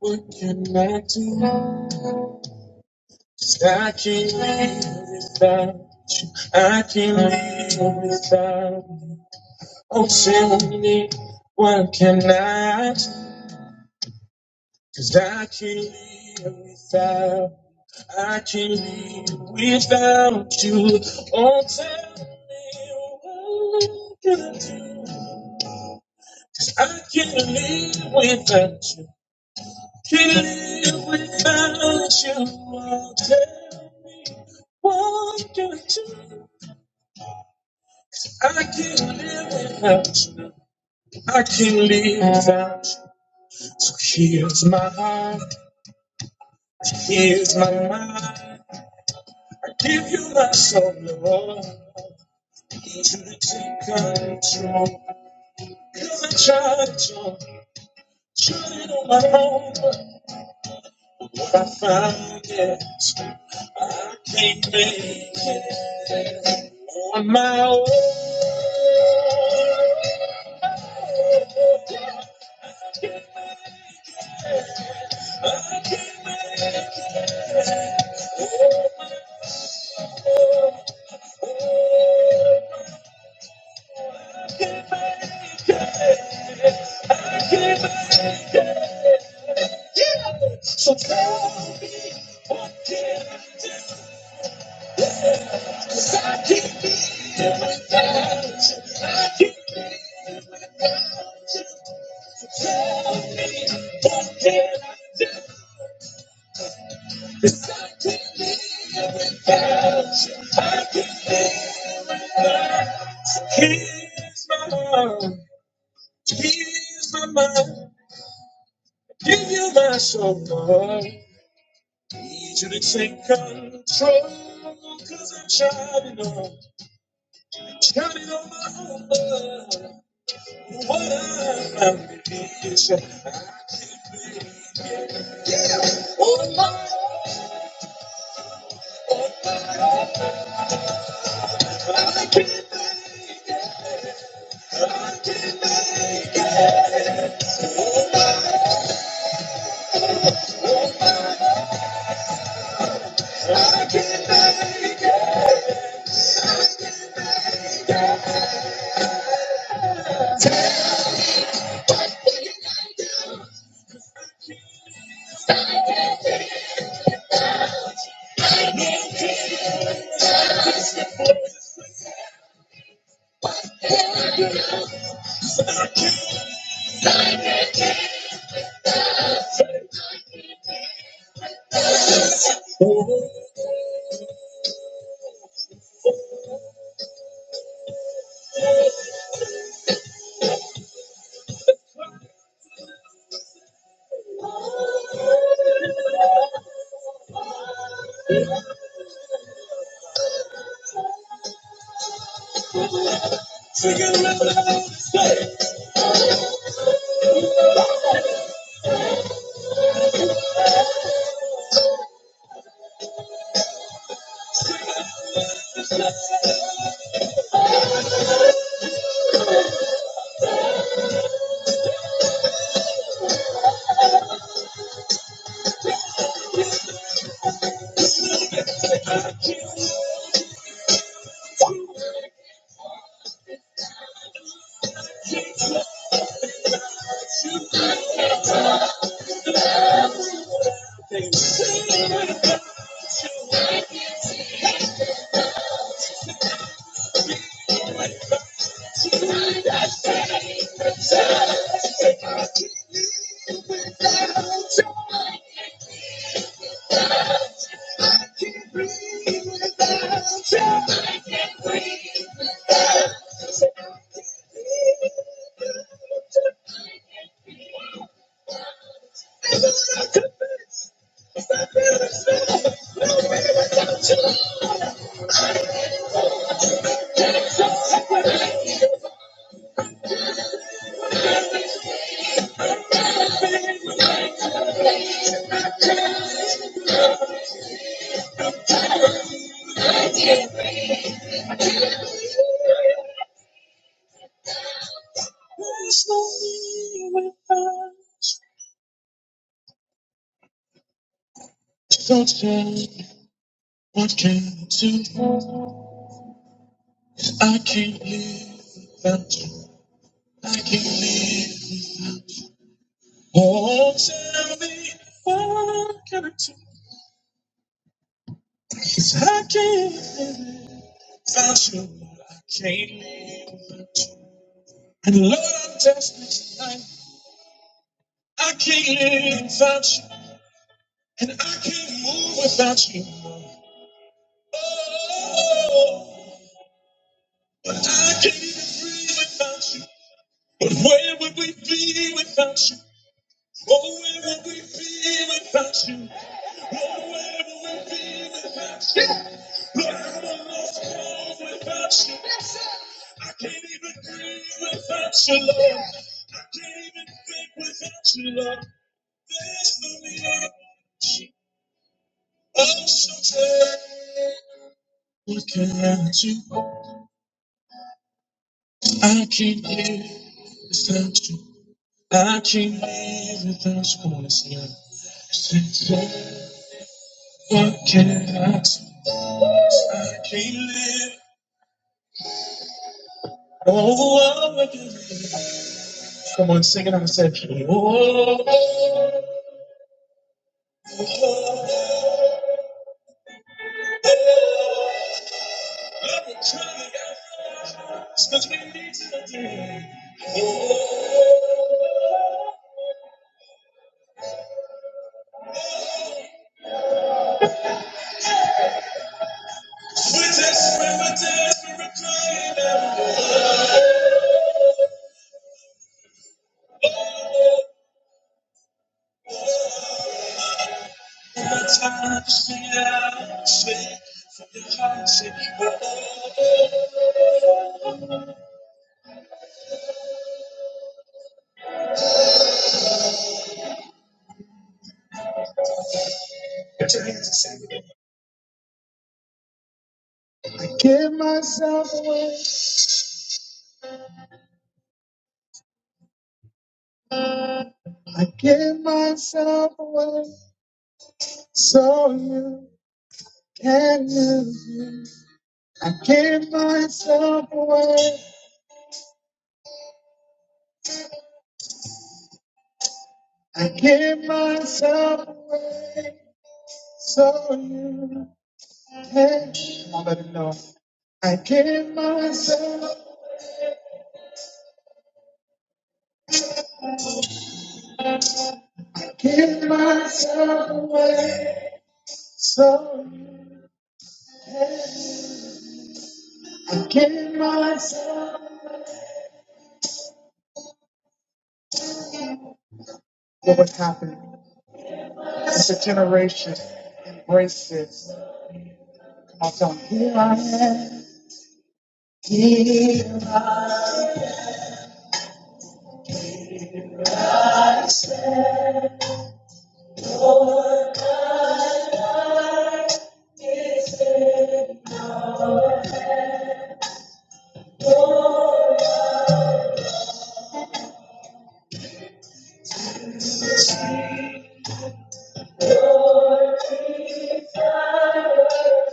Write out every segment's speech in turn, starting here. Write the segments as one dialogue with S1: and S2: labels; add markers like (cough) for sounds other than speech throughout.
S1: What can I do? 'Cause I can't live without you. I can't live without you. Oh, tell me, what can I do? 'Cause I can't live without. I can't live without you. Oh, tell me, what can I do? 'Cause I can't live without you. Live without you, oh, tell me what you do. I can't live without you. I can't live without you. So here's my heart, here's my mind. I give you my soul, Lord. To take control. Come and try it on, try it on my own. but What I find is I can't make it on my own. Here's my heart. Here's my mind. Give you my soul, Lord. Need you to take control. Cause I'm shining on. Shining on my own love. What I'm ambition. Oh, things. There's no me without. Don't you? What can I do? I can't live without you. I can't live. Oh, tell me, what can I do? 'Cause I can't live without you. I can't live without you. And Lord, I'm desperate tonight. I can't live without you. And I can't move without you. Oh, but I can't even breathe without you. But where would we be without you? Oh, where would we be without you? Oh, where would we be without you? But I'm almost home without you. I can't even breathe without you, love. I can't even think without you, love. There's nothing me. want you. I'm so tired. Looking at you, I can't live without you. I can't live without you. Come on, let's sing it. Since then, what can I do? I can't live Oh, all over again. Come on, sing it. I'm going oh, oh, oh, oh, because we need to do it. Oh, we desperate, we're desperate, we're crying out. For the time, sing it out, sing for your heart, sing. Put your hands and sing it. I give myself away, I give myself away, so you can use me. I give myself away. I give myself away so you can. Come on, let him know. I give myself, give myself away so you can. I give myself. Look what's happening. It's a generation. Embrace this. Come on, tell him. Here I am. Here.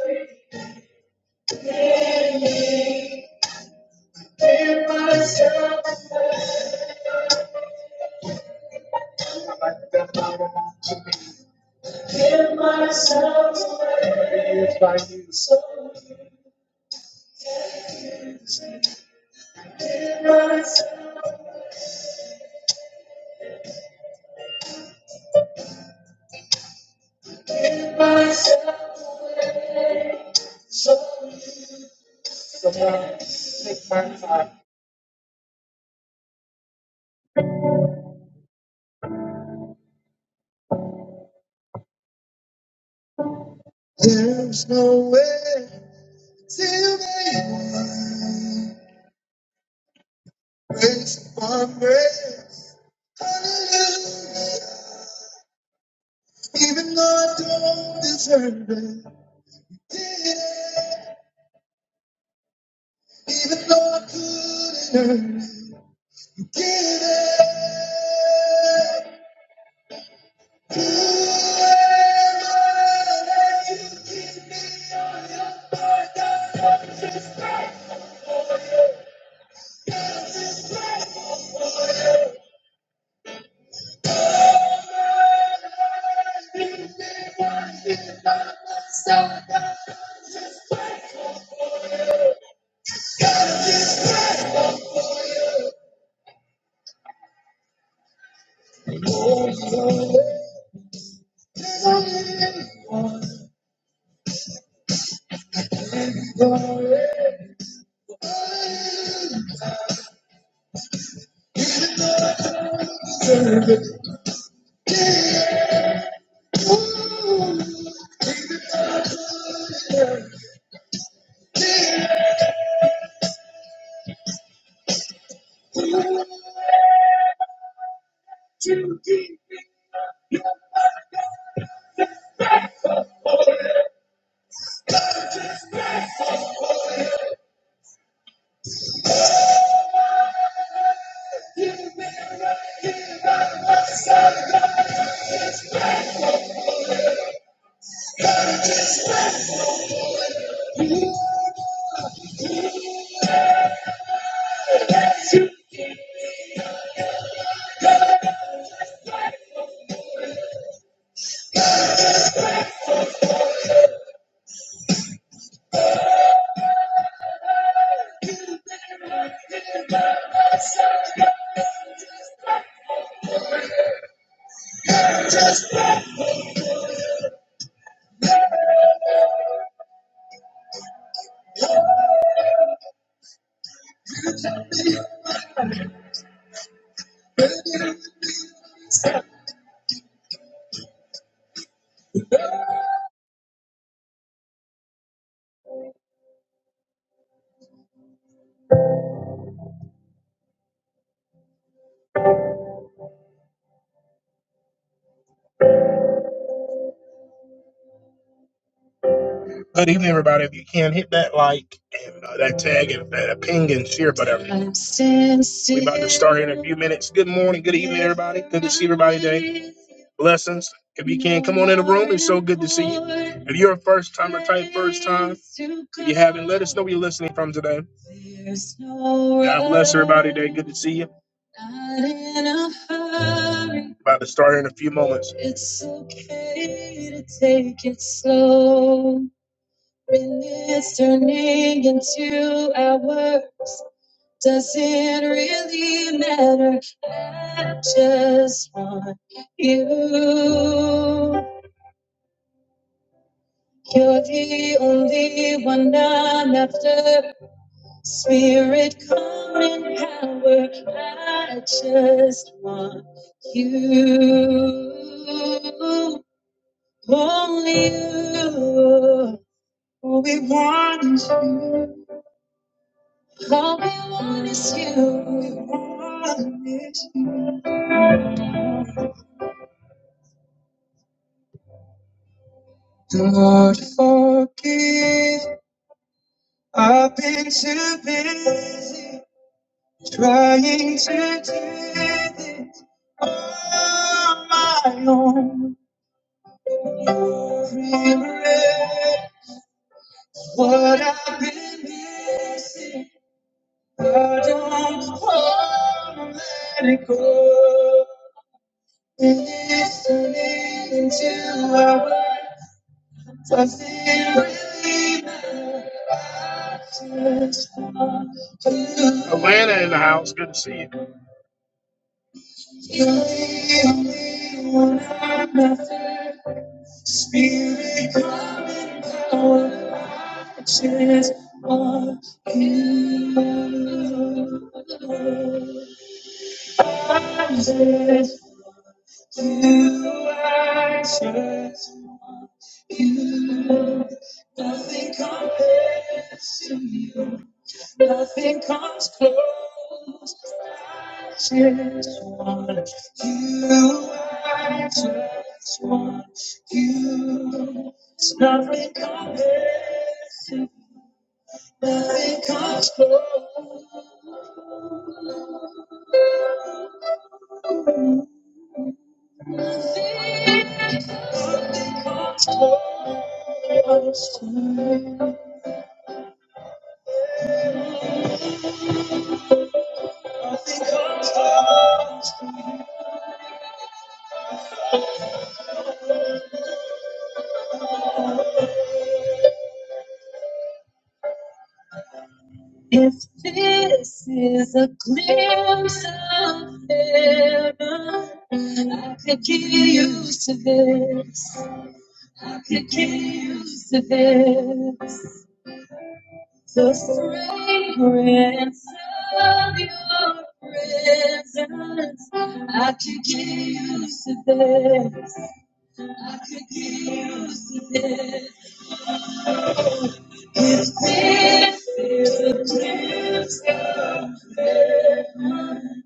S1: I Give myself away. Give myself away. Use my use. Give myself away. Take my time. There's no way to make grace upon grace. Hallelujah. Even though I don't deserve it. Yeah. Even though I couldn't earn it. Give it. Give it. Good evening, everybody. If you can, hit that like and uh, that tag and that uh, ping and share, whatever. We're about to start here in a few minutes. Good morning. Good evening, everybody. Good to see everybody today. Blessings. If you can, come on in the room. It's so good to see you. If you're a first timer, type first time. If you haven't, let us know where you're listening from today. God bless everybody today. Good to see you. About to start here in a few moments. okay when It's turning into hours. Doesn't really matter. I just want you. You're the only one I'm after. Spirit, come in power. I just want you. Only you. We want you. All we want is you. We want is you. Lord, forgive. I've been too busy trying to do this on my own. You'll Regret what I've been missing. I don't wanna let it go. And it's turning into our Does it really matter to you? Atlanta in the house. Good to see you. You leave me when I'm nothing. Spirit, come and power. I Just want you. I just do. I just you. Nothing compares to you. Nothing comes close. Just want you. I just want you. It's nothing compares to. Nothing comes close. Nothing nothing comes close to you. Nothing comes close. If this is a glimpse of heaven, I could get used to this. I could get used to this. The fragrance of your presence, I could get used to this. I could get used to this. If this is the gift of heaven,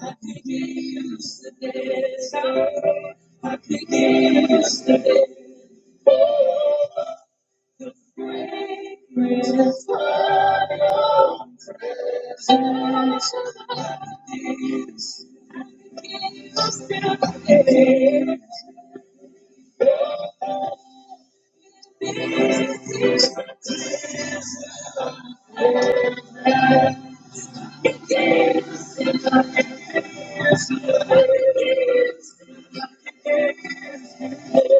S1: I could get used to this. I could get used to this. The fragrance of your presence. I could get used I could get used to this. Yes, I could get used to You're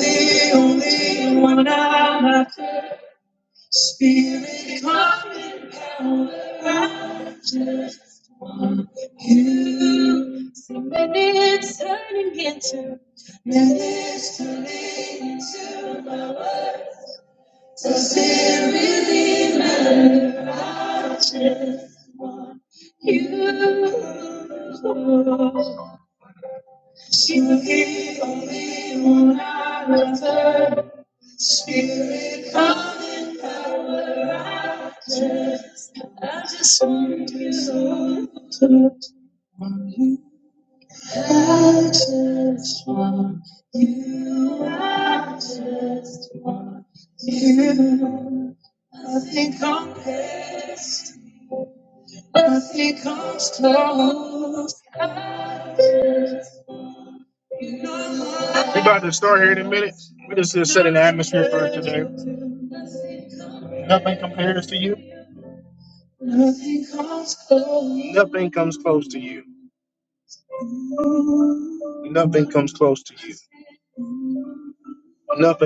S1: the only one I have. Spirit, come and power. I Just want you. So minutes turning into minutes turning into my words. Does it really matter? I just want you. She will be only when I return. Spirit, come in power. I just, I just want you to want you. I just want you. I just want you. Nothing compares. Nothing comes close. I just We're about to start here in a minute. We're just uh, setting the atmosphere for today. Nothing compares to you. Nothing comes close to you. Nothing comes close to you. Nothing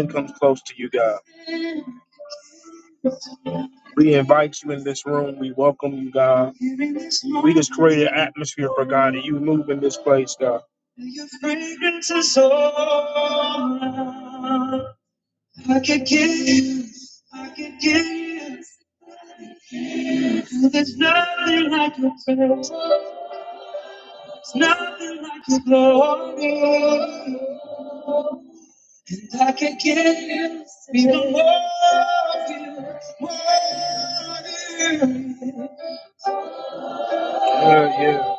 S1: comes close to you, God. We invite you in this room. We welcome you, God. We just create an atmosphere for God, and you move in this place, God. Yeah, yeah.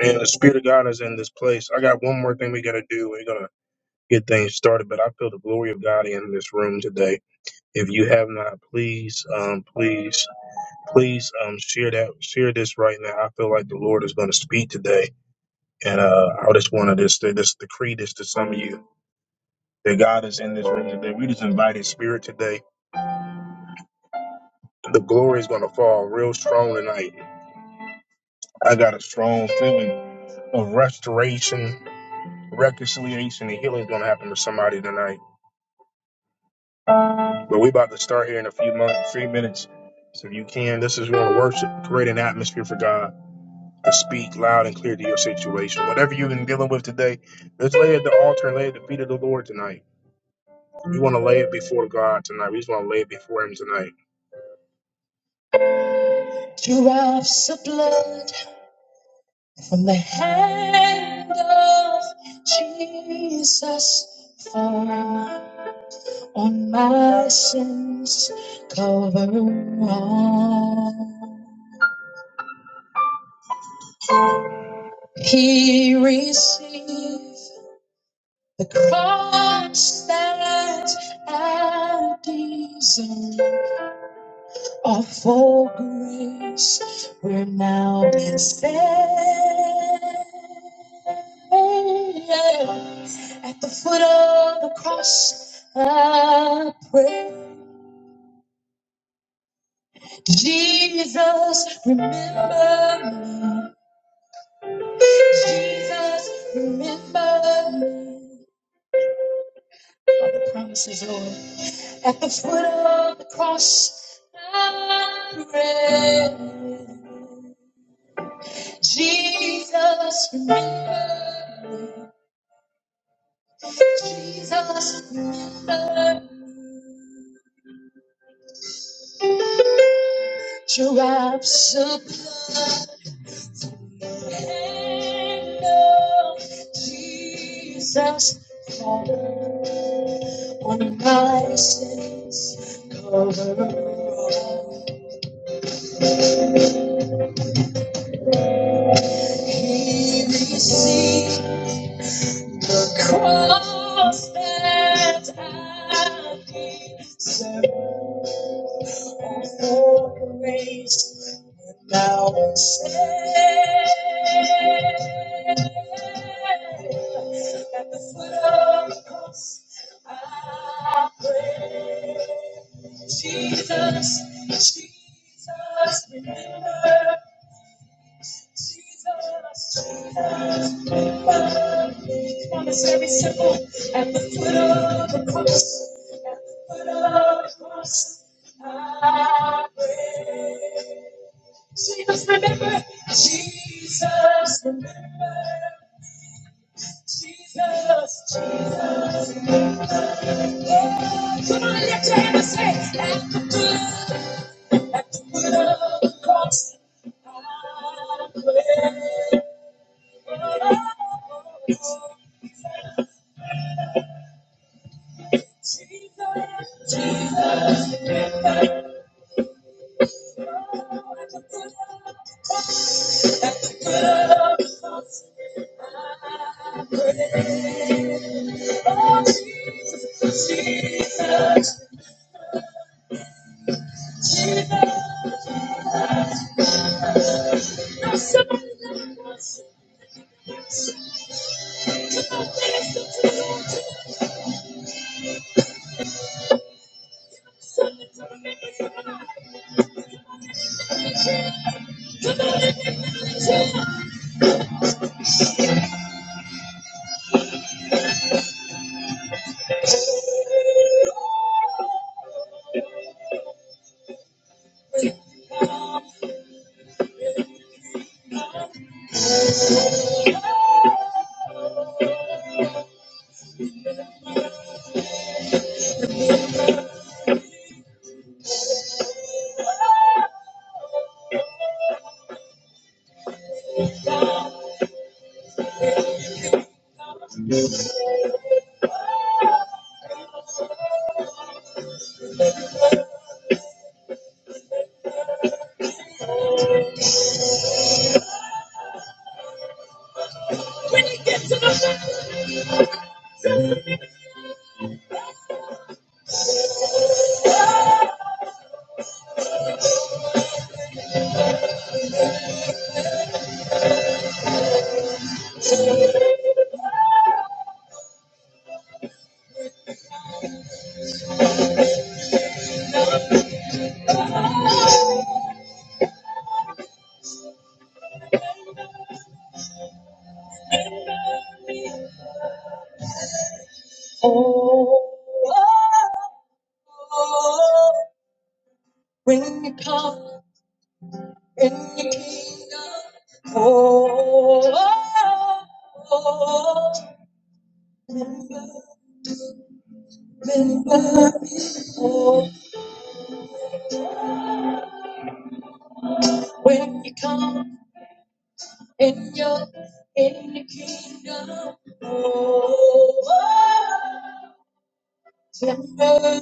S1: Man, the Spirit of God is in this place. I got one more thing we got to do. We're going to get things started, but I feel the glory of God in this room today. If you have not, please, um, please, please, um, share that, share this right now. I feel like the Lord is going to speak today, and uh, I just want to just uh, just decree this to some of you that God is in this room today. We just invite His Spirit today. The glory is going to fall real strong tonight. I got a strong feeling of restoration, reconciliation, and healing is going to happen to somebody tonight. But we about to start here in a few months, three minutes. So if you can, this is going to worship, create an atmosphere for God. to speak loud and clear to your situation. Whatever you've been dealing with today, let's lay it at the altar and lay it at the feet of the Lord tonight. We want to lay it before God tonight. We just want to lay it before Him tonight. Drops of blood from the hand of Jesus fall on my sins, cover all. He received The cross stands empties of full grace. We're now been saved. At the foot of the cross, I pray. Jesus, remember me. Jesus, remember me. All the promises, Lord. At the foot of the cross, I pray. Jesus, remember. Jesus, remember. Your wraps of blood and love. Jesus, Father, on my sins, cover all. He received. The cross that I deserve for grace and now I'm saved. At the foot of the cross, I pray, Jesus, Jesus, remember. Promise every simple at the foot of the cross, at the foot of the cross, I pray. Jesus, remember, Jesus, remember, Jesus, Jesus. Yeah, Come on, lift your hand and say, at the foot, at the foot of the cross, I pray. Oh, oh, when you come in your kingdom, oh, oh, oh, remember been there before. When you come and you're in the kingdom, oh, remember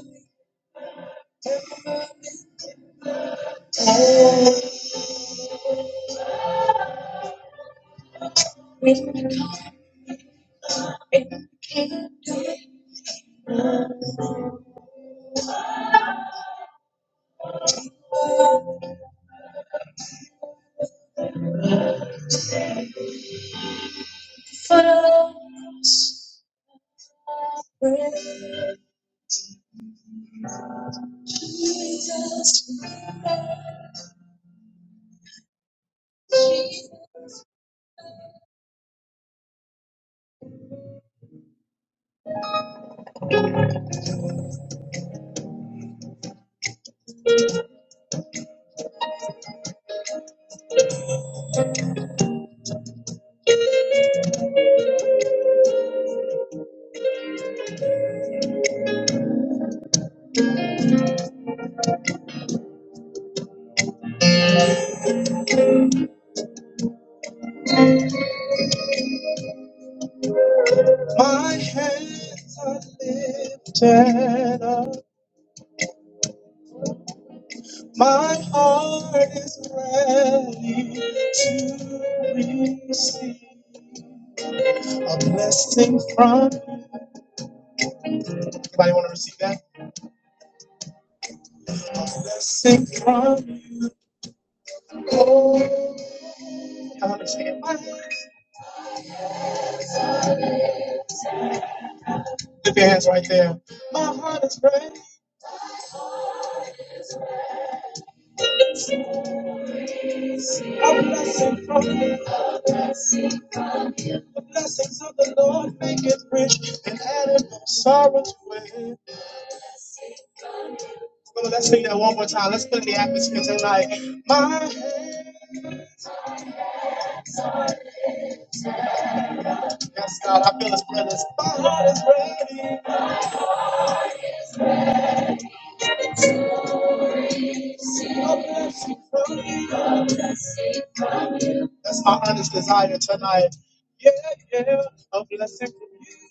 S1: oh, when you come to first, breath. my hands are lifted up, my heart is ready to receive a blessing from. Anybody want to receive that? Blessing from you, Lord. I want to say it. My heart- Lift your hands right there. My heart is ready. A blessing from you. The blessings of the Lord make it rich and added no sorrow to it. Well, let's sing that one more time. Let's put it in the atmosphere tonight. My head, yes, God, I feel His presence. My heart is ready. A blessing from you. That's our honest desire tonight. Yeah, yeah, a blessing from you.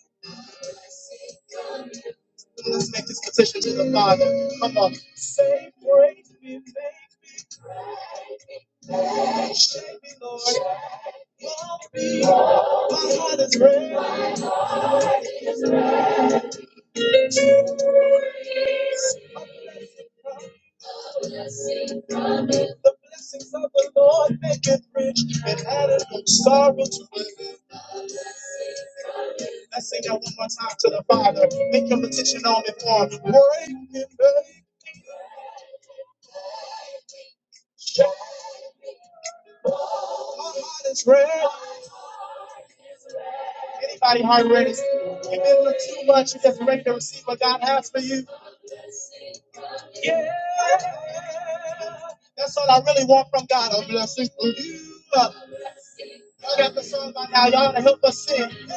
S1: Let's make this petition to the Father. Come on. Say, praise me, make me, shake me, Lord. My heart is red. The blessings of the Lord make it rich and added no sorrow to it. Let's sing that one more time to the Father. Make your petition on and on. Break me, baby. My heart is red. Anybody heart red is you've been through too much. You're just ready to receive what God has for you. Yeah. That's all I really want from God. A blessing for you. Y'all got the song by now. Y'all to help us sing. Yes,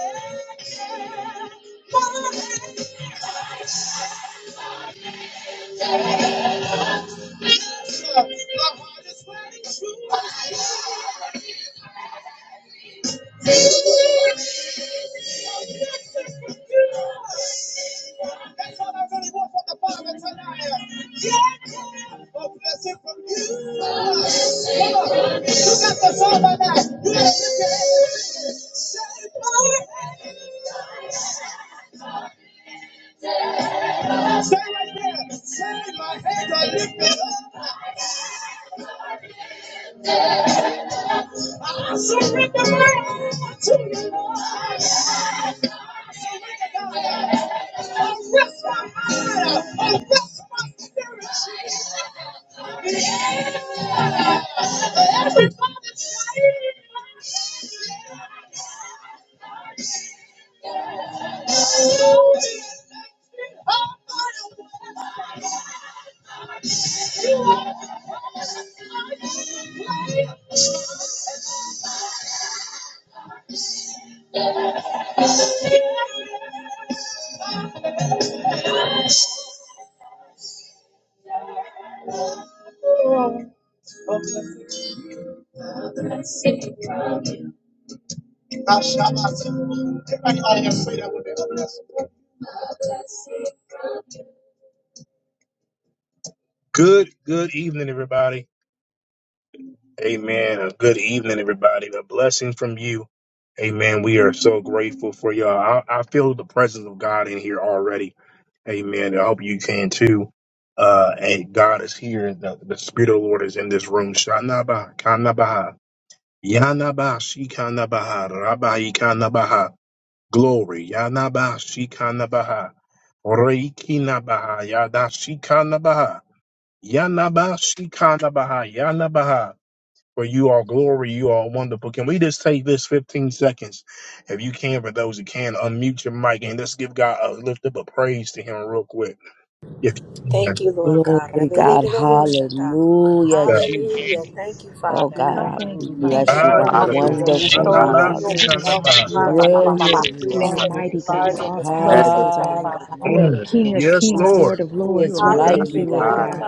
S1: sir. My heart is ready to. That's all I really want from the Father tonight. A blessing from you. Come on. You got the song by now. You gotta lift your hands. Say, say right there. Say my hands are lifted up. Oh, that's my spirit. For Everybody say. Oh, my God. Oh, bless Good, good evening, everybody. Amen. A good evening, everybody. A blessing from you. Amen. We are so grateful for y'all. I, I feel the presence of God in here already. Amen. I hope you can too. Uh, and God is here. The, the Spirit of the Lord is in this room. Shanaba, Kanabaha, Yanaba, Shikanabaha, Rabai, kana ba. Glory. Yanaba Shikanabaha. Reikinabaha. Yada Shikanabaha. Yanaba Shikanabaha. Yanabaha. For you are glory, you are wonderful. Can we just take this 15 seconds? If you can, for those who can, unmute your mic and let's give God a lift up a praise to Him real quick. If you
S2: Thank
S1: can.
S2: you, Lord God.
S3: Glory, God.
S4: Hallelujah.
S3: Hallelujah,
S1: Yeah.
S5: Thank you,
S3: Jesus.
S2: Hallelujah. Thank
S5: Jesus.
S2: you,
S3: Oh,
S2: Father
S3: God,
S5: Glory,
S2: God.
S3: we
S6: Thank you,
S4: Hallelujah.
S5: hallelujah.
S7: Thank
S3: bless
S7: you.
S2: You're
S6: Father.
S4: The
S3: you,
S7: for
S1: Ah,
S4: Lord
S3: God.
S1: yes,
S2: worthy.
S7: having
S6: Hallelujah,
S5: You're
S7: us.
S1: Lord.
S6: God.
S2: We
S5: worthy,
S3: Wonderful
S6: Thank you,
S2: extol
S3: you
S1: Yanaba
S2: you.
S3: are,
S5: Jesus.
S7: Yo,
S3: God.
S2: We
S5: Yes,
S4: worthy.
S5: you
S6: Jesus.
S5: are,
S2: exalt you,
S1: Shikanabaha.
S5: God.
S7: yo,
S6: You
S2: Father
S6: are
S7: ba, ba, ba,
S2: God.
S7: ba,
S3: Brilliant
S7: ba.
S6: worthy,
S4: Amen.
S2: We
S3: you
S5: You're
S2: make
S3: are,
S2: your
S3: God.
S2: name
S6: Almighty
S5: magnificent.
S7: Really,
S4: Good
S6: God,
S2: large
S7: I
S2: in
S6: all
S2: this
S7: thought, Yeah.
S2: place on
S6: powerful
S7: I
S2: tonight,
S6: God,
S7: thought
S2: God. In
S7: about
S2: the
S5: You are
S3: Hallelujah,
S1: Mm.
S7: it.
S2: name
S6: King
S3: Jesus.
S2: of
S6: of
S7: It's
S1: Yes,
S5: powerful.
S6: kings,
S7: fun.
S2: Jesus.
S6: Lord
S1: Lord.
S6: of
S3: Who
S5: You
S3: is
S6: lords.
S5: are
S6: We
S5: a
S7: Yeah.
S3: like
S6: thank
S3: you,
S6: you,
S2: Hallelujah.
S7: I
S5: waymaker.
S6: Lord
S3: God?
S7: think
S6: God,
S7: we'll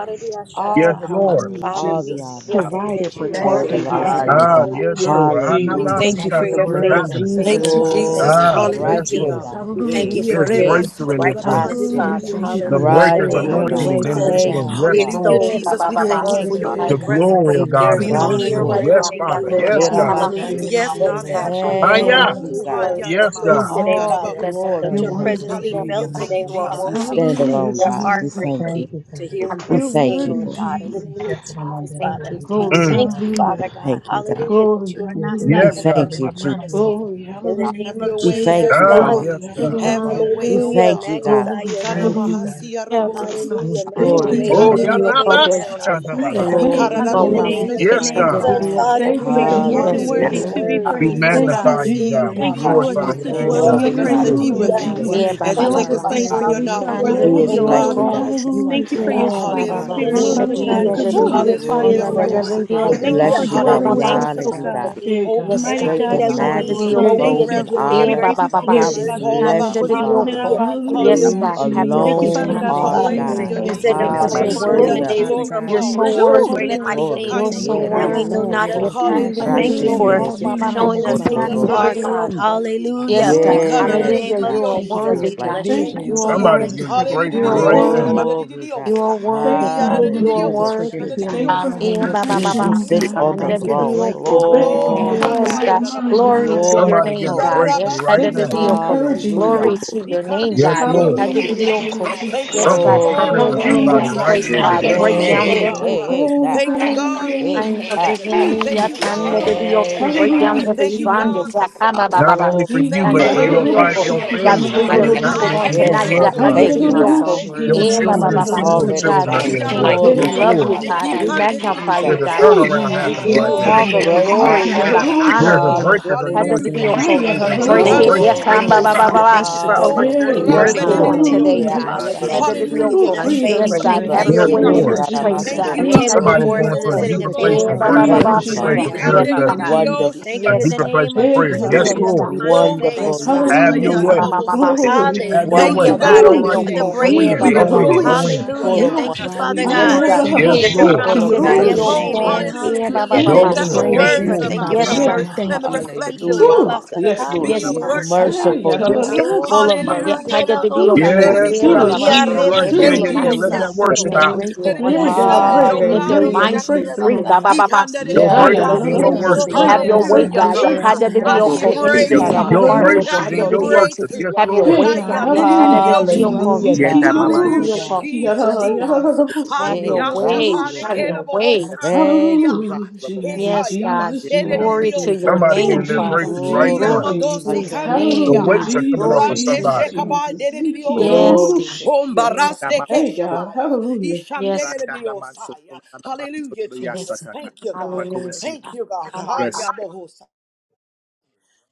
S7: get
S3: All
S1: Yes,
S5: God,
S3: the
S7: that bus.
S1: Lord.
S3: glory,
S5: hallelujah,
S2: Father,
S3: all
S2: we
S3: the
S2: s-
S5: Jesus.
S3: honor.
S7: Yes,
S2: say
S8: Father.
S6: provider,
S2: that you
S5: You're a
S3: Oh,
S2: are
S8: Thank
S3: it
S7: word
S8: you,
S6: protector,
S2: our
S3: belongs
S8: God.
S5: savior.
S6: Father
S3: to
S2: daddy.
S3: you,
S6: God.
S1: Ah,
S3: God.
S1: yes,
S5: You're
S2: Hallelujah.
S5: a
S1: Lord. Ah,
S2: We
S5: redeemer.
S3: Hallelujah,
S6: Thank
S2: thank you
S6: you
S8: Father,
S1: Nabasika,
S6: for
S2: for
S8: you're
S6: the
S3: Jesus.
S2: your
S1: something's
S6: blood
S5: You're
S8: worthy,
S5: a
S6: of
S2: faith,
S8: God.
S1: happening.
S9: Thank
S6: Jesus,
S9: you,
S5: protector.
S2: faithfulness. We
S6: Father.
S2: thank
S9: Jesus.
S2: you
S3: Glory,
S2: for
S3: God.
S1: Ah,
S2: your
S5: Oh,
S3: right
S1: yes,
S9: Hallelujah,
S2: mercy.
S3: here,
S1: Lord.
S5: Jesus.
S9: God.
S3: God.
S2: We thank
S5: Hallelujah,
S3: Yeah,
S2: you for
S1: There's
S2: your
S3: yeah.
S5: Jesus.
S1: breakthrough in this room.
S2: righteousness,
S5: Hallelujah,
S3: Raso,
S2: Father.
S6: Thank you
S9: Irebasikurabahandiriliosha.
S1: The
S6: for your
S2: Hallelujah.
S5: Jesus.
S2: In the
S3: right
S1: breaker's
S9: You
S6: spirit.
S9: are
S2: name
S6: Have
S3: here,
S2: of
S6: your
S1: anointing
S9: wonderful,
S3: God.
S6: way,
S1: is
S5: Hallelujah,
S1: in
S6: Father
S9: God.
S1: this
S2: Jesus,
S3: Thank
S1: room.
S6: God.
S3: you,
S5: Jesus.
S2: we
S1: Yes,
S3: Father.
S9: Hallelujah,
S1: Lord.
S2: extol you,
S9: Jesus. We
S2: Father.
S5: You're
S9: thank you
S8: Father,
S9: for
S3: Thank
S5: worthy.
S3: you,
S9: your
S8: there is
S2: Hallelujah,
S9: holy
S1: The
S3: Abba.
S8: none
S2: God.
S8: like
S1: glory
S9: presence.
S1: of
S8: you,
S7: it's
S1: God is
S2: There's
S9: We
S5: You're
S8: God.
S7: just
S2: no
S1: in this
S9: honor
S2: one
S7: here
S9: you,
S5: worthy.
S1: room.
S9: oh
S3: Ikaraso
S7: right
S2: greater
S1: Yes,
S9: God,
S7: now.
S2: than
S9: in the
S2: you,
S7: That's
S1: Father.
S9: name of
S2: Lord
S8: Hey,
S7: what
S1: Yes,
S8: God,
S7: I'm
S5: You're
S2: God.
S8: God,
S2: In
S1: God.
S2: the
S8: God,
S9: Jesus.
S7: about.
S8: God,
S2: name
S5: worthy.
S3: kerabashik.
S2: of
S9: Yes,
S8: remind us
S7: It's
S9: God,
S8: of
S2: Jesus,
S7: God
S8: those
S9: have your
S7: having a
S1: Ah,
S9: way.
S5: You're
S7: way
S1: yeah.
S7: in
S3: Thank you,
S5: worthy.
S7: this
S9: Hello,
S2: hallelujah.
S3: God.
S2: In
S7: place.
S2: this
S1: Yes,
S5: You're
S2: place
S1: God.
S2: today,
S5: worthy.
S3: All the
S7: It's
S2: Father,
S7: that name.
S9: halyanamahasikarabahosaya.
S3: glory,
S2: let
S5: You're
S2: your
S8: you that
S3: God.
S8: we're
S7: So,
S2: presence
S5: worthy,
S2: be
S8: going
S7: Yeah.
S8: to
S9: Hallelujah.
S2: felt
S8: remind
S5: Jesus.
S7: God,
S9: Thank
S2: today,
S9: you,
S2: oh
S7: you
S8: you,
S7: are
S8: dear.
S2: Father
S3: You
S9: Jesus.
S2: God,
S7: worthy.
S2: on
S3: stand
S2: today.
S5: Hallelujah,
S3: alone,
S2: We are
S3: God.
S7: Yes,
S3: We
S5: Jesus.
S2: hungry
S3: thank
S8: Thank
S3: you.
S7: worthy.
S8: you,
S2: to
S8: Father.
S2: hear
S7: And
S2: what
S3: We
S2: you're
S5: You're
S7: that's-
S3: thank
S2: saying,
S3: you,
S5: worthy,
S2: Lord
S3: Lord.
S2: God. In the
S5: Jesus.
S8: And
S2: name
S8: check
S2: of
S8: it on under
S2: Jesus,
S8: the Mandolo,
S7: Thank
S2: Father,
S7: you,
S8: great
S2: we
S5: Glory,
S8: reminder,
S1: Mm.
S7: Jesus.
S2: thank
S8: dear.
S2: you,
S5: hallelujah.
S3: We
S2: Father God,
S3: thank you, God.
S2: hallelujah, that
S5: Glory,
S2: you are
S8: Yes,
S2: not
S8: it
S3: We
S2: slack
S8: are
S1: Yes,
S5: hallelujah.
S1: God.
S8: called the
S3: thank
S2: concerning
S3: you,
S2: your
S8: dear
S3: Jesus.
S8: man of
S2: promises.
S8: the
S5: Glory,
S2: In the
S9: Have
S2: name
S5: hallelujah.
S2: of
S9: your
S3: We
S9: way,
S3: thank
S9: have
S2: Jesus,
S3: you,
S9: your
S1: Ah,
S2: God,
S3: Father.
S5: Glory,
S9: way,
S1: yes,
S8: Thank
S1: God.
S8: you,
S9: have
S5: hallelujah.
S8: Father,
S9: your way,
S3: We
S8: God.
S9: oh
S2: hallelujah.
S3: thank you,
S9: God.
S3: God.
S2: Magnify
S5: Glory,
S2: your
S8: Thank
S2: name,
S8: you,
S2: God.
S8: God.
S5: hallelujah.
S7: Yes.
S9: Ikanamahasiarabosa.
S8: Thank
S2: Hallelujah.
S8: You
S2: Make
S8: get
S2: your
S5: Thank
S8: the
S3: Glory
S5: you,
S3: to
S2: weight,
S1: Oh,
S3: God.
S7: The
S2: throw
S8: reminder.
S1: yeah,
S7: video
S2: your
S5: Jesus.
S1: nah,
S7: for
S2: weight
S1: bah,
S7: the
S1: see,
S2: around on
S7: check.
S1: kind of,
S9: Ikanderediyoshaya.
S1: bah,
S2: tonight,
S7: Yes.
S1: ah.
S2: God.
S10: Hey,
S5: Thank
S3: Glory
S5: you,
S3: to
S2: In the
S6: We
S3: God.
S10: hallelujah.
S7: Problem.
S2: name
S5: Jesus.
S10: Bless
S2: of
S10: your
S1: Yes,
S6: magnify
S10: name,
S6: you,
S7: The
S1: God.
S6: O
S9: Ikararabohosigeridiyaha.
S2: Jesus,
S10: God.
S7: video
S6: God.
S2: Father,
S7: for
S9: Thank
S5: Thank
S9: you,
S2: we
S10: For
S5: you,
S2: are
S10: you're
S9: Lord.
S6: Thank
S2: here
S6: you
S10: more
S2: to
S6: for
S10: than
S7: yes.
S2: hear
S6: your
S5: Jesus.
S2: your
S10: worthy
S3: Hallelujah.
S9: Hallelujah.
S10: to be
S6: glory,
S2: word.
S1: We
S10: praised,
S6: Father.
S10: oh
S9: You
S5: Thank you,
S10: God.
S1: magnify you,
S9: Rabasia
S2: Hallelujah,
S1: God.
S9: and
S5: Jesus.
S1: We
S6: Thank
S2: God,
S10: Thank you,
S6: you,
S10: Lord,
S2: Father.
S9: diosa.
S1: glorify
S10: just
S1: your
S10: to
S2: Father, we
S1: name,
S9: As
S10: dwell
S6: Jesus.
S9: you
S2: love
S10: in
S1: God.
S10: your
S9: take
S3: Glory,
S2: you.
S1: Yes,
S9: us in
S3: God.
S9: the
S10: presence,
S1: Lord.
S10: oh
S9: deeper
S5: Hallelujah,
S2: Hallelujah.
S6: You are
S10: God.
S9: things,
S3: Hallelujah,
S7: Yeah,
S5: Jesus.
S2: We
S3: Jesus.
S6: worthy.
S7: ba
S9: as you
S7: ba
S6: You
S2: thank
S10: No
S7: ba
S9: take
S2: you,
S6: are
S10: other
S9: us
S7: ba.
S2: Father.
S10: place
S9: deeper in
S6: worthy.
S10: that
S9: your
S10: we
S6: You
S10: shall
S6: are
S2: Hallelujah.
S9: knowledge,
S7: And
S2: We
S7: the
S10: rather
S3: Who
S2: thank
S10: be,
S3: is
S5: Glory,
S2: you
S9: oh
S6: worthy.
S7: video
S10: oh
S2: that
S3: like
S2: you
S9: God,
S3: you,
S9: in
S5: glory,
S10: Lord.
S7: call.
S2: call
S3: God?
S2: us the
S9: Jesus'
S6: You are
S5: hallelujah.
S10: Thank
S9: name,
S2: sons
S10: you
S2: of
S10: for your
S2: God.
S7: Yeah,
S6: faithful,
S7: ba
S10: sweet
S7: ba
S2: In
S6: Father.
S7: ba.
S9: hallelujah
S2: the
S10: spirit,
S9: for
S6: You
S2: name
S6: are
S9: your
S2: of
S10: Father
S7: Shit, I
S10: God,
S5: Hallelujah,
S2: Jesus,
S9: glory,
S7: did
S6: good.
S7: the
S2: that you
S3: Whew,
S2: call
S10: consuming
S5: Jesus.
S7: do
S2: us
S7: ba
S10: fire,
S6: You
S3: glory
S9: hallelujah
S2: friends,
S7: ba
S6: are
S10: oh
S3: to
S7: ba
S9: for
S2: Lord
S7: ba
S3: God.
S9: your
S10: Lord.
S2: God.
S7: do
S9: will
S6: merciful.
S9: be
S6: We
S3: We
S7: do.
S9: done,
S6: thank
S10: Thank you
S6: you for
S2: Hallelujah.
S10: for
S7: Bom
S3: bless you,
S7: ba
S6: your
S7: ba
S3: God.
S7: ba
S10: dwelling
S3: We
S6: grace,
S10: with
S7: ba.
S9: hallelujah,
S2: Thank you,
S10: us,
S3: honor
S6: Father
S10: oh
S3: you,
S2: Father,
S9: Jesus.
S6: God.
S2: for
S3: God.
S10: God.
S5: Yeah,
S2: being
S9: Oh, we
S7: Yes,
S5: God.
S10: Mighty
S9: thank
S7: God.
S3: draped
S2: everything
S10: God,
S9: you,
S3: in
S2: that
S7: Yes, I
S2: we
S10: you
S9: God.
S10: are,
S7: did the
S2: need.
S10: Lord.
S3: majesty,
S7: do.
S10: We
S9: Oh,
S5: Yeah,
S9: we
S2: Hallelujah.
S5: God.
S10: thank
S3: clothed
S10: you,
S3: in
S2: Thank you for
S9: reverence
S10: Lord.
S2: your
S7: Yeah,
S10: We
S9: you,
S3: honor.
S7: ba
S2: grace
S10: give
S7: ba
S10: you
S7: ba
S9: God.
S2: and
S7: ba.
S5: Yeah,
S2: your
S10: glory,
S3: God, we
S9: It's
S7: Shit,
S5: God.
S10: Father
S2: mercy.
S9: all
S7: I
S10: God, for
S3: bless
S7: did
S3: you,
S10: what
S9: about
S7: the
S10: you're
S9: you,
S7: do.
S10: doing
S3: Father.
S10: in our
S9: God.
S2: Hallelujah.
S10: lives
S2: Thank you for
S10: today,
S7: Yes,
S10: God.
S2: wisdom,
S5: Hallelujah,
S3: You
S7: God.
S9: Hallelujah,
S7: Have
S2: knowledge,
S7: your
S2: and
S10: Thank you,
S7: way,
S6: We
S9: Jesus.
S5: Jesus,
S10: Father
S3: alone
S6: thank you
S7: God.
S10: God,
S2: understanding,
S6: that
S10: for
S3: are
S5: Jesus,
S6: you are
S2: Father.
S6: the
S10: greater
S7: We
S10: in
S3: God.
S6: same
S9: Hallelujah,
S10: you,
S5: Jesus.
S2: You
S10: oh
S7: Thank you
S2: said to
S6: yesterday,
S10: Lord.
S9: Jesus.
S7: because
S2: call
S7: you're
S6: today, and
S10: Thank
S2: upon
S9: Oh,
S10: you,
S2: you in the
S7: worthy.
S6: forever,
S9: let
S5: Oh,
S9: the
S3: Hallelujah.
S10: Jesus.
S2: days of
S6: Father
S9: glory
S5: Jesus,
S2: trouble.
S6: God.
S7: You're
S2: You will
S9: fall.
S7: so
S10: Bless
S2: show
S10: your
S5: Jesus,
S2: us
S3: Woo!
S5: Je-
S7: worthy.
S2: great
S10: holy
S2: and
S9: Let your
S10: name,
S2: mighty
S3: Glory.
S10: Lord.
S7: You're
S2: things
S9: Shekinah
S6: Thank you
S7: so
S3: Yeah,
S5: Jesus.
S6: for
S9: glory
S2: that
S6: your
S2: we
S10: Hey,
S7: worthy,
S2: know
S9: fall.
S6: love,
S7: God.
S2: not
S6: your
S2: of,
S3: rasioko.
S7: You're
S10: mm,
S2: Father. We
S7: under
S6: compassion, your
S5: Oh,
S7: the
S2: thank
S10: hallelujah.
S2: you
S9: Hallelujah,
S7: yoke,
S2: for
S5: Jesus,
S7: oh,
S6: tenderness, your
S9: Jesus.
S7: ba, ba, ba,
S5: Jesus,
S2: showing
S9: Oh,
S6: kindness,
S2: us
S7: you're
S2: who
S9: take
S5: Jesus.
S6: Father.
S9: us
S2: you
S7: under
S2: are,
S7: the
S9: higher,
S3: Rashekerebosokotorobosi.
S9: oh
S2: God.
S7: yoke.
S9: God,
S7: oh.
S9: in you.
S2: Hallelujah.
S7: Yes, God.
S2: In the
S5: Hallelujah.
S3: Yes,
S7: Hallelujah.
S2: name
S3: God.
S2: of
S7: You are
S6: Thank you for
S3: Who
S9: Ikananadididioshia.
S2: Jesus,
S6: your
S7: worthy,
S3: is
S2: we
S3: like
S7: God.
S2: bless
S3: you,
S2: your
S5: Thank
S9: Thank
S3: God?
S2: name,
S5: you,
S9: you,
S7: You
S6: provision.
S7: are
S2: Lord.
S1: Somebody's
S5: Father.
S7: worthy,
S6: Thank
S9: Jesus.
S6: you
S1: getting
S6: for
S1: a
S7: God.
S6: your
S9: Hallelujah.
S7: You
S1: breakthrough
S7: are
S1: right
S6: power.
S5: Thank
S1: now.
S5: you,
S7: worthy,
S5: Lord.
S7: God.
S3: Glory,
S7: You
S3: God.
S7: are worthy,
S5: Thank you,
S7: God.
S6: Thank you,
S7: You
S5: Lord.
S7: are
S3: Hallelujah,
S6: Jesus, for your
S7: worthy,
S3: Jesus.
S7: God.
S5: Thank you
S6: healing.
S5: for your
S7: Yeah,
S11: Hallelujah.
S7: ba,
S11: For
S7: ba,
S11: his
S3: He
S7: ba,
S5: protection,
S3: who
S7: ba,
S5: oh
S11: gift of
S7: you're
S3: sits
S5: God.
S9: Hallelujah,
S3: on the
S7: under
S6: Thank
S11: abundance.
S6: you
S7: the
S6: for
S9: Jesus.
S3: throne.
S7: yoke,
S9: Oh,
S6: breakthrough,
S7: Father.
S5: Thank you
S6: Father
S5: for
S9: glory.
S11: Man,
S6: God.
S3: Glory,
S5: having the
S7: Yes,
S3: God.
S5: right
S7: God.
S5: mind,
S7: Glory
S5: God.
S7: to
S9: Hayadadadabahosana.
S3: Lord
S7: your
S3: of
S1: Somebody
S7: name,
S1: getting a
S7: God.
S3: hosts.
S1: breakthrough
S7: Yes,
S1: right
S7: under
S5: Thank
S7: the
S5: you
S1: now.
S5: for
S7: yoke. oh.
S11: we
S5: encouraging,
S9: Yarabasikenedidiyosaya.
S3: Hallelujah.
S7: Glory
S5: God.
S11: exalt you.
S7: to
S11: we
S7: your name,
S1: Yes,
S7: God.
S11: exalt
S7: Yes,
S11: you,
S1: Lord.
S7: under the
S5: Hallelujah,
S9: Ikandididiyoshaya.
S7: yoke. oh.
S5: Jesus.
S9: Thank you for
S7: Yes,
S9: your
S7: God.
S1: Something's
S7: Have
S3: Glory
S1: turning
S7: your
S3: to
S9: glory,
S1: for
S3: God.
S7: way in
S1: somebody
S7: this
S9: Jesus.
S5: Hallelujah,
S9: Uh,
S1: right
S7: place,
S1: now.
S7: God.
S1: Yes,
S6: Thank
S5: Jesus.
S6: you
S7: Break
S3: Hey,
S6: for
S1: Lord.
S7: down
S6: who
S9: Hallelujah,
S3: hey,
S6: you
S9: God.
S7: every
S6: are,
S3: hey,
S9: Uh,
S3: hey,
S6: Father.
S5: Glory,
S3: God.
S9: Thank you,
S5: glory,
S9: God, for
S3: Hey,
S7: I'm
S5: glory.
S7: of the
S3: God.
S9: restoration.
S5: Oh,
S7: enemy,
S9: Thank you,
S5: Jesus.
S9: God,
S7: Yatan, the
S9: for
S7: Dios,
S3: Thank
S7: we
S3: you,
S7: break
S9: elevation.
S7: down
S3: Father.
S5: Hallelujah,
S9: Thank
S7: every
S9: you,
S11: we
S7: bondage,
S9: God,
S5: Jesus.
S9: for
S11: exalt
S7: Yakama
S1: Not
S7: Baba,
S9: separation.
S1: only for
S3: Glory,
S1: you,
S9: Thank
S3: God.
S5: Iki
S7: and
S9: you,
S7: the
S1: but for
S11: you.
S1: your
S9: God, in the
S1: fi-
S7: Dioko,
S11: Jesus.
S5: aroroshi
S1: your
S9: name of
S5: ki
S7: that
S1: family.
S9: Jesus.
S7: bring your
S1: Something's
S5: arorose.
S7: people
S9: Ah,
S1: happening
S7: on
S1: in
S9: thank you you
S1: your
S9: for
S7: tonight,
S3: Yes, God.
S11: For
S1: bloodline.
S3: Thank
S9: exhortation.
S11: you
S3: you,
S11: are
S3: God,
S11: so
S7: Yakade
S5: Hayaroroshi
S9: Thank you
S5: ki
S9: in the
S11: worthy,
S1: Your
S7: Eh,
S9: name
S7: Eva
S3: for
S9: of
S6: Thank
S3: what
S6: you
S7: Baba,
S1: children's
S3: is
S6: for
S11: Jesus.
S9: Jesus.
S1: children's
S3: already
S6: deliverance,
S7: God,
S1: children
S5: arorose.
S1: are
S9: Ha,
S7: we
S6: Father
S3: done.
S1: getting
S9: yada, bo,
S7: thank
S6: God.
S1: blessed.
S7: you, we
S3: Glory,
S5: Hey
S1: Yes,
S3: God.
S7: love
S9: hosanna.
S1: Lord.
S7: you,
S5: God.
S7: God, we
S3: Hallelujah,
S9: Ikande,
S7: magnify
S3: Jesus.
S7: you,
S1: There's a
S7: God.
S5: Oh
S1: turnaround
S7: We
S5: Jesus,
S1: happening
S7: give
S1: right
S7: you
S3: You're
S5: Jesus,
S1: now.
S9: Glory,
S3: the
S7: all the
S9: glory,
S5: Jesus.
S3: great I
S7: glory
S5: Iki
S7: and
S9: hallelujah.
S7: the
S3: am.
S5: aroroshi
S7: honor.
S1: There's a
S5: ki
S7: God.
S9: Glory,
S1: breaker's
S3: Hallelujah.
S1: anointing
S9: hallelujah,
S1: in this
S7: Yekadadadioko.
S1: room
S9: Jesus.
S1: today.
S6: Thank you for
S7: Break
S1: Something's
S2: Thank
S6: your
S2: you
S7: it.
S9: Ihande,
S2: for
S9: di,
S5: hayarorose.
S9: di,
S1: breaking.
S9: di,
S3: Glory,
S2: breakthrough,
S6: unfailing
S3: God.
S2: Father.
S6: love,
S2: Thank you for
S6: Father.
S7: Yekambabababashita.
S11: Yes, Lord.
S9: Oh,
S5: Hey
S2: overturning
S3: Hallelujah,
S1: Yes,
S7: Break
S9: ramba,
S5: God.
S2: verdicts
S7: it
S3: Jesus.
S2: on
S1: Lord.
S7: on
S2: today.
S7: today,
S11: Hallelujah.
S3: Yeah, I
S7: God.
S5: Hallelujah.
S3: got
S2: Father,
S11: Bless you,
S3: that.
S2: thank you for
S11: Jesus.
S5: Oh
S9: Hallelujah,
S2: giving
S7: Yekadadadioko.
S2: us
S9: Jesus.
S11: Bless
S6: Thank
S11: you.
S6: you for
S5: freedom,
S2: favor.
S7: Yes,
S6: the
S11: Jesus.
S7: God.
S2: Thank
S6: word
S2: you
S6: that
S7: Have
S2: for
S9: Thank
S5: Jesus.
S7: your
S1: Yes,
S9: you,
S2: making
S6: became
S2: us
S7: way in
S3: Rasheke
S9: God.
S1: Lord.
S5: Freedom,
S7: this
S6: flesh, Father
S7: place,
S5: Jesus.
S9: Thank
S7: God.
S6: God.
S2: a
S9: you,
S3: tarabasoko
S9: God.
S2: table
S5: Freedom,
S1: Somebody's
S2: before us
S1: going
S2: and
S3: torobo.
S1: to
S2: the
S9: Oh,
S1: a
S9: for
S7: Yekadadadioko.
S6: Thank
S9: your
S2: sitting
S6: you
S5: Jesus.
S2: a
S1: deeper
S6: that you
S2: table
S1: place
S9: glory,
S1: of
S6: dwell
S2: before us in the
S1: worship, a
S6: among
S3: Thank
S5: Freedom,
S3: you,
S9: Jesus.
S2: presence
S6: us,
S1: deeper
S2: of our
S3: Father.
S1: place
S6: Lord
S1: of
S7: Yebabababashita.
S5: Jesus.
S2: enemies,
S6: God,
S7: Yes,
S9: Ikande, di,
S2: Father
S9: di,
S5: Freedom,
S1: intercession,
S9: di,
S7: God.
S2: God.
S3: Wonderful,
S2: Thank
S5: Jesus.
S1: a
S2: you in
S7: Yes,
S2: the
S1: deeper
S7: God.
S1: place
S2: name of
S1: of
S5: Hey
S1: prayer.
S7: Yes,
S2: Jesus
S1: Yes,
S2: that you
S6: just
S2: have
S5: God.
S6: to
S2: the
S1: Lord.
S7: God.
S6: be the
S2: final
S9: Oh,
S2: say in
S6: sacrifice
S2: the
S7: Yes,
S3: wonderful
S6: for
S3: you
S2: name
S9: Jesus.
S7: God.
S6: us,
S2: of
S3: are.
S1: Have
S6: Father
S1: your
S9: Hiya,
S1: way.
S2: Jesus.
S6: God.
S5: Hallelujah.
S9: namo hosaya.
S6: We
S5: Glory.
S7: Yemababababashita.
S6: thank
S1: Have
S6: you,
S1: your
S9: Thank
S2: Hallelujah,
S9: you,
S1: way.
S6: Father.
S1: It's
S2: God.
S3: Wonderful,
S9: God,
S1: all
S9: on
S5: Oh,
S2: Thank you
S9: this
S1: right.
S2: for the
S9: day.
S5: Jesus.
S7: Yekadadadioko.
S1: Go
S9: We
S1: in.
S2: breakthrough.
S1: Go in.
S9: rejoice
S1: Go
S7: Yebabababashita.
S9: in
S1: in.
S9: you, oh
S3: full
S2: Hallelujah.
S3: of
S9: God.
S5: Ikiyarororoshikiya.
S2: Thank you,
S6: While
S3: wonder,
S6: we
S9: We
S2: Father
S6: were
S3: God.
S7: Yes,
S2: God,
S6: yet
S7: God.
S9: praise
S1: Yes,
S6: sinners,
S9: in
S2: that
S9: you,
S2: your
S6: God,
S9: oh
S1: Lord.
S3: Full of
S9: God.
S2: promises
S6: you
S2: are
S6: came
S2: yes
S6: and
S2: and
S7: Yekadadadioko.
S6: died
S9: Oh,
S3: majesty,
S6: for
S2: amen.
S5: Ayarabasikiyorororoshikiya.
S6: us.
S9: hallelujah.
S2: Hallelujah.
S5: Hey,
S3: full
S1: Go
S2: Thank
S6: And
S2: you
S3: of
S6: the
S9: Let
S2: for
S9: the
S1: in.
S5: God.
S6: grave
S7: Yebabababashita.
S3: glory.
S1: Yes,
S6: is
S2: favor.
S9: words
S6: empty,
S1: Lord.
S9: of
S2: Thank
S9: our
S2: you
S5: (clears throat)
S6: Father
S2: for
S7: Yes,
S9: mouth
S6: God.
S5: yeah,
S7: God.
S6: We
S5: God.
S2: mercy.
S7: Yes,
S9: and
S6: thank
S9: the
S6: you.
S7: God.
S9: reflection
S2: Hiyo
S9: of
S3: Hallelujah,
S9: our
S2: raba
S3: Father.
S5: Ooh,
S9: heart
S5: yes, Lord
S2: satande
S9: be
S2: la
S7: Yes, God.
S2: boho
S5: Jesus.
S7: Speak
S9: worship
S7: to
S2: shata.
S9: to
S5: Hey,
S7: the
S9: you,
S3: Merciful
S7: people
S3: you
S9: God.
S3: are.
S7: for you.
S2: Keo
S3: Full
S2: na
S3: of
S5: yararararosikiya.
S7: Yeah,
S3: mercy,
S7: I
S9: Hallelujah.
S7: did
S2: la
S7: the
S2: go
S7: deal.
S5: Ooh,
S9: Let
S7: before.
S2: sata.
S9: it be
S5: Jesus.
S1: Yes,
S7: Yeah,
S3: full
S5: Do
S7: ba
S3: of
S1: God.
S7: ba
S5: it,
S7: ba.
S9: pleasing.
S1: That's
S2: Iya
S1: all
S3: mercy,
S5: Jesus.
S2: reba
S1: right.
S7: Every
S9: Let
S5: Do
S1: Yeah,
S2: te
S3: full
S5: it,
S9: it
S1: yeah,
S2: yo
S3: of
S9: be
S1: yeah. Let
S7: pastor,
S2: kosa.
S1: that
S3: grace.
S5: Jesus.
S7: first
S6: We
S1: worship
S9: acceptable.
S6: are
S7: and
S1: out.
S7: into
S6: grateful
S9: Let it
S6: for
S7: on
S9: be
S2: Ya
S6: you,
S5: Hey,
S7: today,
S6: Father
S5: God.
S7: God,
S2: shanda
S9: received, oh
S6: God.
S5: Breakthrough,
S7: let their
S9: God,
S2: rebedidio
S9: in
S3: Hallelujah,
S5: breakthrough,
S7: minds
S2: shanda
S7: be
S9: Jesus'
S3: Jesus.
S9: name.
S7: free.
S5: breakthrough.
S7: Ba ba
S9: He
S7: ba
S2: rebasataye.
S7: ba. Keep
S1: Your
S3: Yeah,
S7: under
S9: Hallelujah,
S2: Ika
S7: the
S1: breakthroughs in
S6: We
S3: rasio
S1: your
S7: deal.
S6: thank
S5: Ayararararorosi.
S6: you
S2: rebedidio
S6: that
S1: worship.
S6: you
S7: Have
S6: care
S5: Breakthrough,
S7: your
S2: shanda.
S6: so
S7: way,
S3: kotorobosa.
S5: breakthrough,
S7: God.
S6: much
S7: Yeah,
S9: God.
S6: for
S7: I
S6: us to
S7: did the
S5: breakthrough.
S6: have
S9: I
S6: a
S9: I
S7: deal.
S2: Dediasata.
S9: hear
S7: And
S3: Rasheke
S6: relationship
S7: even
S6: with
S7: in
S6: you.
S7: our
S5: Iki
S9: breakthrough.
S1: Your
S9: uh,
S7: hearts,
S3: tarabaso
S6: Thank you,
S7: oh,
S9: I
S1: breakthroughs
S7: I
S1: in
S7: did
S9: hear
S7: the
S1: your
S6: Jesus.
S7: deal.
S1: worship.
S3: kotorobosi.
S9: breakthrough.
S1: Yes,
S7: Have
S9: uh,
S7: your
S1: Lord.
S5: Hey
S7: way,
S9: I
S5: God,
S9: hear
S7: God. Yeah, I
S5: hallelujah,
S7: did the
S6: We
S7: deal.
S9: nididididiosia.
S5: Jesus.
S7: Yeah,
S6: welcome
S3: Hallelujah,
S6: you in this
S3: God.
S7: I
S6: place,
S7: did the
S6: Father
S9: Hallelujah.
S6: God.
S7: deal.
S9: Jesus,
S7: Yes,
S3: Ooh.
S7: God.
S9: Jesus.
S7: Have
S9: Handi
S7: your
S3: Yeah,
S7: way.
S9: ashapade
S3: rasio
S7: Have
S3: ko.
S5: Ikiyaroroshikiyaroyarororoshikiyaroyaroroshaya.
S7: your
S9: kenaboho
S7: way.
S3: Thank you, God.
S5: Hallelujah,
S9: sandidididiaha. Hey,
S5: Jesus,
S9: hi,
S7: Yes,
S9: yaba,
S7: God.
S5: Jesus,
S6: Thank you,
S7: Glory
S5: Jesus.
S7: to
S9: shedidididiosa.
S7: your
S1: Somebody
S6: Jesus.
S5: Oh,
S7: name,
S1: getting their
S9: Thank
S7: Father.
S9: you.
S5: Jesus,
S1: breakthrough right
S3: Glory,
S5: Jesus,
S1: now.
S3: God.
S7: Glory to
S9: Iamadosi
S5: Jesus.
S7: your
S3: Hallelujah,
S7: name,
S1: So
S5: Hallelujah,
S7: God.
S9: candidiaha.
S3: Jesus.
S1: come on,
S5: Jesus,
S7: Glory
S9: Rande
S7: to
S1: somebody.
S5: Jesus,
S7: your
S9: shekaba
S7: name.
S5: Jesus.
S9: dedidiosia.
S7: Yes,
S3: Glory
S7: God.
S3: to
S5: Ikiyarororoshikiya.
S7: Yes,
S9: Ombaraste
S5: Hey God,
S9: keshabaya.
S5: hallelujah.
S7: yes, God.
S9: Ishandedidiosaya. Hallelujah,
S7: yes.
S9: Jesus. Thank you, God.
S7: Hallelujah.
S9: Thank you, God.
S7: Hallelujah.
S9: Hayabohosa.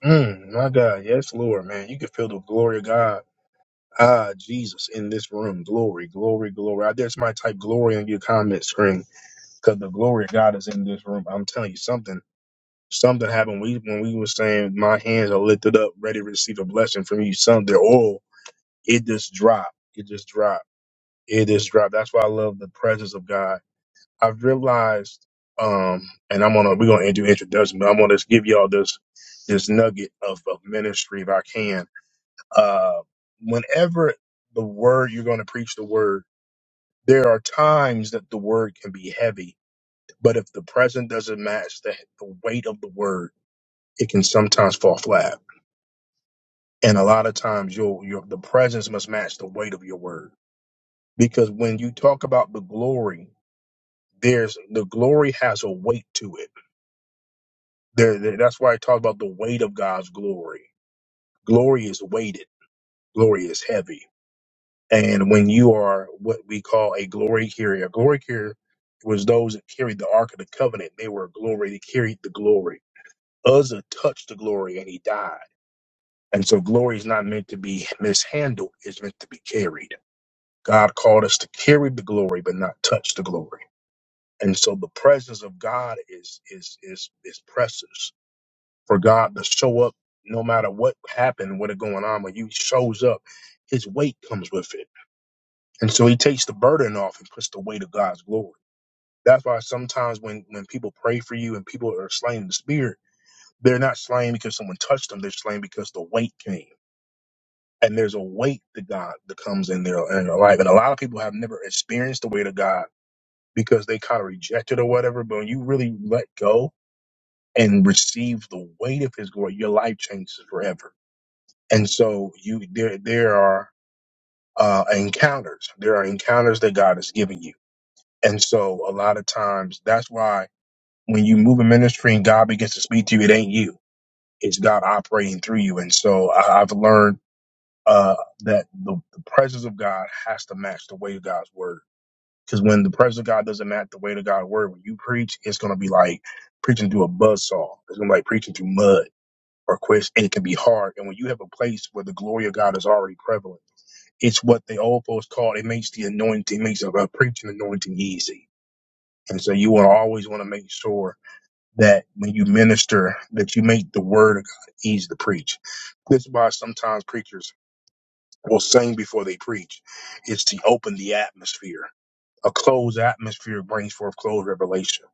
S1: Mm, my God. Yes, Lord, man. You can feel the glory of God. Ah, Jesus in this room. Glory, glory, glory. I dare somebody type glory on your comment screen because the glory of God is in this room. I'm telling you something. Something happened. We when we were saying my hands are lifted up, ready to receive a blessing from you. Some their oil it just dropped. It just dropped. It just dropped. That's why I love the presence of God. I've realized, um, and I'm gonna we're gonna do introduction, but I'm gonna just give y'all this this nugget of, of ministry if I can. Uh, whenever the word you're gonna preach the word, there are times that the word can be heavy, but if the present doesn't match the, the weight of the word, it can sometimes fall flat. And a lot of times, you'll your the presence must match the weight of your word because when you talk about the glory there's the glory has a weight to it there, there- that's why i talk about the weight of god's glory glory is weighted glory is heavy and when you are what we call a glory carrier a glory carrier was those that carried the ark of the covenant they were glory they carried the glory uzzah touched the glory and he died and so glory is not meant to be mishandled it's meant to be carried god called us to carry the glory but not touch the glory And so the presence of God is is is is precious for God to show up no matter what happened, what is going on. When you shows up, his weight comes with it. And so he takes the burden off and puts the weight of God's glory. That's why sometimes when, when people pray for you and people are slain in the spirit, they're not slain because someone touched them. They're slain because the weight came. And there's a weight to God that comes in their, in their life. And a lot of people have never experienced the weight of God because they kind of reject it or whatever. But when you really let go and receive the weight of his glory, your life changes forever. And so you there there are uh, encounters. There are encounters that God is giving you. And so a lot of times that's why when you move in ministry and God begins to speak to you, it ain't you. It's God operating through you. And so I, I've learned uh, that the, the presence of God has to match the weight of God's word. Because when the presence of God doesn't match the weight of God's word, when you preach, it's going to be like preaching through a buzzsaw. It's going to be like preaching through mud or quits, and it can be hard. And when you have a place where the glory of God is already prevalent, it's what the old folks call it makes the anointing, makes a, a preaching anointing easy. And so you want to always want to make sure that when you minister, that you make the word of God easy to preach. This is why sometimes preachers will sing before they preach. It's to open the atmosphere. A closed atmosphere brings forth closed revelation.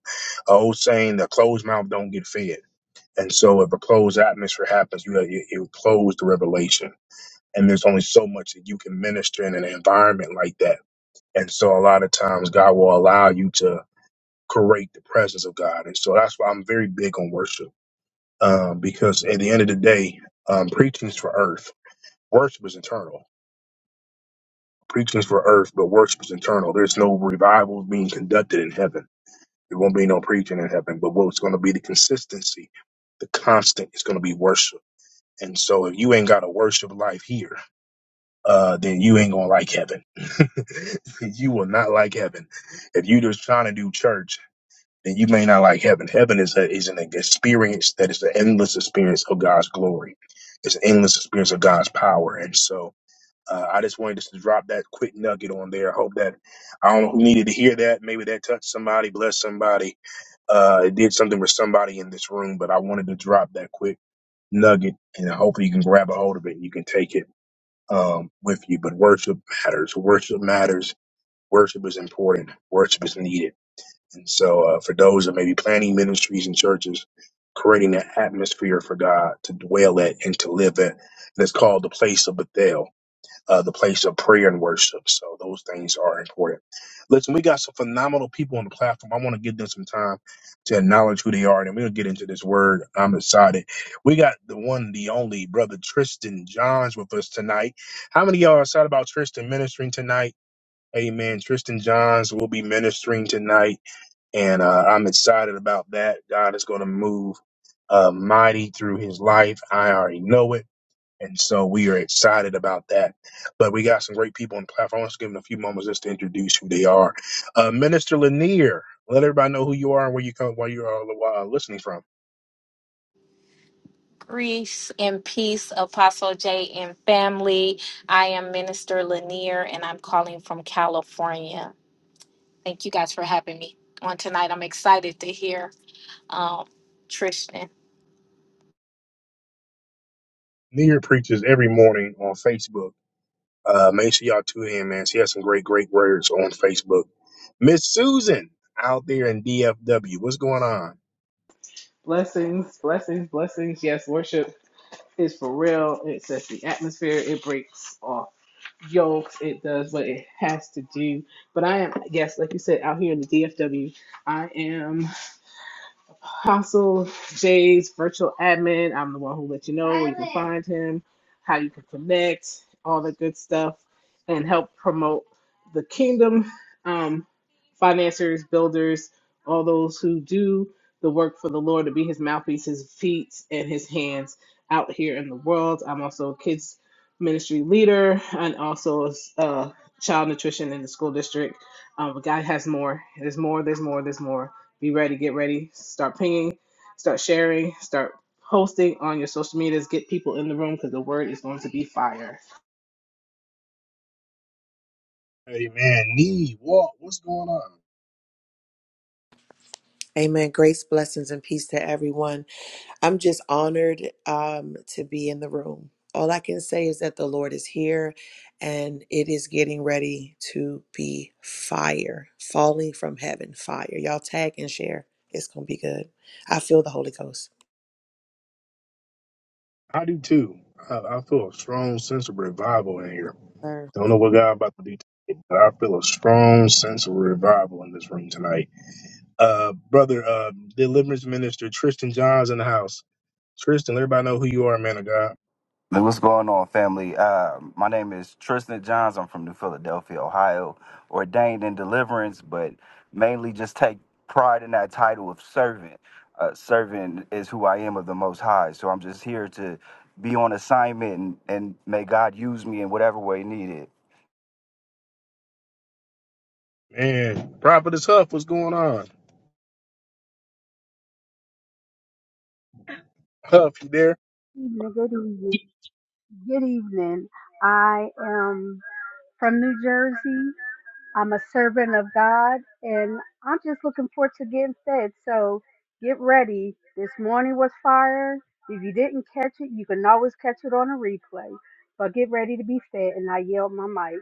S1: A old saying, "The closed mouth don't get fed." And so, if a closed atmosphere happens, you you, you close the revelation, and there's only so much that you can minister in an environment like that. And so, a lot of times, God will allow you to create the presence of God. And so, that's why I'm very big on worship, um, because at the end of the day, um, preaching is for earth, worship is eternal. Preaching is for earth, but worship is eternal. There's no revival being conducted in heaven. There won't be no preaching in heaven. But what's going to be the consistency, the constant, is going to be worship And so if you ain't got a worship life here, uh, then you ain't gonna like heaven. (laughs) you will not like heaven. If you just trying to do church, then you may not like heaven. Heaven is a, is an experience that is an endless experience of God's glory. It's an endless experience of God's power. And so uh, I just wanted to drop that quick nugget on there. I hope that I don't know who needed to hear that. Maybe that touched somebody, blessed somebody. Uh, it did something for somebody in this room, but I wanted to drop that quick nugget and hopefully you can grab a hold of it and you can take it um, with you. But worship matters. Worship matters. Worship is important. Worship is needed. And so uh, for those that may be planning ministries and churches, creating an atmosphere for God to dwell at and to live at, and it's called the place of Bethel uh, the place of prayer and worship. So those things are important. Listen, we got some phenomenal people on the platform. I want to give them some time to acknowledge who they are, and then we'll get into this word. I'm excited. We got the one, the only brother Tristan Johns with us tonight. How many of y'all are excited about Tristan ministering tonight? Amen. Tristan Johns will be ministering tonight, and uh, I'm excited about that. God is going to move uh, mighty through his life. I already know it. And so we are excited about that. But we got some great people on the platform. Let's give them a few moments just to introduce who they are. Uh, Minister Lanier, let everybody know who you are and where you come, where you are uh, listening from.
S7: Grace and peace, Apostle J and family. I am Minister Lanier and I'm calling from California. Thank you guys for having me on tonight. I'm excited to hear um, Tristan.
S1: Lanier preaches every morning on Facebook. Uh, make sure y'all tune in, man. She has some great, great words on Facebook. Miss Susan out there in DFW, what's going on?
S5: Blessings, blessings, blessings. Yes, worship. It's for real. It sets the atmosphere. It breaks off yolks. It does what it has to do. But I am, yes, like you said, out here in the DFW, I am. Apostle Jay's virtual admin. I'm the one who let you know where you can find him, how you can connect, all the good stuff, and help promote the kingdom um, financiers, builders, all those who do the work for the Lord to be his mouthpiece, his feet, and his hands out here in the world. I'm also a kids ministry leader and also a uh, child nutrition in the school district. Um, but God has more. There's more, there's more, there's more. Be ready, get ready, start pinging, start sharing, start posting on your social medias. Get people in the room because the word is going to be fire.
S1: Hey, man, knee, walk, what's going on?
S9: Amen. Grace, blessings, and peace to everyone. I'm just honored um, to be in the room. All I can say is that the Lord is here and it is getting ready to be fire, falling from heaven, fire. Y'all tag and share. It's going to be good. I feel the Holy Ghost.
S1: I do too. I, I feel a strong sense of revival in here.
S9: Sir.
S1: Don't know what God about to do today, but I feel a strong sense of revival in this room tonight. Uh, brother, uh, deliverance minister Tristan Johns in the house. Tristan, let everybody know who you are, man of God.
S12: Hey, What's going on, family? Uh, my name is Tristan Johns. I'm from New Philadelphia, Ohio, ordained in deliverance, but mainly just take pride in that title of servant. Uh, servant is who I am of the Most High. So I'm just here to be on assignment and, and may God use me in whatever way needed.
S1: Man, prophetess Huff, what's going on? Huff, you there?
S4: evening. Good evening. Good evening. I am from New Jersey. I'm a servant of God, and I'm just looking forward to getting fed. So get ready. This morning was fire. If you didn't catch it, you can always catch it on a replay. But get ready to be fed, and I yelled my mic.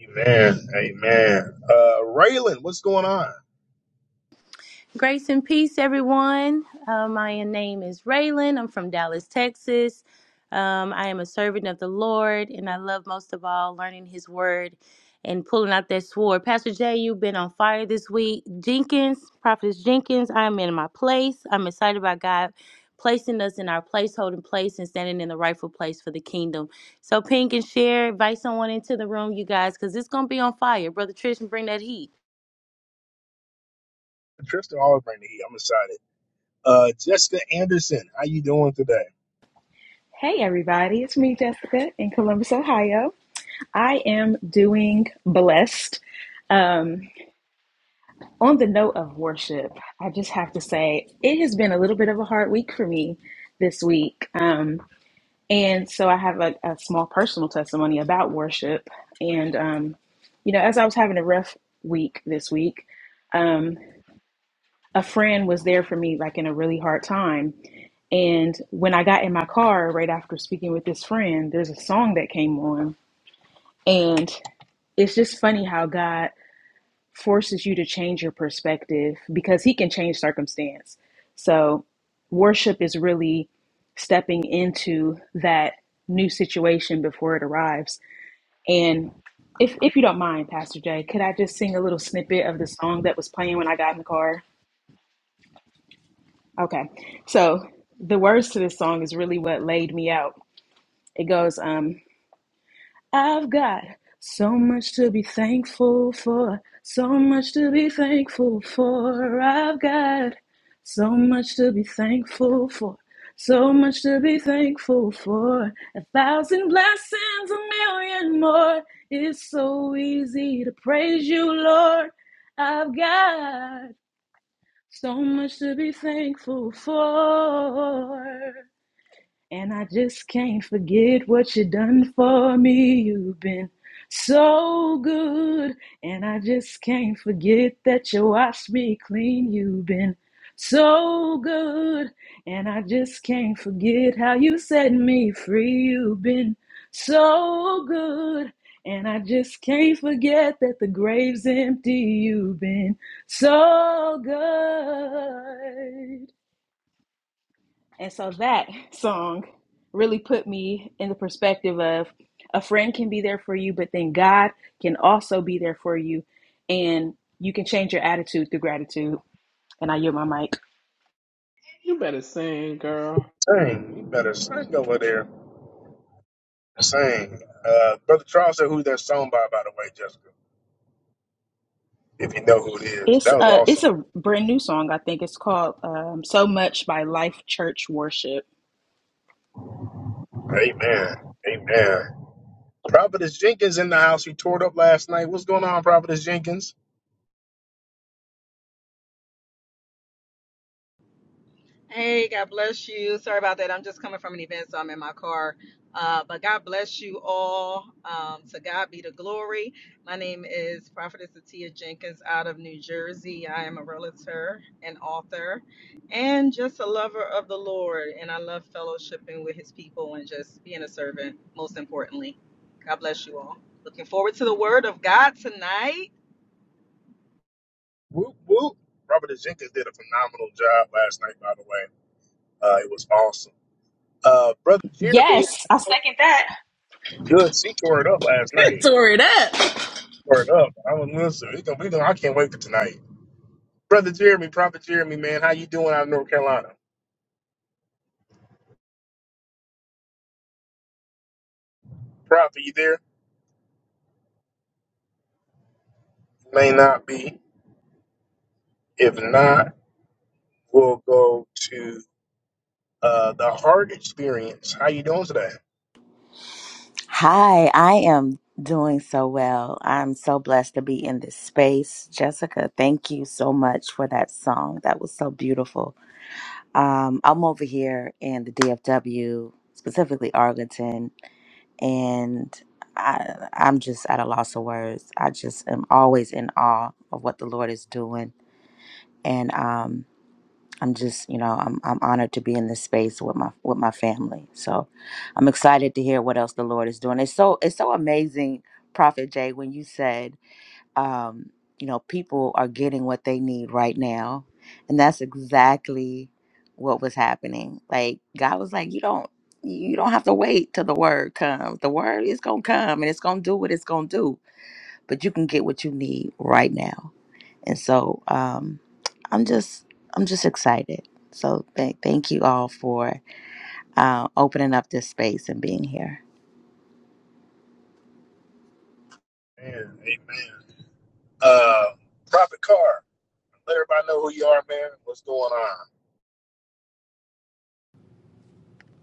S1: Amen, amen. Uh, Raylan, what's going on?
S10: Grace and peace, everyone. Uh, my name is Raylan. I'm from Dallas, Texas. Um, I am a servant of the Lord, and I love most of all learning His Word and pulling out that sword. Pastor Jay, you've been on fire this week. Jenkins, Prophetess Jenkins, I'm in my place. I'm excited about God placing us in our place, holding place, and standing in the rightful place for the kingdom. So, ping and share, invite someone into the room, you guys, because it's going to be on fire. Brother Trish, bring that heat.
S1: Tristan always bring the heat. I'm excited. Uh, Jessica Anderson, how you doing today?
S6: Hey everybody, it's me Jessica in Columbus, Ohio. I am doing blessed. Um, on the note of worship, I just have to say it has been a little bit of a hard week for me this week. Um, and so I have a, a small personal testimony about worship. And, um, you know, as I was having a rough week this week, um, a friend was there for me like in a really hard time. And when I got in my car right after speaking with this friend, there's a song that came on. And it's just funny how God forces you to change your perspective because He can change circumstance. So, worship is really stepping into that new situation before it arrives. And if, if you don't mind, Pastor Jay, could I just sing a little snippet of the song that was playing when I got in the car? Okay. So the words to this song is really what laid me out. It goes, um, I've got so much to be thankful for, so much to be thankful for. I've got so much to be thankful for, so much to be thankful for. A thousand blessings, a million more. It's so easy to praise you, Lord. I've got. So much to be thankful for. And I just can't forget what you done for me. You've been so good. And I just can't forget that you washed me clean. You've been so good. And I just can't forget how you set me free. You've been so good. And I just can't forget that the grave's empty. You've been so good. And so that (laughs) song really put me in the perspective of a friend can be there for you, but then God can also be there for you. And you can change your attitude through gratitude. And I yield my mic.
S5: You better sing, girl.
S1: Sing, you better sing over there. Sing. Uh, brother Charles said who's that song by, by the way, Jessica. if you know who it is.
S6: It's
S1: That was
S6: a, it's
S1: awesome.
S6: a brand new song, I think. It's called um, So Much by Life Church Worship.
S1: Amen. Amen. Prophetess Jenkins in the house. He tore it up last night. What's going on, Prophetess Jenkins?
S13: Hey, God bless you. Sorry about that. I'm just coming from an event, so I'm in my car. Uh, but God bless you all. Um, to God be the glory. My name is Prophetess Atia Jenkins out of New Jersey. I am a realtor and author and just a lover of the Lord. And I love fellowshipping with his people and just being a servant, most importantly. God bless you all. Looking forward to the word of God tonight.
S1: Whoop, whoop. Prophetess Jenkins did a phenomenal job last night, by the way. Uh, it was awesome. Uh, Brother Jeremy,
S6: Yes, I second that.
S1: good. He tore it up last
S6: (laughs)
S1: night.
S6: Tore it up.
S1: Tore it up. I was listening. He gonna, we gonna, I can't wait for tonight. Brother Jeremy, Prophet Jeremy, man, how you doing out of North Carolina? Prophet, you there? May not be. If not, we'll go Uh, the heart experience. How you doing today?
S3: doing. well. Um, I'm over here in W, specifically Arlington, and I, I'm just at a loss of words. I just am always in awe of what the Lord is doing, and um, I'm just, you know, I'm I'm honored to be in this space with my with my family. So, I'm excited to hear what else the Lord is doing. It's so it's so amazing, Prophet Jay, when you said. um, you know, people are getting what they need right now. And that's exactly what was happening. Like God was like, you don't you don't have to wait till the word comes. The word is gonna come and it's gonna do what it's gonna do. But you can get what you need right now. And so um I'm just I'm just excited. So th- thank you all for uh, opening up this space and being here.
S1: Man, amen. Uh, Prophet Carr, let everybody know who you are, man. What's going on?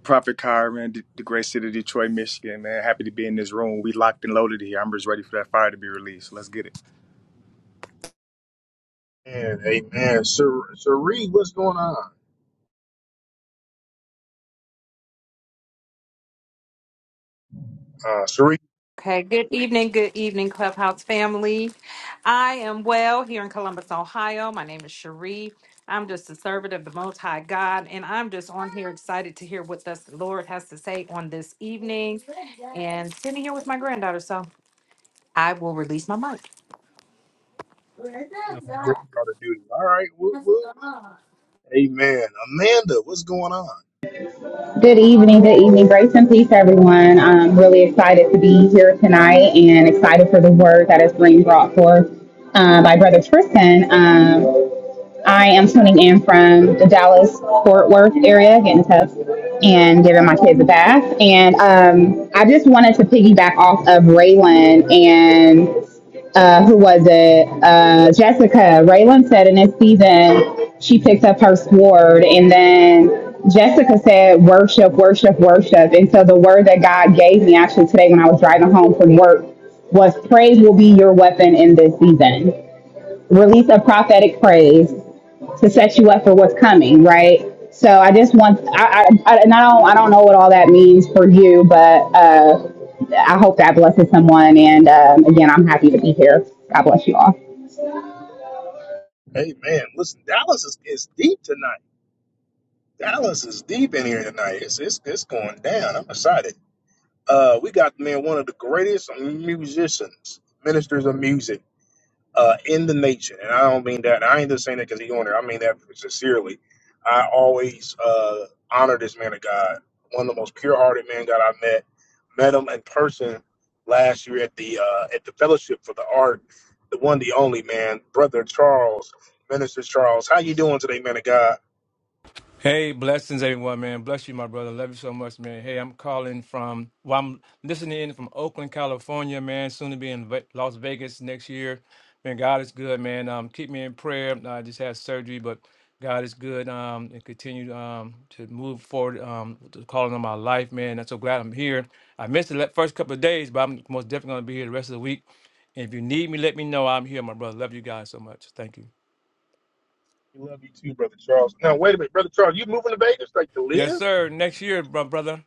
S14: Prophet Kyra, man, the the great city of Detroit, Michigan, man. Happy to be in this room. We locked and loaded here. I'm just ready for that fire to be released. Let's get it. (laughs)
S1: Man, amen. Sir, Sheree, what's going on? Uh, Sheree,
S11: Okay, good evening, good evening, Clubhouse family. I am well here in Columbus, Ohio. My name is Cherie. I'm just a servant of the Most High God, and I'm just on here excited to hear what the Lord has to say on this evening and sitting here with my granddaughter. So I will release my mic.
S1: you know, great daughter duty. All right, woo woo. Amen. Amanda, what's going on?
S15: Good evening, good evening. Grace and peace, everyone. I'm really excited to be here tonight and excited for the word that is being brought forth uh, by Brother Tristan. Um, I am tuning in from the Dallas Fort Worth area, getting tough and giving my kids a bath. And um, I just wanted to piggyback off of Raylan and uh, who was it? Uh, Jessica. Raylan said in this season she picked up her sword, and then Jessica said, "Worship, worship, worship." And so the word that God gave me actually today when I was driving home from work was praise will be your weapon in this season release a prophetic praise to set you up for what's coming, right? So I just want I I, I, and I don't I don't know what all that means for you, but uh, I hope that blesses someone. And um, again, I'm happy to be here. God bless you all.
S1: Hey man, listen, Dallas is, is deep tonight. Dallas is deep in here tonight. It's it's, it's going down. I'm excited. Uh, we got man one of the greatest musicians, ministers of music. uh, in the nature, and I don't mean that. I ain't just saying that because he on there. I mean that sincerely. I always uh, honor this man of God, one of the most pure-hearted man God I met. Met him in person last year at the uh, at the Fellowship for the Art. The one, the only man, brother Charles, minister Charles. How you doing today, man of God?
S16: Hey, blessings, everyone, man. Bless you, my brother. Love you so much, man. Hey, I'm calling from, well, I'm listening in from Oakland, California, man. Soon to be in Ve- Las Vegas next year. Man, God is good, man. Um, keep me in prayer. I just had surgery, but God is good. Um, and continue um to move forward. Um, to calling on my life, man. I'm so glad I'm here. I missed the le- first couple of days, but I'm most definitely gonna be here the rest of the week. And if you need me, let me know. I'm here, my brother. Love you guys so much. Thank you.
S1: We love you too, brother Charles. Now wait a minute, brother Charles, you moving to Vegas like to
S16: Yes,
S1: live?
S16: sir. Next year, bro, brother.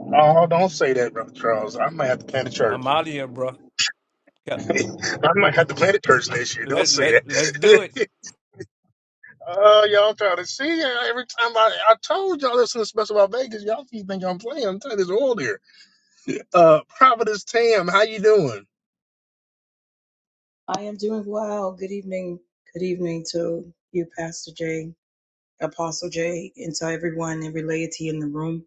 S1: Oh, don't say that, brother Charles. I might have to plant a
S16: I'm
S1: church.
S16: out of here, bro.
S1: (laughs) I might have to plant a church next year. Don't
S16: Let
S1: say
S16: let let's do
S1: that.
S16: it.
S1: (laughs) Oh, y'all trying to see uh, every time I, I told y'all this is special about Vegas. Y'all keep thinking I'm playing. I'm telling you, it's all there. Uh, Providence Tam, how you doing?
S8: I am doing well. Good evening. Good evening to you, Pastor Jay, Apostle, and the related you in the room.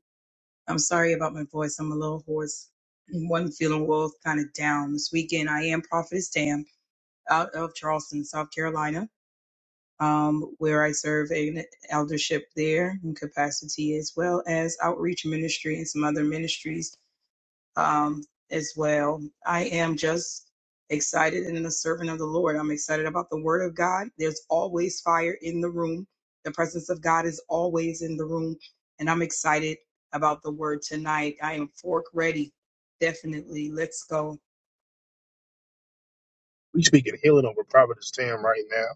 S8: I'm sorry about my voice. I'm a little hoarse. One feeling well, kind of down this weekend. I am Prophetess Tam out of Charleston, South Carolina, um, where I serve in eldership there in capacity as well as outreach ministry and some other ministries um, as well. I am just excited and a servant of the Lord. I'm excited about the Word of God. There's always fire in the room, the presence of God is always in the room. And I'm excited about the Word tonight. I am fork ready. Definitely. Let's go.
S1: We speaking healing over Providence Tam right now.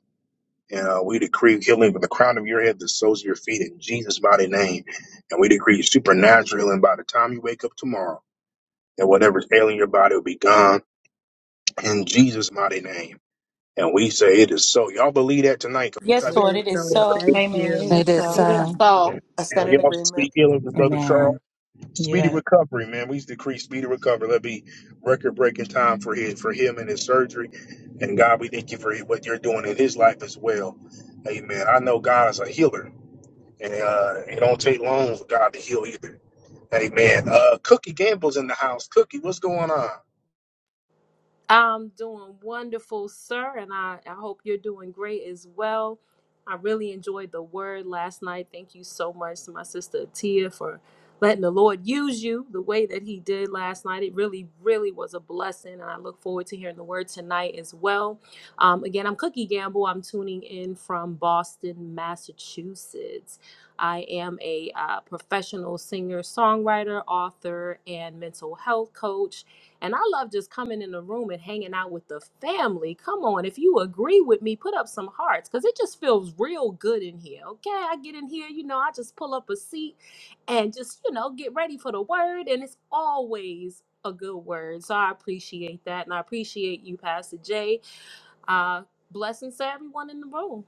S1: And uh, we decree healing from the crown of your head to the soles of your feet in Jesus' mighty name. And we decree supernatural healing by the time you wake up tomorrow. And whatever's ailing your body will be gone in Jesus' mighty name. And we say it is so. Y'all believe that tonight? 'Cause we
S8: It
S10: Yes,
S1: type
S10: Lord,
S8: is
S10: it is
S8: so.
S10: so.
S1: it.
S8: Thank
S6: Amen. It
S11: It
S8: you.
S6: is
S11: is
S6: so.
S11: so.
S8: Thank
S7: So,
S9: I
S1: And
S9: stand
S1: we
S9: in
S1: also
S9: agreement.
S1: speak healing for Brother Charles.
S3: Amen.
S1: Speedy
S8: you.
S1: recovery, man. We decree speedy recovery. Let be record breaking time for his for him and his surgery. And God, we thank you for what you're doing in his life as well. Amen. I know God is a healer, and uh, it don't take long for God to heal either. Amen. Uh, Cookie Gamble's in the house. Cookie, what's going on?
S17: I'm doing wonderful, sir, and I, I hope you're doing great as well. I really enjoyed the word last night. Thank you so much to my sister Tia for letting the Lord use you the way that He did last night. It really, really was a blessing, and I look forward to hearing the word tonight as well. Um, again, I'm Cookie Gamble. I'm tuning in from Boston, Massachusetts. I am a uh, professional singer, songwriter, author, and mental health coach. And I love just coming in the room and hanging out with the family. Come on, if you agree with me, put up some hearts because it just feels real good in here. Okay, I get in here, you know, I just pull up a seat and just, you know, get ready for the word. And it's always a good word. So I appreciate that. And I appreciate you, Pastor Jay. Uh, blessings to everyone in the room.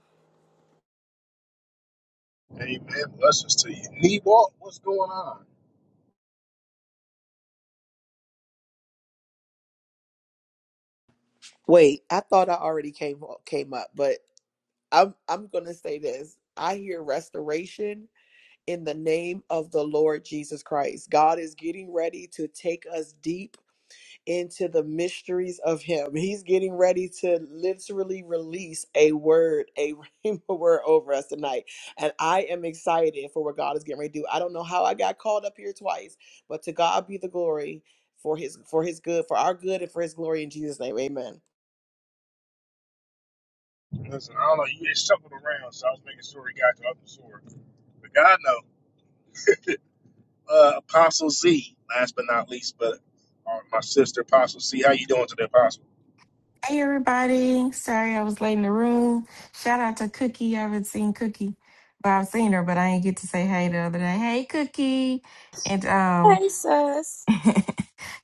S1: Amen. Blessings to you. Knee walk, what's going on?
S9: Wait, I thought I already came came up, but I'm I'm going to say this. I hear restoration in the name of the Lord Jesus Christ. God is getting ready to take us deep into the mysteries of Him. He's getting ready to literally release a word, a (laughs) rhema word over us tonight. And I am excited for what God is getting ready to do. I don't know how I got called up here twice, but to God be the glory for his for his good, for our good and for his glory in Jesus' name. Amen.
S1: Listen, I don't know. You just shuffled around, so I was making sure he got you up the sword. But God knows. uh, Apostle Z, last but not least, but uh, my sister Apostle Z. How you doing today, Apostle?
S18: Hey everybody. Sorry I was late in the room. Shout out to Cookie. I haven't seen Cookie. Well, I've seen her, but I ain't get to say hey the other day. Hey Cookie. And um
S17: Hey, sis.
S18: (laughs)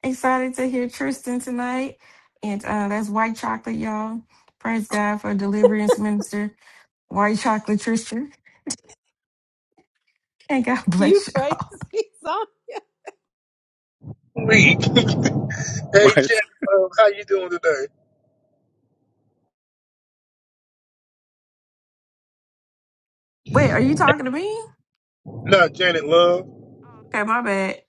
S18: excited to hear Tristan tonight. And uh that's white chocolate, y'all. Praise God for deliverance minister. White chocolate Tristan. And God (laughs)
S17: You
S18: bless
S17: crazy.
S18: y'all.
S17: (laughs)
S1: Week. (laughs) hey,
S14: Right.
S1: Janet, Love, how you doing today?
S18: Wait, are you talking to me?
S1: No, Janet Love.
S18: Okay, my bad.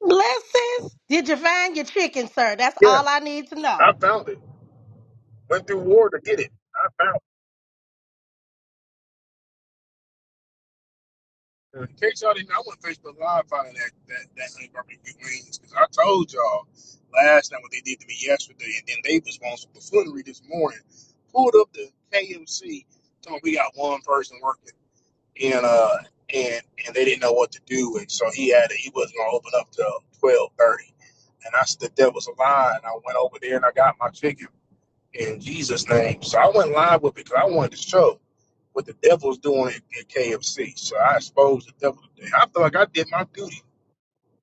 S19: Blessings. Did you find your chicken, sir? That's
S1: Yeah,
S19: all I need to know.
S1: I found it. Went through war to get it. I found it. In case y'all didn't, know, I went Facebook Live finding that that that honey barbecue wings because I told y'all last night what they did to me yesterday, and then they was on some buffoonery this morning. Pulled up the KMC, told me we got one person working. and uh and and they didn't know what to do and so he had to, he wasn't gonna open up till twelve thirty. And I stood there was a line. I went over there and I got my ticket in Jesus' name. So I went live with it because I wanted to show what the devil's doing at, at KFC. So I exposed the devil I feel like I did my duty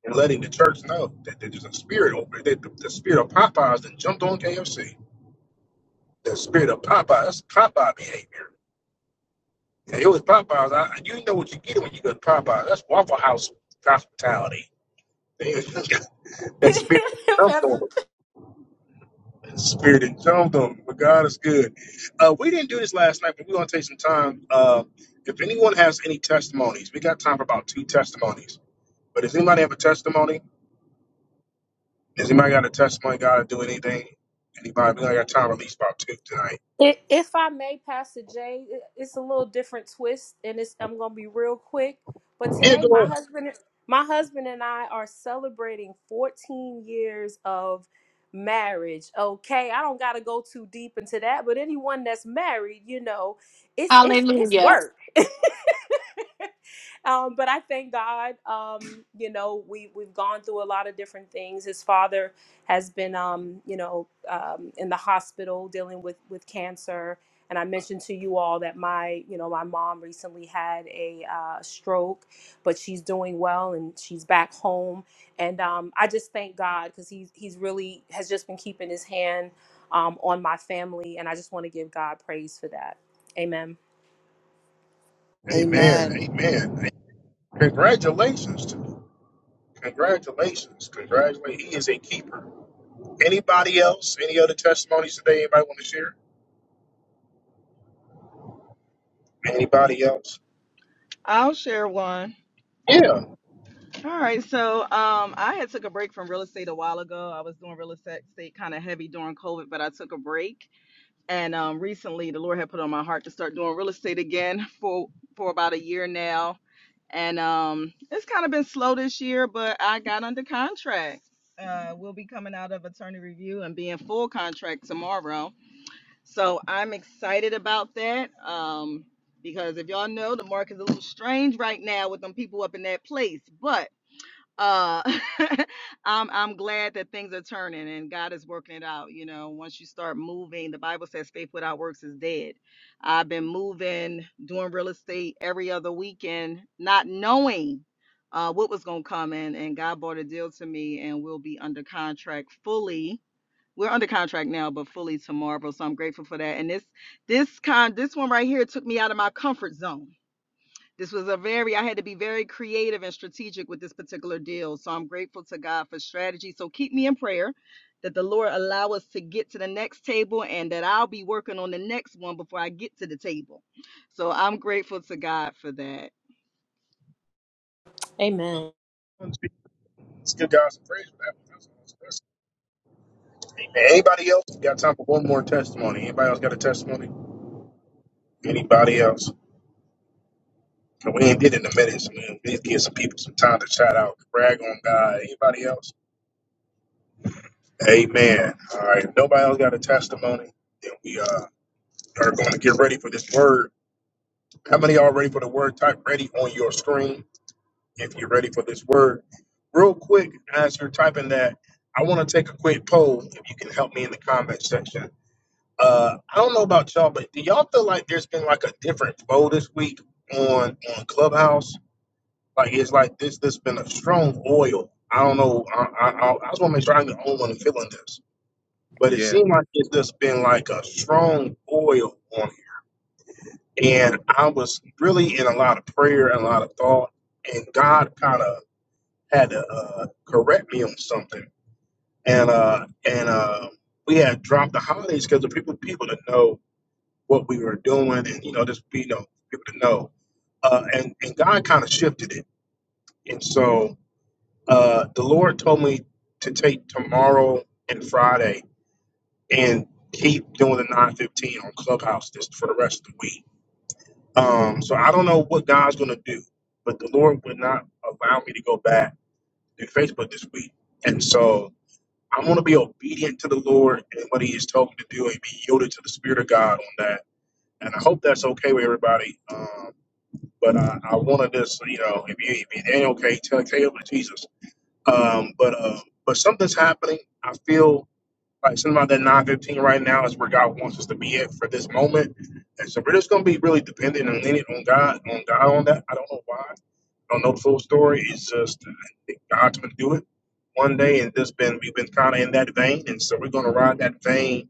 S1: in letting the church know that there's a spirit over there. The, the spirit of Popeyes that jumped on KFC. The spirit of Popeyes, Popeye behavior. Yeah, it was Popeyes. I, you know what you get when you go to Popeyes. That's Waffle House hospitality. (laughs) that
S10: (laughs)
S1: spirit and tongue
S10: Pastor T.
S1: Spirit and tongue But God is good. Uh, we didn't do this last night, but we're going to take some time. Uh, if anyone has any testimonies, we got time for about two testimonies. But does anybody have a testimony? Does anybody got a testimony? God to do anything? Anybody? We only got time for at least about two tonight.
S17: I- If I may, Pastor Jay, i- it's a little different twist, and it's, I'm going to be real quick. But
S1: Yeah,
S17: today,
S1: go
S17: my
S1: ahead.
S17: husband, my husband and I are celebrating 14 years of marriage. Okay, I don't got to go too deep into that, but anyone that's married, you know, it's it's it's
S7: hallelujah.
S17: work. (laughs) um, but I thank God. Um, you know, we we've gone through a lot of different things. His father has been, um, you know, um, in the hospital dealing with with cancer. And I mentioned to you all that my, you know, my mom recently had a uh, stroke, but she's doing well and she's back home. And um, I just thank God because he's he's really has just been keeping his hand um, on my family, and I just want to give God praise for that. Amen.
S1: Amen.
S9: Amen.
S1: Amen. Congratulations to you. Congratulations. Congratulations. He is a keeper. Anybody else? Any other testimonies today? Anybody want to share? Anybody else?
S13: I'll share one.
S1: Yeah.
S13: All right, so um, I had took a break from real estate a while ago. I was doing real estate kind of heavy during COVID, but I took a break. And um, recently, the Lord had put on my heart to start doing real estate again for for about a year now. And um, it's kind of been slow this year, but I got under contract. Uh, we'll be coming out of attorney review and being full contract tomorrow. So I'm excited about that um, because if y'all know, the market's a little strange right now with them people up in that place, but uh (laughs) i'm i'm glad that things are turning and god is working it out you know once you start moving the bible says faith without works is dead i've been moving doing real estate every other weekend not knowing uh what was going to come in and god brought a deal to me and we'll be under contract fully we're under contract now but fully to marvel so i'm grateful for that and this this kind this one right here took me out of my comfort zone this was a very, I had to be very creative and strategic with this particular deal. So I'm grateful to God for strategy. So keep me in prayer that the Lord allow us to get to the next table and that I'll be working on the next one before I get to the table. So I'm grateful to God for that.
S17: Amen.
S1: Let's give God some praise for that. That's what I was testing. Amen. Anybody else? We got time for one more testimony. Anybody else got a testimony? Anybody else? And We ain't did it in a minute, so man, please give some people some time to shout out, brag on God. Anybody else? Amen. All right. If nobody else got a testimony. Then we uh, are going to get ready for this word. How many are ready for the word? Type ready on your screen. if you're ready for this word. Real quick, as you're typing that, I want to take a quick poll if you can help me in the comment section. Uh, I don't know about y'all, but do y'all feel like there's been like a different flow this week on on Clubhouse? Like it's like this this been a strong oil. I don't know. I I, I I just want to make sure I'm the only one feeling this, but it
S14: Yeah.
S1: seemed like it's just been like a strong oil on it. And I was really in a lot of prayer and a lot of thought, and God kind of had to uh, correct me on something, and uh, and uh, we had dropped the holidays because the people people to know what we were doing, and you know, just you know, people to know, uh, and and God kind of shifted it, and so uh, the Lord told me to take tomorrow and Friday and keep doing the nine fifteen on Clubhouse this for the rest of the week. Um, so I don't know what God's going to do, but the Lord would not allow me to go back to Facebook this week, and so. I want to be obedient to the Lord and what He has told me to do and be yielded to the Spirit of God on that. And I hope that's okay with everybody. Um, but I, I wanted this, you know, if, you, if it ain't okay, tell, tell it to Jesus. Um, but uh, but something's happening. I feel. Right, something about that nine fifteen right now is where God wants us to be at for this moment, and so we're just going to be really dependent and leaning on God, on God on that. I don't know why. I don't know the full story. It's just uh, I think God's going to do it one day, and just been we've been kind of in that vein, and so we're going to ride that vein.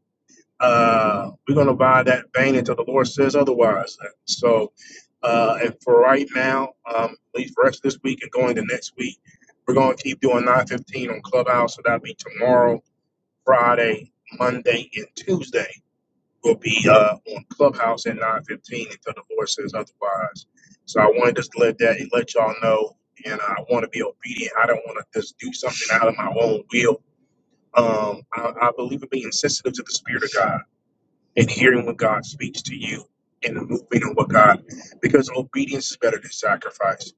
S1: Uh, we're going to ride that vein until the Lord says otherwise. So, uh, and for right now, um, at least for us this week and going to next week, we're going to keep doing nine fifteen on Clubhouse. So that'll be tomorrow Friday, Monday, and Tuesday will be uh, on Clubhouse at 9:15 until the Lord says otherwise. So I wanted just to let that let y'all know, and I want to be obedient. I don't want to just do something out of my own will. Um, I, I believe in being sensitive to the Spirit of God and hearing what God speaks to you and moving on what God, because obedience is better than sacrifice.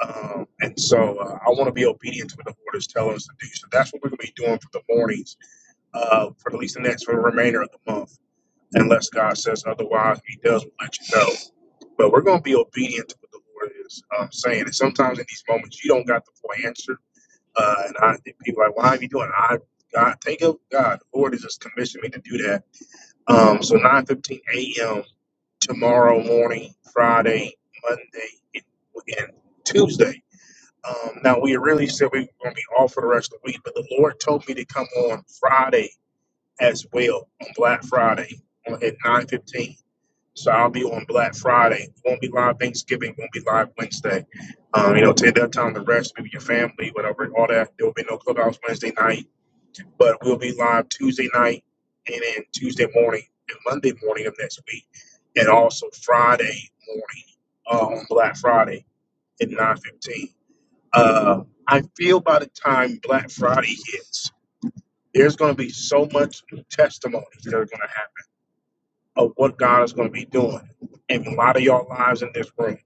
S1: Um, and so uh, I want to be obedient to what the Lord is telling us to do. So that's what we're going to be doing for the mornings uh, for at least the next for the remainder of the month, unless God says otherwise. He does let you know. But we're going to be obedient to what the Lord is um, saying. And sometimes in these moments, you don't got the full answer. Uh, and I think people are like, why are you doing? it?" I God, thank you, God. The Lord has just commissioned me to do that. Um, so 9:15 a.m. tomorrow morning, Friday, Monday, and, and Tuesday. Um, now we really said we were going to be off for the rest of the week, but the Lord told me to come on Friday as well on Black Friday on at nine fifteen. So I'll be on Black Friday. Won't be live Thanksgiving. Won't be live Wednesday. Um, you know, take that time to rest, be with your family, whatever, all that. There will be no clubhouse Wednesday night, but we'll be live Tuesday night and then Tuesday morning and Monday morning of next week, and also Friday morning uh, on Black Friday at nine fifteen. Uh, I feel by the time Black Friday hits, there's going to be so much testimonies that are going to happen of what God is going to be doing in a lot of y'all lives in this room.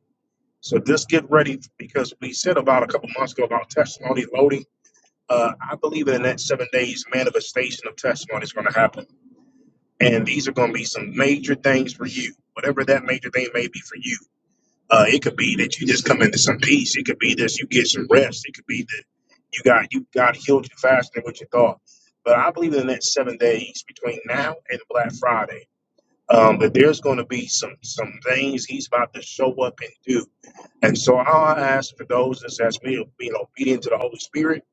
S1: So just get ready because we said about a couple months ago about testimony loading. Uh, I believe in the next seven days, manifestation of testimony is going to happen. And these are going to be some major things for you, whatever that major thing may be for you. Uh, it could be that you just come into some peace. It could be that you get some rest. It could be that you got you got healed faster than what you thought. But I believe in the next seven days between now and Black Friday um, that there's going to be some some things he's about to show up and do. And so I ask for those that's asked me to being obedient to the Holy Spirit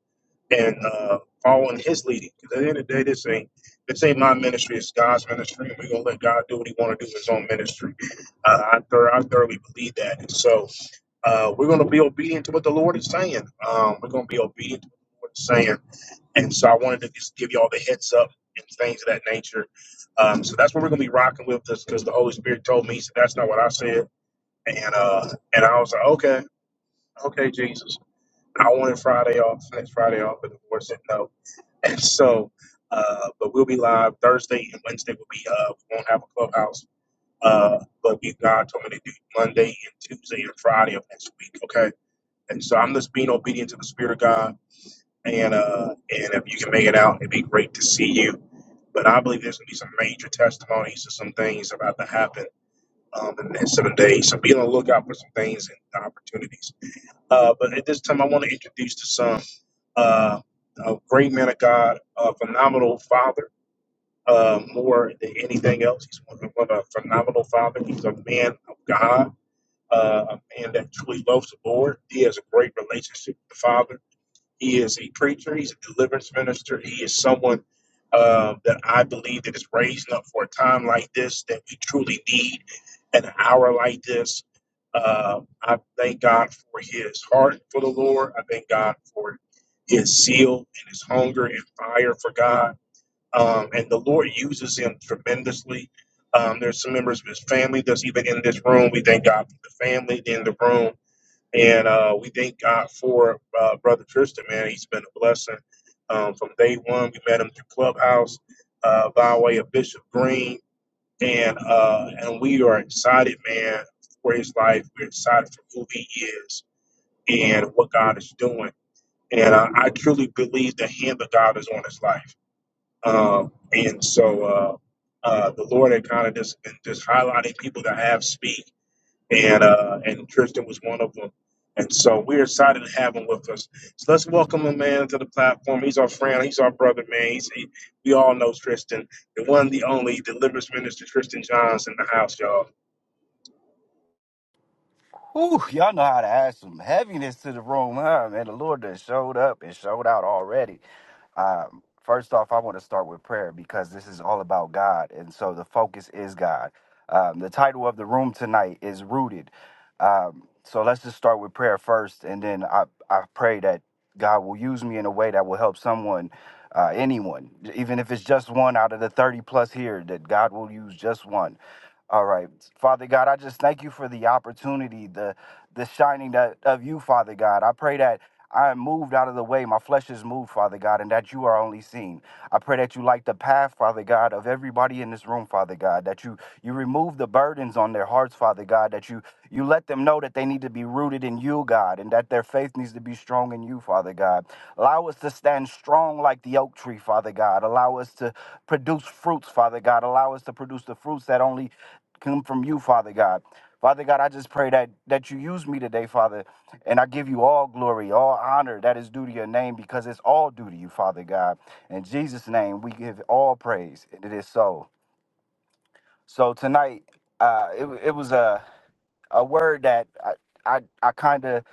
S1: and uh, following His leading. 'Cause at the end of the day, this ain't this ain't my ministry; it's God's ministry. We're gonna let God do what He want to do in His own ministry. Uh, I, thor- I thoroughly believe that. And so uh, we're gonna be obedient to what the Lord is saying. Um, we're gonna be obedient to what the Lord is saying and so I wanted to just give y'all the heads up and things of that nature. Um, so that's what we're gonna be rocking with this because the Holy Spirit told me so that's not what I said. And uh and I was like, Okay, okay, Jesus. I wanted Friday off, next Friday off, but the Lord said no. (laughs) And so uh but we'll be live Thursday and Wednesday will be uh we won't have a clubhouse. Uh but we God told me to do Monday and Tuesday and Friday of next week, okay? And so I'm just being obedient to the Spirit of God and uh, and if you can make it out, it'd be great to see you. But I believe there's gonna be some major testimonies and some things about to happen um, in the next seven days. So be on the lookout for some things and opportunities. Uh, but at this time, I want to introduce to some uh, a great man of God, a phenomenal father. Uh, more than anything else, he's one of a phenomenal father. He's a man of God, uh, a man that truly loves the Lord. He has a great relationship with the Father he is a preacher. He's a deliverance minister. He is someone uh, that I believe that is raising up for a time like this that we truly need an hour like this. Uh, I thank God for his heart for the Lord. I thank God for his zeal and his hunger and fire for God. Um, and the Lord uses him tremendously. Um, there's some members of his family that's even in this room. We thank God for the family in the room and uh, we thank God for uh, Brother Tristan, man. He's been a blessing um, from day one. We met him through Clubhouse uh, by way of Bishop Green. And, uh, and we are excited, man, for his life. We're excited for who he is and what God is doing. And I, I truly believe the hand of God is on his life. Um, and so uh, uh, the Lord had kind of just, been just highlighting people that have speed and uh, and Tristan was one of them. And so we're excited to have him with us. So let's welcome a man to the platform. He's our friend. He's our brother, man. He's, he, we all know Tristan, the one, the only, deliverance minister, Tristan Johns in the house, y'all.
S12: Ooh, y'all know how to add some heaviness to the room, huh? Man, the Lord done showed up and showed out already. Um, first off, I want to start with prayer because this is all about God, and so the focus is God. Um, the title of the room tonight is Rooted. Um, so let's just start with prayer first, and then I, I pray that God will use me in a way that will help someone, uh, anyone, even if it's just one out of the 30 plus here, that God will use just one. All right. Father God, I just thank you for the opportunity, the the shining that of you, Father God. I pray that I am moved out of the way. My flesh is moved, Father God, and that you are only seen. I pray that you light the path, Father God, of everybody in this room, Father God, that you you remove the burdens on their hearts, Father God, that you you let them know that they need to be rooted in you, God, and that their faith needs to be strong in you, Father God. Allow us to stand strong like the oak tree, Father God. Allow us to produce fruits, Father God. Allow us to produce the fruits that only come from you, Father God. Father God, I just pray that that you use me today, Father, and I give you all glory, all honor that is due to your name because it's all due to you, Father God. In Jesus' name, we give all praise, and it is so. So tonight, uh, it, it was a a word that I I, I kind of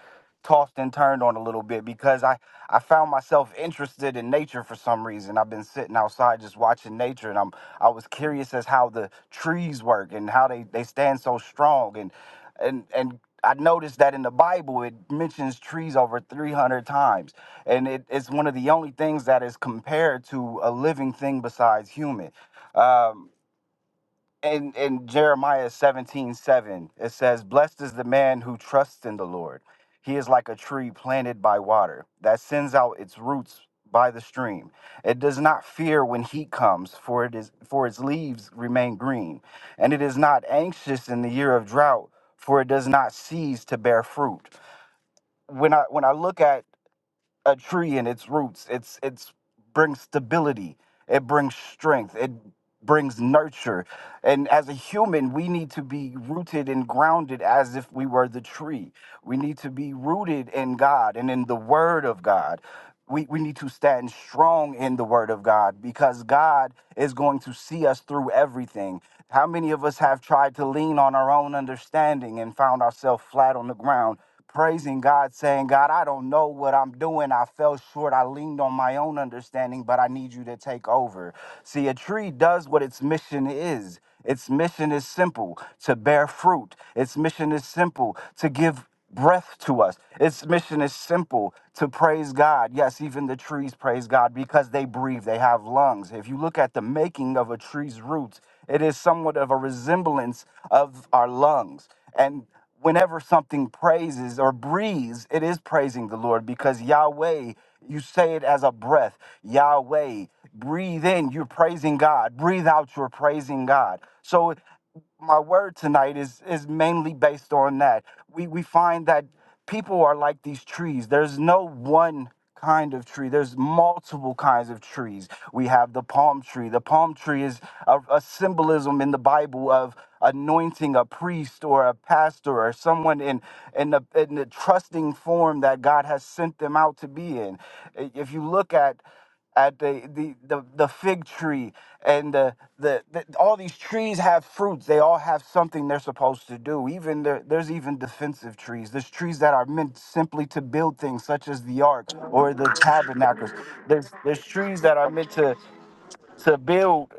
S12: tossed and turned on a little bit because I I found myself interested in nature for some reason. I've been sitting outside just watching nature and I'm I was curious as how the trees work and how they they stand so strong and and and I noticed that in the Bible it mentions trees over 300 times and it, it's one of the only things that is compared to a living thing besides human. Um, in, in Jeremiah seventeen seven, it says, Blessed is the man who trusts in the Lord. He is like a tree planted by water that sends out its roots by the stream. It does not fear when heat comes, for it is for its leaves remain green, and it is not anxious in the year of drought, for it does not cease to bear fruit. When I when I look at a tree and its roots. It's it's brings stability. It brings strength. It brings nurture. And as a human, we need to be rooted and grounded as if we were the tree. We need to be rooted in God and in the word of God. We, we need to stand strong in the word of God because God is going to see us through everything. How many of us have tried to lean on our own understanding and found ourselves flat on the ground praising God, saying, God, I don't know what I'm doing. I fell short. I leaned on my own understanding, but I need you to take over. See, a tree does what its mission is. Its mission is simple to bear fruit. Its mission is simple to give breath to us. Its mission is simple to praise God. Yes, even the trees praise God because they breathe, they have lungs. If you look at the making of a tree's roots, it is somewhat of a resemblance of our lungs. And whenever something praises or breathes, it is praising the Lord because Yahweh, you say it as a breath. Yahweh, breathe in, you're praising God. Breathe out, you're praising God. So my word tonight is is mainly based on that. We we find that people are like these trees. There's no one kind of tree. There's multiple kinds of trees. We have the palm tree. The palm tree is a, a symbolism in the Bible of anointing a priest or a pastor or someone in in the in the trusting form that God has sent them out to be in. If you look at at the the the, the fig tree and the, the the all these trees have fruits they all have something they're supposed to do even there, there's even defensive trees there's trees that are meant simply to build things such as the ark or the tabernacles there's there's trees that are meant to to build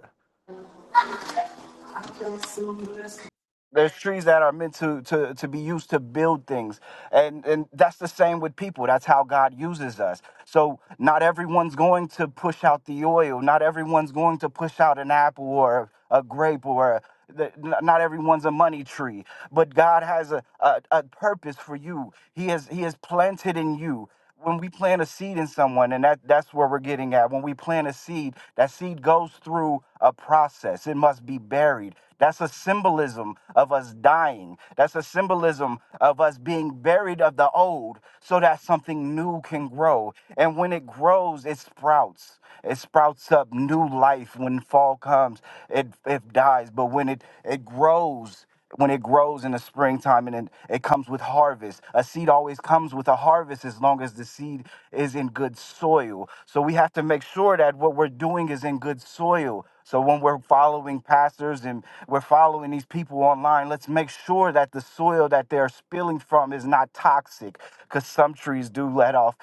S12: There's trees that are meant to to to be used to build things, and and that's the same with people. That's how God uses us. So not everyone's going to push out the oil. Not everyone's going to push out an apple or a grape or. A, the, n- not everyone's a money tree, but God has a, a, a purpose for you. He has He has planted in you when we plant a seed in someone and that that's where we're getting at when we plant a seed that seed goes through a process it must be buried that's a symbolism of us dying that's a symbolism of us being buried of the old so that something new can grow and when it grows it sprouts it sprouts up new life when fall comes it it dies but when it it grows when it grows in the springtime and it, it comes with harvest. A seed always comes with a harvest as long as the seed is in good soil. So we have to make sure that what we're doing is in good soil. So when we're following pastors and we're following these people online, let's make sure that the soil that they're spilling from is not toxic because some trees do let off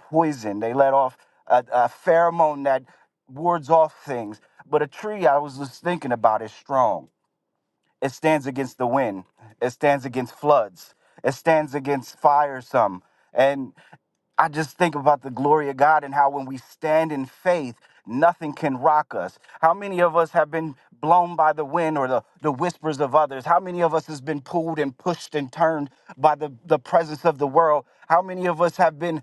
S12: poison. They let off a, a pheromone that wards off things. But a tree, I was just thinking about, is strong it stands against the wind. It stands against floods. It stands against fire some. And I just think about the glory of God and how when we stand in faith, nothing can rock us. How many of us have been blown by the wind or the, the whispers of others? How many of us has been pulled and pushed and turned by the, the presence of the world? How many of us have been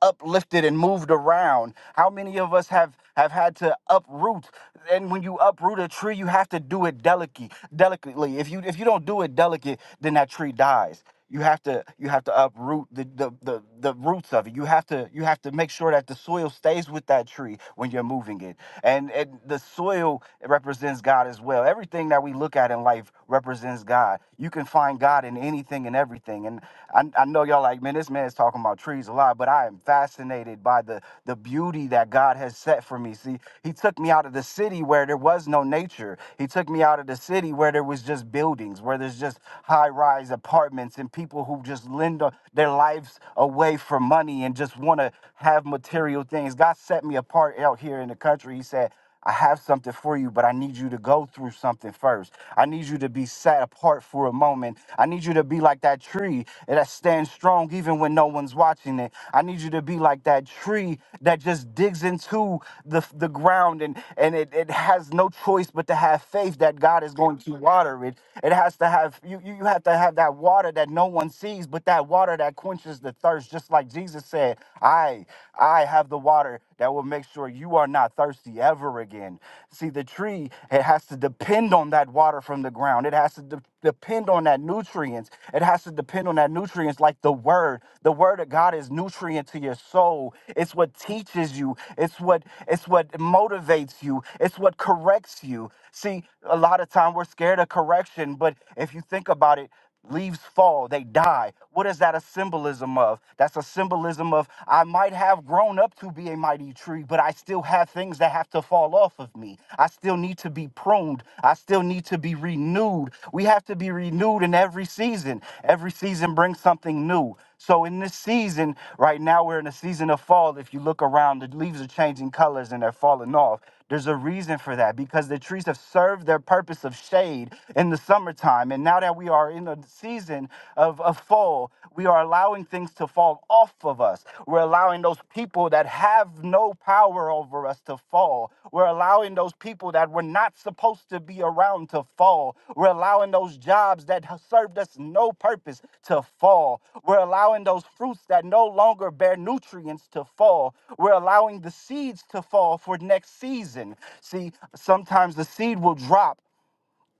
S12: uplifted and moved around how many of us have have had to uproot and when you uproot a tree you have to do it delicately delicately if you if you don't do it delicate then that tree dies you have to you have to uproot the, the the the roots of it you have to you have to make sure that the soil stays with that tree when you're moving it and and the soil represents god as well everything that we look at in life represents god you can find god in anything and anything and everything. And I, I know y'all like, man, this man is talking about trees a lot, but I am fascinated by the the beauty that God has set for me. See, He took me out of the city where there was no nature. He took me out of the city where there was just buildings, where there's just high rise apartments and people who just lend a- their lives away for money and just want to have material things. God set me apart out here in the country. He said. I have something for you, but I need you to go through something first. I need you to be set apart for a moment. I need you to be like that tree that stands strong even when no one's watching it. I need you to be like that tree that just digs into the, the ground and, and it, it has no choice but to have faith that God is going to water it. It has to have, you, you you have to have that water that no one sees, but that water that quenches the thirst, just like Jesus said, I, I have." have the water that will make sure you are not thirsty ever again. See, the tree, it has to depend on that water from the ground. It has to de- depend on that nutrients. It has to depend on that nutrients like the word. The word of God is nutrient to your soul. It's what teaches you. It's what it's what motivates you. It's what corrects you. See, a lot of time we're scared of correction, but if you think about it, Leaves fall, they die. What is that a symbolism of? That's a symbolism of I might have grown up to be a mighty tree, but I still have things that have to fall off of me. I still need to be pruned. I still need to be renewed. We have to be renewed in every season. Every season brings something new. So in this season, right now we're in a season of fall. If you look around, the leaves are changing colors and they're falling off. There's a reason for that because the trees have served their purpose of shade in the summertime. And now that we are in a season of, of fall, we are allowing things to fall off of us. We're allowing those people that have no power over us to fall. We're allowing those people that God. We're not supposed to be around to fall. We're allowing those jobs that have served us no purpose to fall. We're allowing those fruits that no longer bear nutrients to fall. We're allowing the seeds to fall for next season. See, sometimes the seed will drop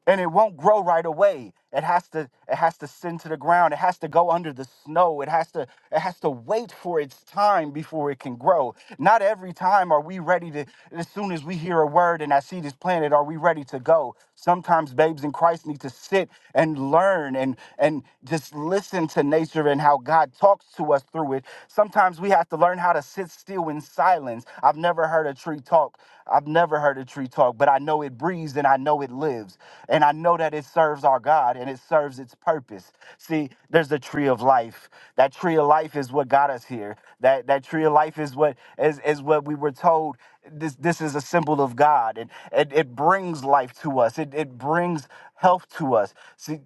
S12: and it won't grow right away it has to it has to sink to the ground it has to go under the snow it has to it has to wait for its time before it can grow not every time are we ready to as soon as we hear a word and i see this planet are we ready to go sometimes babes in christ need to sit and learn and and just listen to nature and how god talks to us through it sometimes we have to learn how to how to sit still in silence. I've never heard a tree talk. I've never heard a tree talk, but I know it breathes and I know it lives. And I know that it serves our God and it serves its purpose. See, there's the tree of life. That tree of life is what got us here. That that tree of life is what is, is what we were told this this is a symbol of God and it, it brings life to us. It it brings health to us. See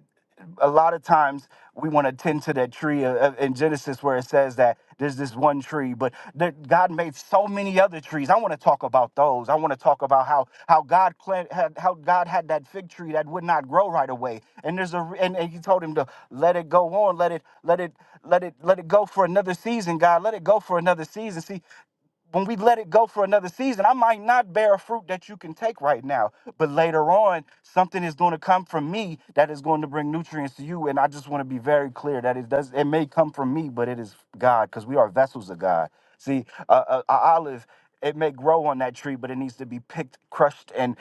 S12: a lot of times we want to tend to that tree uh, uh, in Genesis where it says that there's this one tree, but that God made so many other trees. I want to talk about those. I want to talk about how how God plant, had, how God had that fig tree that would not grow right away, and there's a re- and, and He told him to let it go on, let it let it let it let it go for another season, God, let it go for another season. See when we let it go for another season, I might not bear a fruit that you can take right now. But later on, something is going to come from me that is going to bring nutrients to you. And I just want to be very clear that it does. It may come from me, but it is God because we are vessels of God. See, uh, uh, a a olive. It may grow on that tree, but it needs to be picked, crushed, and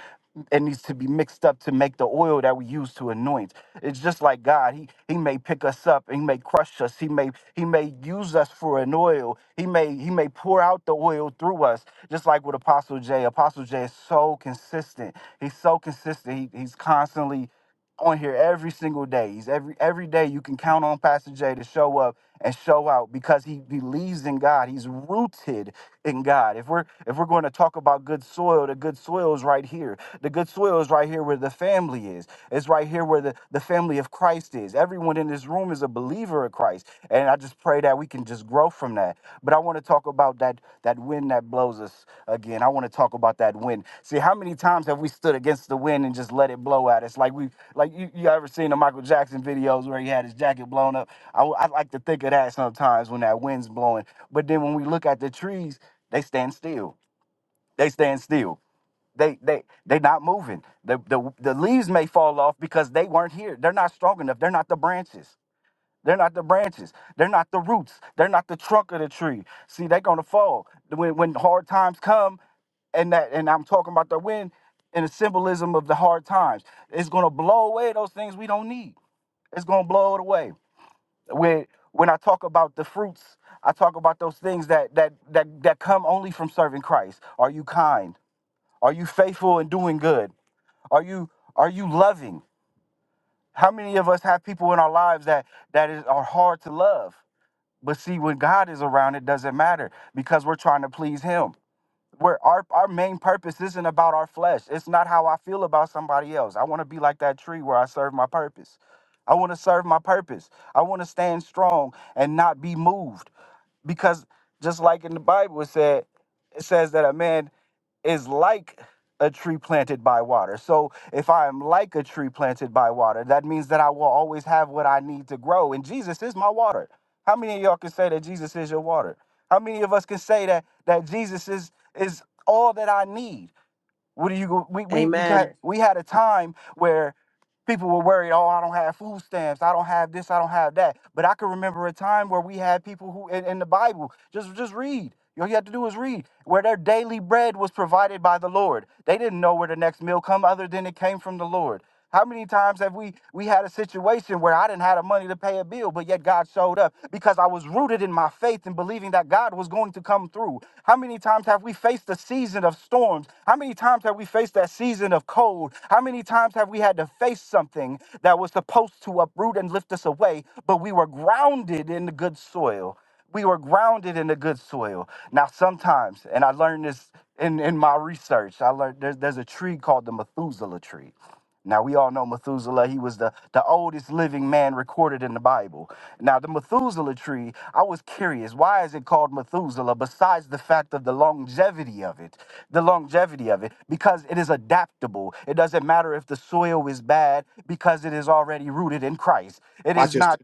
S12: it needs to be mixed up to make the oil that we use to anoint. It's just like God. He He may pick us up, He may crush us, He may He may use us for an oil. He may He may pour out the oil through us. Just like with Apostle J. Apostle J is so consistent. He's so consistent. He, he's constantly on here every single day. He's every every day you can count on Pastor Jay to show up and show out because he believes in God. He's rooted in God. If we're if we're going to talk about good soil, the good soil is right here. The good soil is right here where the family is. It's right here where the, the family of Christ is. Everyone in this room is a believer of Christ. And I I just pray that we can just grow from that. But I want to talk about that that wind that blows us again. I want to talk about that wind. See, how many times have we stood against the wind and just let it blow at us? Like we, like you, you ever seen the Michael Jackson videos where he had his jacket blown up? I I like to think of that sometimes when that wind's blowing. But then when we look at the trees, they stand still. They stand still. They they they not moving. The, the the leaves may fall off because they weren't here. They're not strong enough. They're not the branches. They're not the branches. They're not the roots. They're not the trunk of the tree. See, they're gonna fall. When when hard times come, and that and I'm talking about the wind and the symbolism of the hard times. It's gonna blow away those things we don't need. It's gonna blow it away. When when I talk about the fruits, I talk about those things that that that that come only from serving Christ. Are you kind? Are you faithful in doing good? Are you are you loving? How many of us have people in our lives that that is are hard to love? But see, when God is around, it doesn't matter because we're trying to please Him where our, our main purpose isn't about our flesh. It's not how I feel about somebody else. I want to be like that tree where I serve my purpose. I want to serve my purpose. I want to stand strong and not be moved. Because just like in the Bible it said, it says that a man is like a tree planted by water. So if I am like a tree planted by water, that means that I will always have what I need to grow. And Jesus is my water. How many of y'all can say that Jesus is your water? How many of us can say that that Jesus is is all that I need? What do you go? We we we got,
S9: Amen.
S12: we had a time where People were worried, oh, I don't have food stamps, I don't have this, I don't have that. But I can remember a time where we had people who in, in the Bible, just just read. All you have to do is read, where their daily bread was provided by the Lord. They didn't know where the next meal come other than it came from the Lord. How many times have we we had a situation where I didn't have the money to pay a bill, but yet God showed up because I was rooted in my faith and believing that God was going to come through? How many times have we faced a season of storms? How many times have we faced that? that season of cold, how many times have we had to face something that was supposed to uproot and lift us away, but we were grounded in the good soil? We were grounded in the good soil. Now, sometimes, and I learned this in, in my research, I learned there's, there's a tree called the Methuselah tree. Now we all know Methuselah, he was the, the oldest living man recorded in the Bible. Now the Methuselah tree, I was curious, why is it called Methuselah besides the fact of the longevity of it? The longevity of it because it is adaptable. It doesn't matter if the soil is bad because it is already rooted in Christ. It is not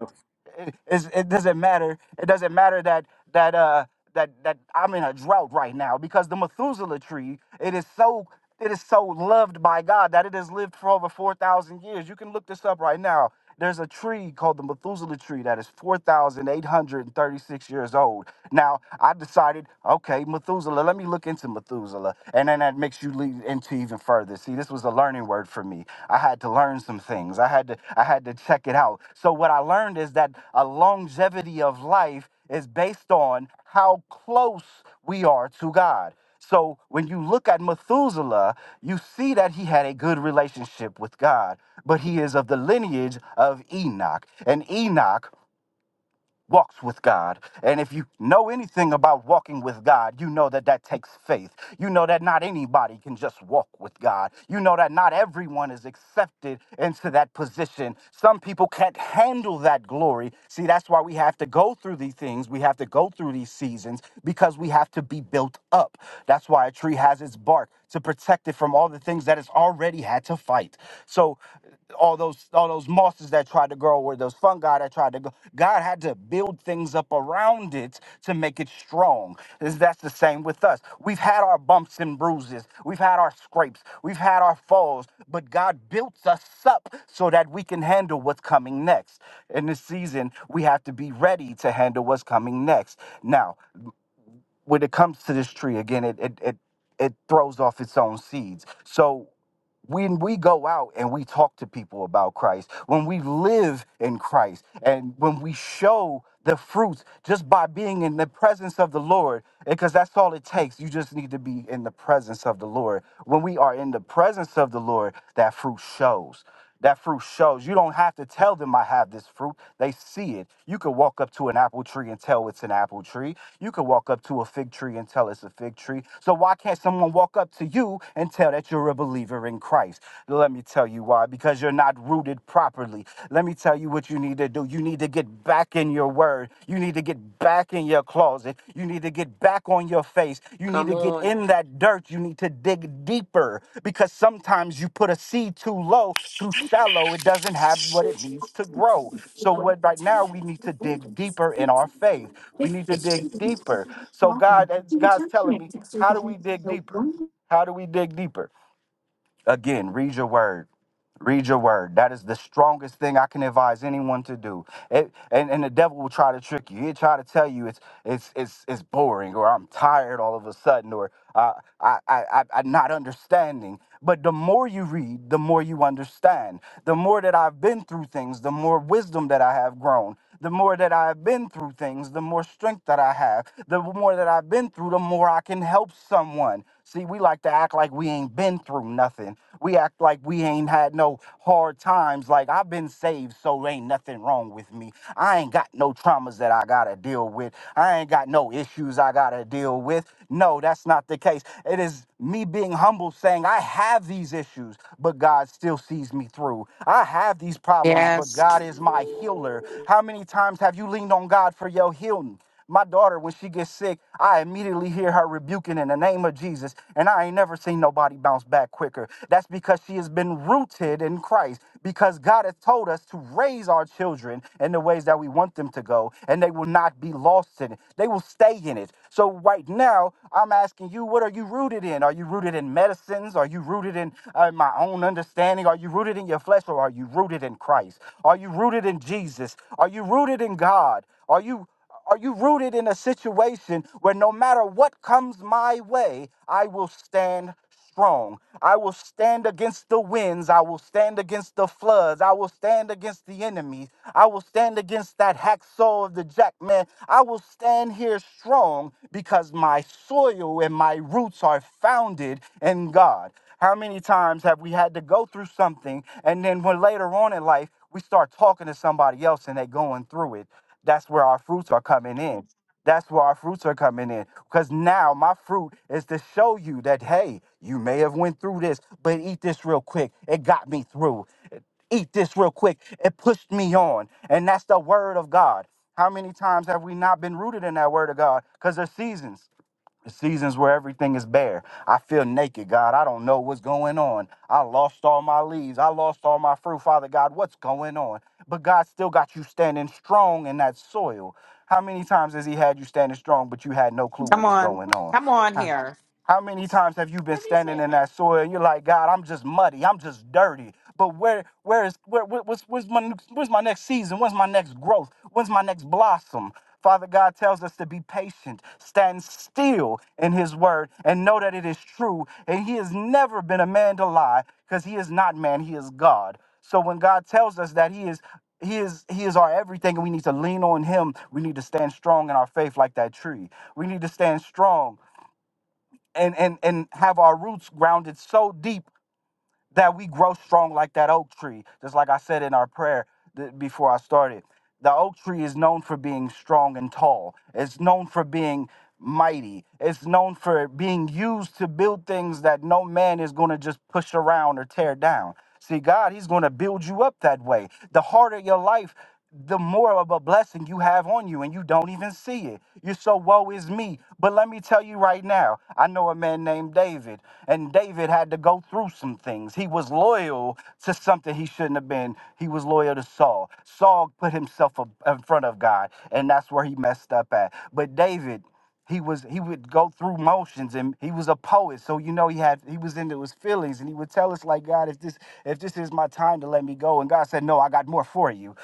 S12: it, it's- it doesn't matter. It doesn't matter that that uh that that I'm in a drought right now because the Methuselah tree it is so it is so loved by God that it has lived for over four thousand years. You can look this up right now. There's a tree called the Methuselah tree that is 4,836 years old. Now, I decided, okay, Methuselah, let me look into Methuselah. And then that God makes you lead into even further. See, this was a learning word for me. I had to learn some things. I had to I had to check it out. So what I learned is that a longevity of life is based on how close we are to God. So when you look at Methuselah, you see that he had a good relationship with God, but he is of the lineage of Enoch. And Enoch walks with God. And if you know anything about walking with God, you know that that takes faith. You know that not anybody can just walk with God. You know that not everyone is accepted into that position. Some people can't handle that glory. See, that's why we have to go through these things. We have to go through these seasons because we have to be built up. That's why a tree has its bark to protect it from all the things that it's already had to fight. So all those all those mosses that tried to grow or those fungi that tried to go god had to build things up around it to make it strong Is- that's the same with us we've had our bumps and bruises we've had our scrapes we've had our falls but god built us up so that we can handle what's coming next in this season we have to be ready to handle what's coming next now when it comes to this tree again it it it, it throws off its own seeds so when we go out and we talk to people about Christ, when we live in Christ, and when we show the fruits just by being in the presence of the Lord, because that's all it takes. You just need to be in the presence of the Lord. When we are in the presence of the Lord, that fruit shows. That fruit shows. You don't have to tell them I have this fruit. They see it. You could walk up to an apple tree and tell it's an apple tree. You could walk up to a fig tree and tell it's a fig tree. So why can't someone walk up to you and tell that you're a believer in Christ? Let me tell you why. Because you're not rooted properly. Let me tell you what you need to do. You need to get back in your word. You need need to get back in your closet. You need to get back on your face. You
S9: Come
S12: need to get in that dirt. You need to dig deeper because sometimes you put a seed too low, too shallow. It doesn't have what it needs to grow. So, what right now we need to dig deeper in our faith. We need to
S11: Yes.
S12: dig deeper. So, God, God's telling me, how do we dig deeper? How do we dig deeper? Again, read your word. Read your word. That is the strongest thing I can advise anyone to do. It, and, and the devil will try to trick you. He'll try to tell you it's it's it's it's boring, or I'm tired all of a sudden, or uh, I, I I I'm not understanding. But the more you read, the more you understand. The more that I've been through things, the more wisdom that I have grown. The more that I've been through things, the more strength that I have. The more that I've been through, the more I can help someone. See, we like to act like we ain't been through nothing. We act like we ain't had no hard times. Like I've been saved, so ain't nothing wrong with me. I ain't got no traumas that I gotta deal with. I ain't got no issues I gotta deal with. No, that's not the case. It is me being humble saying, I have these issues, but God still sees me through. I have these problems, but God is my healer. How many times have you leaned on God for your healing? My daughter, when she gets sick, I immediately hear her rebuking in the name of Jesus, and I ain't never seen nobody bounce back quicker. That's because she has been rooted in Christ, because God has told us to raise our children in the ways that we want them to go, and they will not be lost in it. They will stay in it. So, right now, I'm asking asking you, what are you rooted in? Are you rooted in medicines? Are you rooted in uh, my own understanding? Are you rooted in your flesh or are you rooted in Christ? Are you rooted in Jesus? Are you rooted in God? Are you are you rooted in a situation where no matter what comes my way, I will stand strong. I will stand against the winds. I will stand against the floods. I will stand against the enemies. I will stand against that hacksaw of the jackman. I will stand here strong because my soil and my roots are founded in God. How many times have we had to go through something and then when later on in life we start talking to somebody else and they are going through it? That's where our fruits are coming in. That's where our fruits are coming in. Because now my fruit is to show you that, hey, you may have went through this, but eat this real quick. It got me through. Eat this real quick. It pushed me on. And that's the word of God. How many times have we not been rooted in that word of God? Because there's seasons seasons where everything is bare. I feel naked, God. I don't know what's going on. I lost all my leaves. I lost all my fruit, Father God. What's going on? But God still got you standing strong in that soil. How many times has He had you standing strong, but you had no clue what
S11: Come
S12: was
S11: on.
S12: going on?
S11: Come on here.
S12: How many times have you been standing in that soil and you're like, God, I'm just muddy, I'm just dirty. But where, where is, where, where- what's, where's my, where's my next season? When's my next growth? When's my next blossom? Father God tells us to be patient, stand still in His word, and know that it is true. And He has never been a man to lie, because He is not man; He is God. So when God tells us that He is, He is, He is our everything, and we need to lean on Him. We need to stand strong in our faith, like that tree. We need to stand strong and and and have our roots grounded so deep that we grow strong like that oak tree just like i said in our prayer th- before i started the oak tree is known for being strong and tall it's known for being mighty it's known for being used to build things that no man is going to just push around or tear down see god he's going to build you up that way the harder your life the more of a blessing you have on you and you don't even see it. You're so woe is me. But let me tell you right now, I know a man named David, and David had to go through some things. He was loyal to something he shouldn't have been. He was loyal to Saul. Saul put himself up- in front of God, and that's where he messed up at. But David, he was he would go through motions and he was a poet so you know he had he was into his feelings and he would tell us like god if this if this is my time to let me go and god said no i got more for you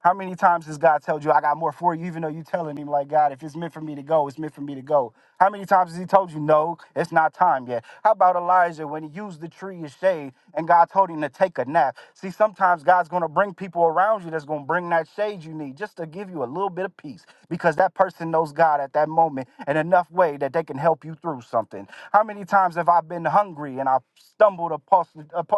S12: how many times has god told you i got more for you even though you telling him like god if it's meant for me to go it's meant for me to go how many times has he told you no it's not time yet how about elijah when he used the tree as shade and god told him to take a nap see sometimes god's going to bring people around you that's going to bring that shade you need just to give you you a little bit of peace because that person knows God at that moment in enough way that they can help you through something. How many times have I been hungry and I stumbled across,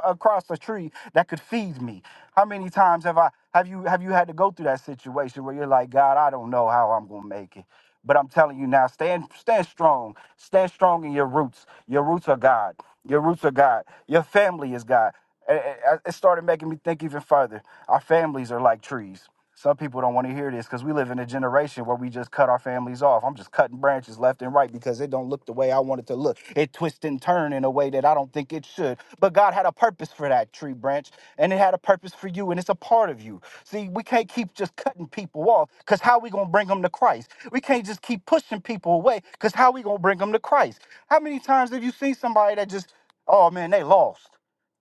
S12: across a tree that could feed me? How many times have I have you have you had to go through that situation where you're like, God, I don't know how I'm gonna make it. But I'm telling you now, stand stand strong. Stand strong in your roots. Your roots are God. Your roots are God. Your family is God. A- a- a- It started making me think even further. Our families are like trees. Some people don't want to hear this because we live in a generation where we just cut our families off. I'm just cutting branches left and right because it don't look the way I want it to look. It twists and turns in a way that I don't think it should. But God had a purpose for that tree branch, and it had a purpose for you, and it's a part of you. See, we can't keep just cutting people off because how we gonna bring them to Christ? We can't just keep pushing people away because how we gonna bring them to Christ? How many times have you seen somebody that just, oh man, they lost?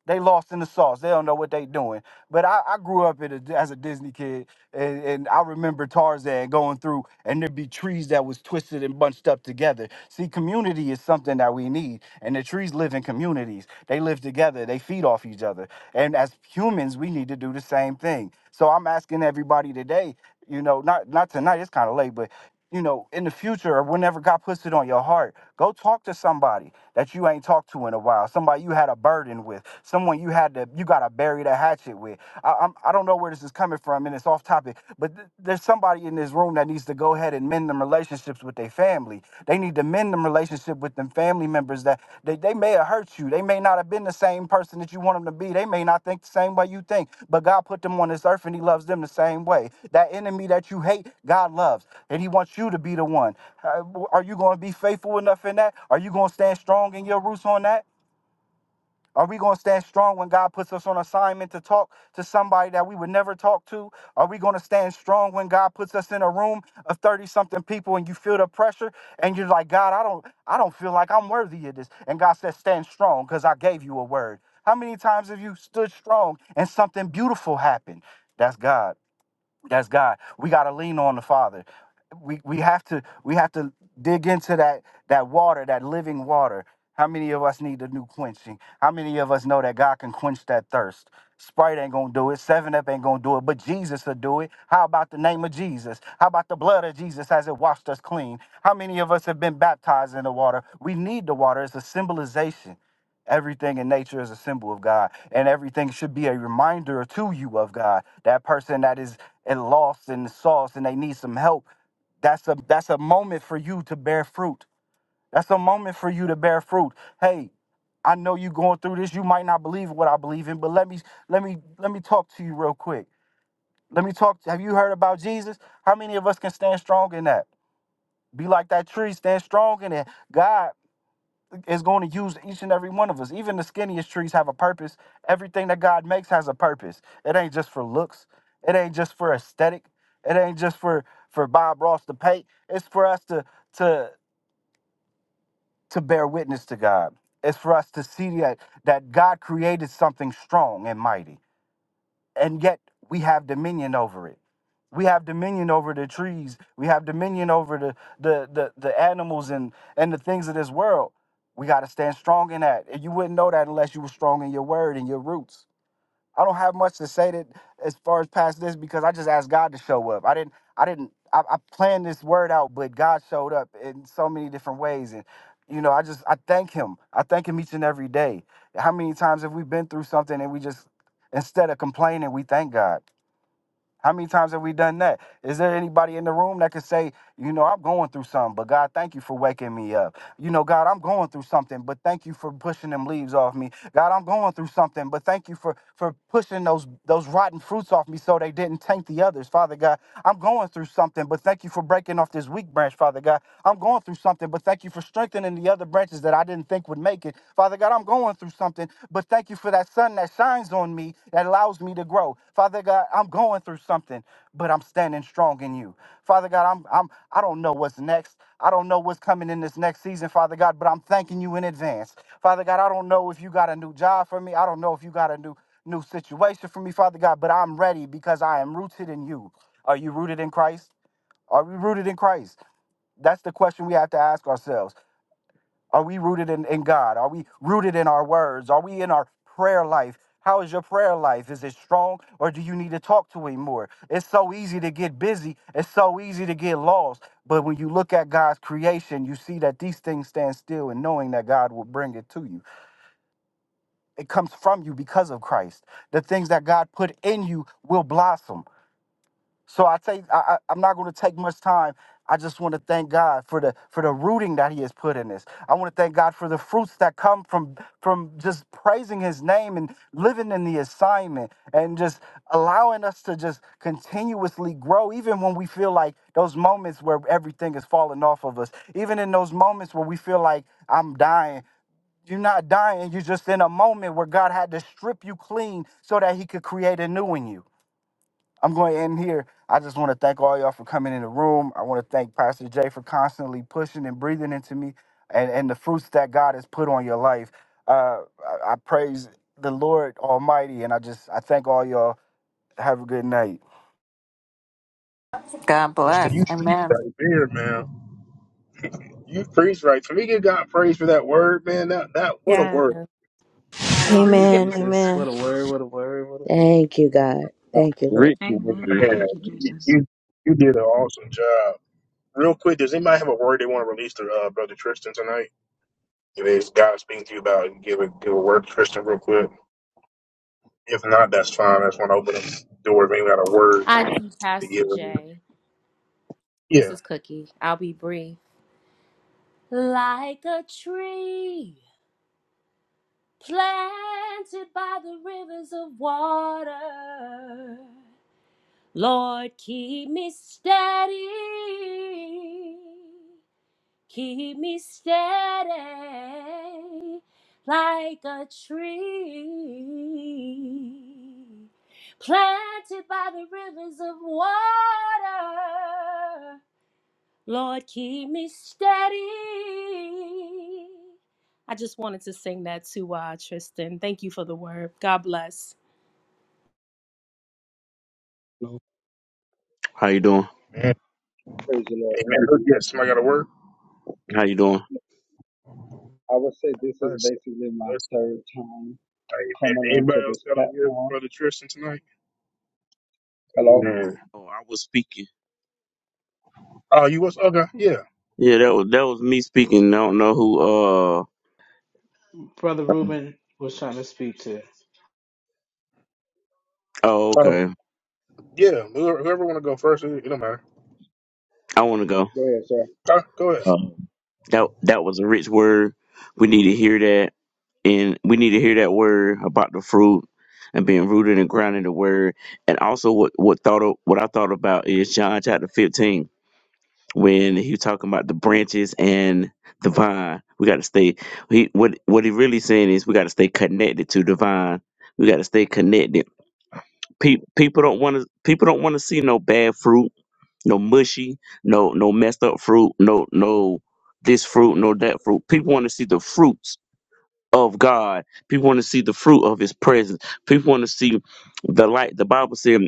S12: They lost in the sauce. They don't know what they doing. But I, I grew up in a, as a Disney kid, and, and I remember Tarzan going through, and there'd be trees that was twisted and bunched up together. See, community is something that we need, and the trees live in communities. They live together. They feed off each other. And as humans, we need to do the same thing. So I'm asking everybody today, you know, not not tonight. It's kind of late, but you know, in the future or whenever God puts it on your heart, go talk to somebody that you ain't talked to in a while, somebody you had a burden with, someone you had to, you got to bury the hatchet with. I, I'm, I don't know where this is coming from and it's off topic, but th- there's somebody in this room that needs to go ahead and mend them relationships with their family. They need to mend them them relationship with them family members that they, they may have hurt you. They may not have been the same person that you want them to be. They may not think the same way you think, but God put them on this earth and He loves them the same way. That enemy that you hate, God loves, and He wants you to be the one. Uh, Are you going to be faithful enough in that? Are you going to stand strong in your roots on that? Are we going to stand strong when God puts us on assignment to talk to somebody that we would never talk to? Are we going to stand strong when God puts us in a room of 30 something people and you feel the pressure and you're like, "God, I don't I don't feel like I'm worthy of this." And God says, "Stand strong because I gave you a word." How many times have you stood strong and something beautiful happened? That's God. That's God. We got to lean on the Father. We we have to we have to dig into that that water, that living water. How many of us need a new quenching? How many of us know that God can quench that thirst? Sprite ain't gonna do it. Seven Up ain't gonna do it, but Jesus will do it. How about the name of Jesus? How about the blood of Jesus as it washed us clean? How many of us have been baptized in the water? We need the water. It's a symbolization. Everything in nature is a symbol of God, and everything should be a reminder to you of God. That person that is uh, lost in the sauce and they need some help, that's a that's a moment for you to bear fruit. That's a moment for you to bear fruit. Hey, I know you going through this. You might not believe what I believe in, but let me let me let me talk to you real quick. Let me talk. Have you heard about Jesus? How many of us can stand strong in that? Be like that tree, stand strong in it. God is going to use each and every one of us. Even the skinniest trees have a purpose. Everything that God makes has a purpose. It ain't just for looks. It ain't just for aesthetic. It ain't just for for Bob Ross to paint. It's for us to to to bear witness to God. It's for us to see that that God created something strong and mighty and yet we have dominion over it. We have dominion over the trees. We have dominion over the the the, the animals and and the things of this world. We got to stand strong in that. And you wouldn't know that unless you were strong in your word and your roots. I don't have much to say that as far as past this because I just asked God to show up. I didn't. I didn't. I, I planned this word out, but God showed up in so many different ways, and you know, I just I thank Him. I thank Him each and every day. How many times have we been through something and we just instead of complaining, we thank God. How many times have we done that? Is there anybody in the room that can say, you know, I'm going through something, but God, thank you for waking me up. You know, God, I'm going through something, but thank you for pushing them leaves off me. God, I'm going through something, but thank you for for pushing those those rotten fruits off me so they didn't taint the others. Father God, I'm going through something, but thank you for breaking off this weak branch, Father God. I'm going through something, but thank Thank you for strengthening the other branches that I didn't think would make it. Father God, I'm going through something, but thank you for that sun that shines on me that allows me to grow. Father God, I'm going through something, but I'm standing strong in you. Father God, I'm I'm I don't know what's next. I don't know what's coming in this next season, Father God, but I'm thanking you in advance. Father God, I don't know if you got a new job for me. I don't know if you got a new new situation for me, Father God, but I'm ready because I am rooted in you. Are you rooted in Christ? Are we rooted in Christ? That's the question we have to ask ourselves. Are we rooted in, in God? Are we rooted in our words? Are we in our prayer life? How is your prayer life? Is it strong or do you need to talk to him more? It's so easy to get busy. It's so easy to get lost. But when you look at God's creation, you see that these things stand still and knowing that God will bring it to you. It comes from you because of Christ. The things that God put in you will blossom. So I take I, I I'm not going to take much time. I just want to thank God for the for the rooting that He has put in this. I want to thank God for the fruits that come from from just praising His name and living in the assignment and just allowing us to just continuously grow, even when we feel like those moments where everything is falling off of us, even in those moments where we feel like I'm dying. You're not dying. You're just in a moment where God had to strip you clean so that He could create a new in you. I'm going to end here. I just want to thank all y'all for coming in the room. I want to thank Pastor Jay for constantly pushing and breathing into me and, and the fruits that God has put on your life. Uh, I, I praise the Lord Almighty and I just I thank all y'all. Have a good night.
S1: Tristan, you preach
S11: Man.
S1: right there, man. You preach right. Can we give God praise for that word, man? That that what a
S17: Yeah.
S1: word,
S5: Thank you,
S17: Hallelujah.
S5: Jesus.
S2: Amen.
S5: What a word, what a word, what a word.
S3: Thank you, God. Thank you, Lord.
S20: Rich word.
S6: Amen.
S1: man.
S6: Thank you,
S1: You
S6: Jesus.
S1: you, you did an awesome job. Real quick, does anybody have a word they want to release to uh, brother Tristan tonight? If it's God speaking to you about, give a give a word, to Tristan, real quick. If not, that's fine. I just want to open up the door. If anyone got a word
S17: I do,
S1: to
S17: Pastor
S1: give, them.
S17: J. This
S1: yeah,
S17: is Cookie. I'll be brief. Like a tree. planted by the rivers of water. Lord, keep me steady, keep me steady like a tree planted by the rivers of water. Lord, keep me steady. I just wanted to sing that to uh, Tristan. Thank you for the word. God bless.
S21: No,
S20: How you doing?
S1: man.
S21: praise the Lord.
S1: Amen. Look, yes, somebody got a word.
S20: How you doing?
S21: I would say this is
S1: Bless,
S21: basically my
S1: bless. you.
S21: third time
S1: Hey, man,
S21: coming
S1: anybody
S21: onto
S1: else
S21: this
S1: got a word for
S21: platform.
S1: Brother Tristan tonight?
S21: Hello?
S1: Man.
S20: Oh, I was speaking.
S1: Oh, you was okay? Yeah,
S20: Yeah, that was that was me speaking. I don't know who. Uh.
S5: Brother Reuben was trying to speak to.
S20: Oh,
S1: Uh,
S20: okay.
S1: yeah. Whoever, whoever want to go first, it, it don't matter.
S20: I want to go.
S21: Go ahead, sir.
S1: Uh, go ahead.
S20: Um, that that was a rich word. We need to hear that, and we need to hear that word about the fruit and being rooted and grounded in the word, and also what what thought of, what I thought about is John chapter fifteen. when he was talking about the branches and the vine. We got to stay. He what what he really saying is we got to stay connected to the vine. We got to stay connected. Pe- people don't want to. People don't want to see no bad fruit, no mushy, no no messed up fruit, no no this fruit, no that fruit. People want to see the fruits of God. People want to see the fruit of His presence. People want to see the light. The Bible said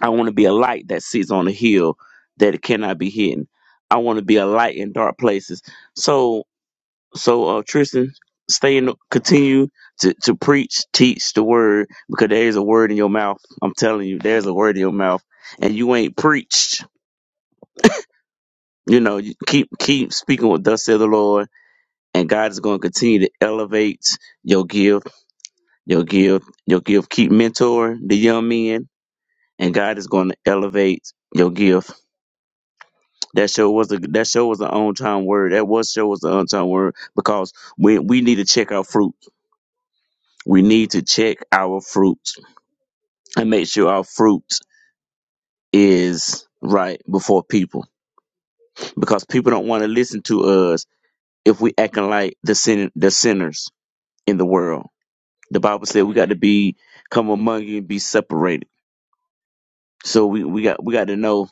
S20: I want to be a light that sits on a hill that it cannot be hidden. I want to be a light in dark places. So, so uh, Tristan, stay in, continue to, to preach, teach the word because there is a word in your mouth. I'm telling you, there's a word in your mouth, and you ain't preached. You know, you keep keep speaking with thus said the Lord, and God is going to continue to elevate your gift, your gift, your gift. Keep mentoring the young men, and God is going to elevate your gift That show was a that show was an on time word. That was show was an on time word because we we need to check our fruit. We need to check our fruit and make sure our fruit is right before people because people don't want to listen to us if we acting like the sin the sinners in the world. The Bible said we got to be come among you and be separated. So we, we got we got to know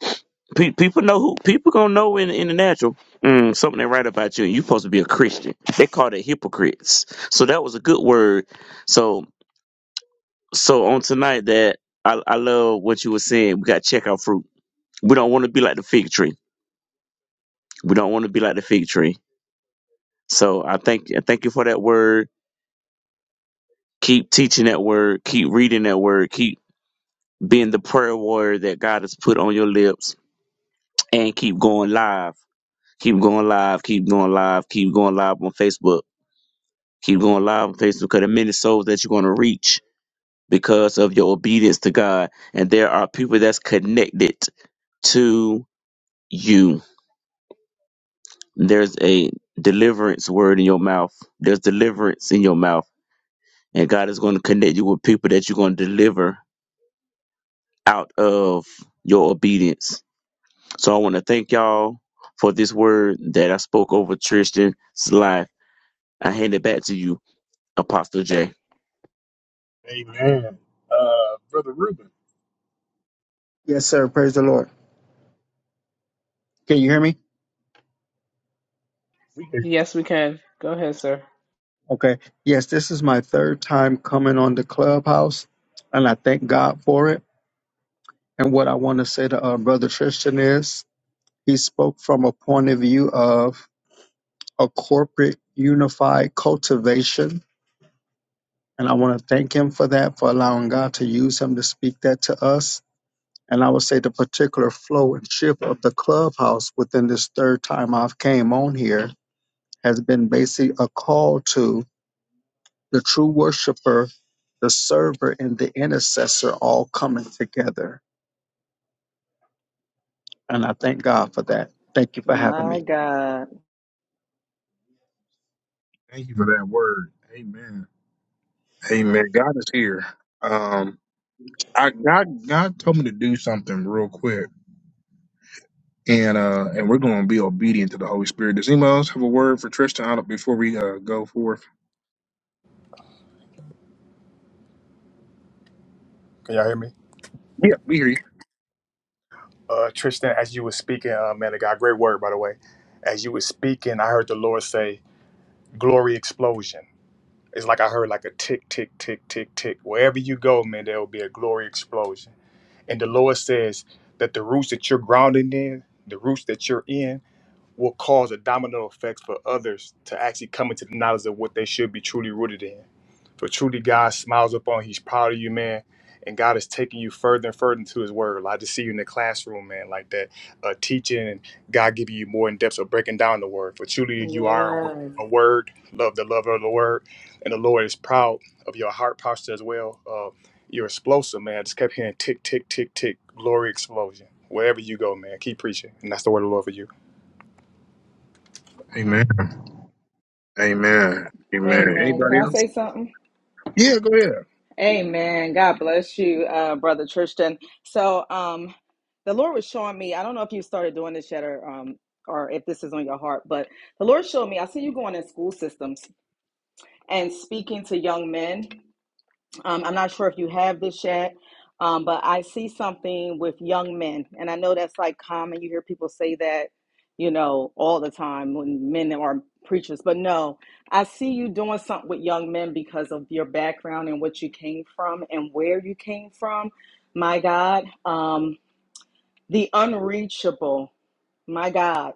S20: Pe- people know who people gonna know in, in the natural mm, something they write about you. You supposed to be a Christian. They called it hypocrites. So that was a good word. So so on tonight that I, I love what you were saying. We got to check our fruit. We don't want to be like the fig tree. We don't want to be like the fig tree. So I thank I thank you for that word. Keep teaching that word. Keep reading that word. Keep being the prayer warrior that God has put on your lips, and keep going live. Keep going live. Keep going live. Keep going live on Facebook Keep going live on Facebook because the many souls that you're going to reach because of your obedience to God. And there are people that's connected to you. There's a deliverance word in your mouth. There's deliverance in your mouth. And God is going to connect you with people that you're going to deliver out of your obedience. So I want to thank y'all for this word that I spoke over Tristan's life. I hand it back to you, Apostle J.
S1: Amen. Uh, Brother Reuben,
S21: Yes, sir. Praise the Lord. Can you hear me?
S1: we can
S5: Yes, we can. Go ahead, sir.
S21: Okay. Yes, this is my third time coming on the clubhouse, and I thank God for it. And what I want to say to uh, Brother Tristan is he spoke from a point of view of a corporate unified cultivation. And I want to thank him for that, for allowing God to use him to speak that to us. and I would say the particular flow and shift of the clubhouse within this third time I've came on here has been basically a call to the true worshiper, the server, and the intercessor all coming together. And I thank God for that. Thank you for having me.
S13: My God.
S1: thank you for that word. Amen. Amen. God is here. Um, I God God told me to do something real quick and uh and we're going to be obedient to the Holy Spirit. Does anybody else have a word for Tristan out of- before we uh, go forth?
S14: Can y'all hear me? Uh, Tristan, as you were speaking, uh, man, I got great word, by the way. As you were speaking, I heard the Lord say, glory explosion. It's like I heard like a tick, tick, tick, tick, tick. Wherever you go, man, there will be a glory explosion. And the Lord says that the roots that you're grounded in, the roots that you're in, will cause a domino effect for others to actually come into the knowledge of what they should be truly rooted in. For truly, God smiles upon. He's proud of you, man. And God is taking you further and further into His Word. Like I just see you in the classroom, man, like that, uh, teaching and God giving you more in depth of breaking down the Word. For truly, you are a wor-
S13: Yes.
S14: a Word. Love the love of the Word, and the Lord is proud of your heart posture as well. Uh, you're explosive, man. I just kept hearing tick, tick, tick, tick, glory explosion. Wherever you go, man, keep preaching, and that's the word of the Lord for you.
S1: Amen. Amen. Amen.
S13: Amen. Can
S1: Anybody
S13: I
S1: else?
S13: say something?
S1: Yeah, go ahead.
S13: Amen. God bless you, uh, Brother Tristan. So, um, the Lord was showing me. I don't know if you started doing this yet or um or if this is on your heart, but the Lord showed me. I see you going in school systems and speaking to young men. Um, I'm not sure if you have this yet, um, but I see something with young men, and I know that's like common. You hear people say that, you know, all the time when men are preachers. But no, I see you doing something with young men because of your background and what you came from and where you came from. My God. Um, the unreachable, my God,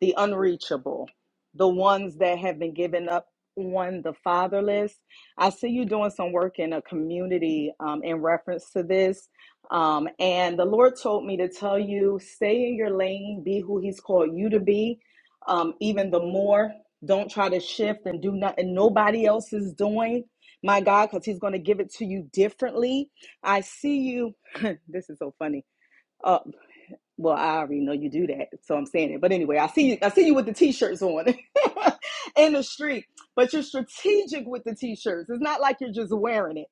S13: the unreachable, the ones that have been given up on the fatherless. I see you doing some work in a community um, in reference to this. Um, and the Lord told me to tell you stay in your lane, be who He's called you to be, um, even the more. Don't try to shift and do nothing nobody else is doing. My God, because He's going to give it to you differently. I see you. (laughs) this is so funny Uh, well, I already know you do that, so I'm saying it. But anyway, I see you. I see you with the t-shirts on (laughs) in the street, but you're strategic with the t-shirts. It's not like you're just wearing it.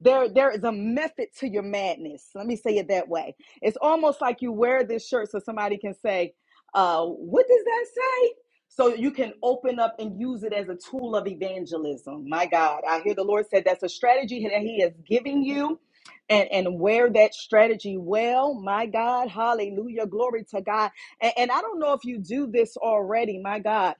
S13: There, there is a method to your madness. Let me say it that way. It's almost like you wear this shirt so somebody can say, uh, "What does that say?" So you can open up and use it as a tool of evangelism. My God, I hear the Lord said that's a strategy that He is giving you and, and wear that strategy well. My God, hallelujah, glory to God. And, and I don't know if you do this already, my God.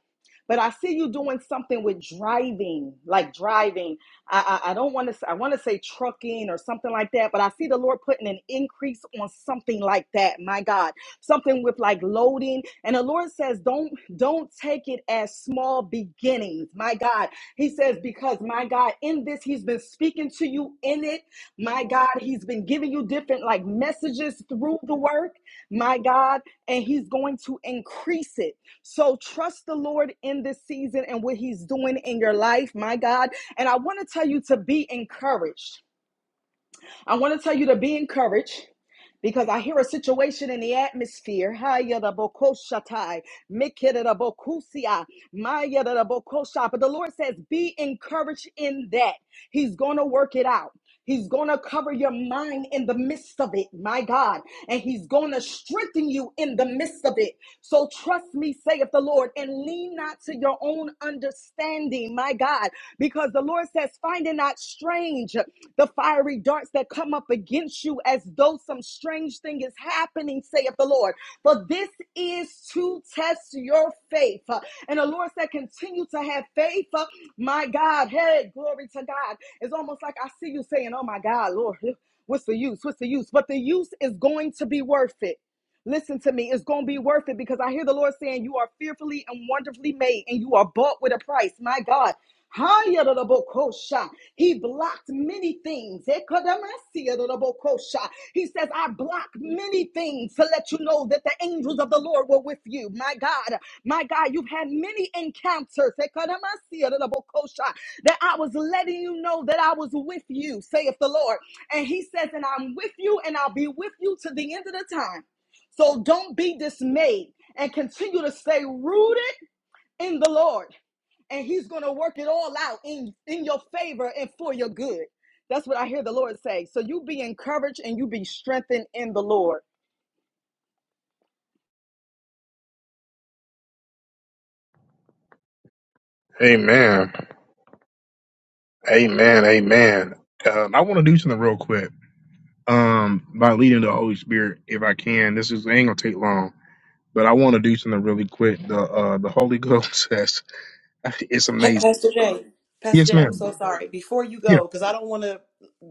S13: But I see you doing something with driving, like driving. I, I, I don't want to. I want to say trucking or something like that. But I see the Lord putting an increase on something like that. My God, something with like loading. And the Lord says, don't don't take it as small beginnings. My God, He says because my God, in this He's been speaking to you in it my God, He's been giving you different like messages through the work, my God, and He's going to increase it. So trust the Lord in this season and what He's doing in your life, my God. And I want to tell you to be encouraged. I want to tell you to be encouraged because I hear a situation in the atmosphere. Haya da bokoshatai, mikida da bokusia, maya da da bokosha. But the Lord says, be encouraged in that. He's going to work it out. He's going to cover your mind in the midst of it, my God. And he's going to strengthen you in the midst of it. So trust me, saith the Lord, and lean not to your own understanding, my God, because the Lord says, Find it not strange the fiery darts that come up against you as though some strange thing is happening, saith the Lord. For this is to test your faith. Uh, And the Lord said, Continue to have faith. Uh, My God, hey, glory to God. It's almost like I see you saying, Oh my God, Lord, what's the use? What's the use? But the use is going to be worth it. Listen to me. It's going to be worth it because I hear the Lord saying, You are fearfully and wonderfully made, and you are bought with a price. My God. Hayarabokosha. He blocked many things. Ekadamasiyarabokosha. He says, I block many things to let you know that the angels of the Lord were with you. My God, my God, you've had many encounters Ekadamasiyarabokosha, that I was letting you know that I was with you, saith the Lord. And he says, And I'm with you, and I'll be with you to the end of the time. So don't be dismayed and continue to stay rooted in the Lord. And He's going to work it all out in, in your favor and for your good. That's what I hear the Lord say. So you be encouraged and you be strengthened in the Lord.
S1: Amen. Amen. Amen. Um, I want to do something real quick. Um, by leading the Holy Spirit, if I can. This is ain't gonna take long, but I want to do something really quick. The uh the Holy Ghost (laughs) says it's
S9: Hey,
S1: amazing.
S9: Pastor Jay. Pastor
S1: Yes,
S9: Jay, I'm
S1: ma'am.
S9: so sorry. Before you
S1: Yeah.
S9: go, because I don't want to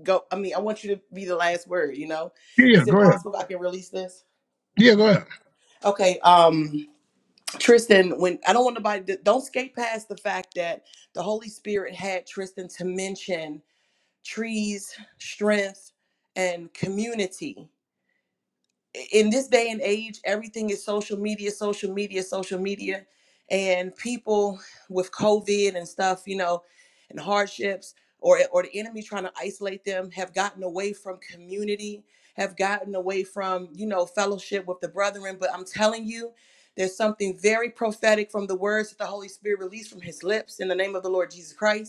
S9: go. I mean, I want you to be the last word. You know,
S1: Yeah. yeah,
S9: is it
S1: Go ahead.
S9: possible I can release this?
S1: Yeah. Go ahead.
S9: Okay, um, Tristan. When I don't want nobody. To, don't skate past the fact that the Holy Spirit had Tristan to mention trees, strength, and community. in this day and age, everything is social media, social media, social media, and people with COVID and stuff, you know, and hardships, or or the enemy trying to isolate them, have gotten away from community, have gotten away from you know fellowship with the brethren. But I'm telling you, there's something very prophetic from the words that the Holy Spirit released from His lips in the name of the Lord Jesus Christ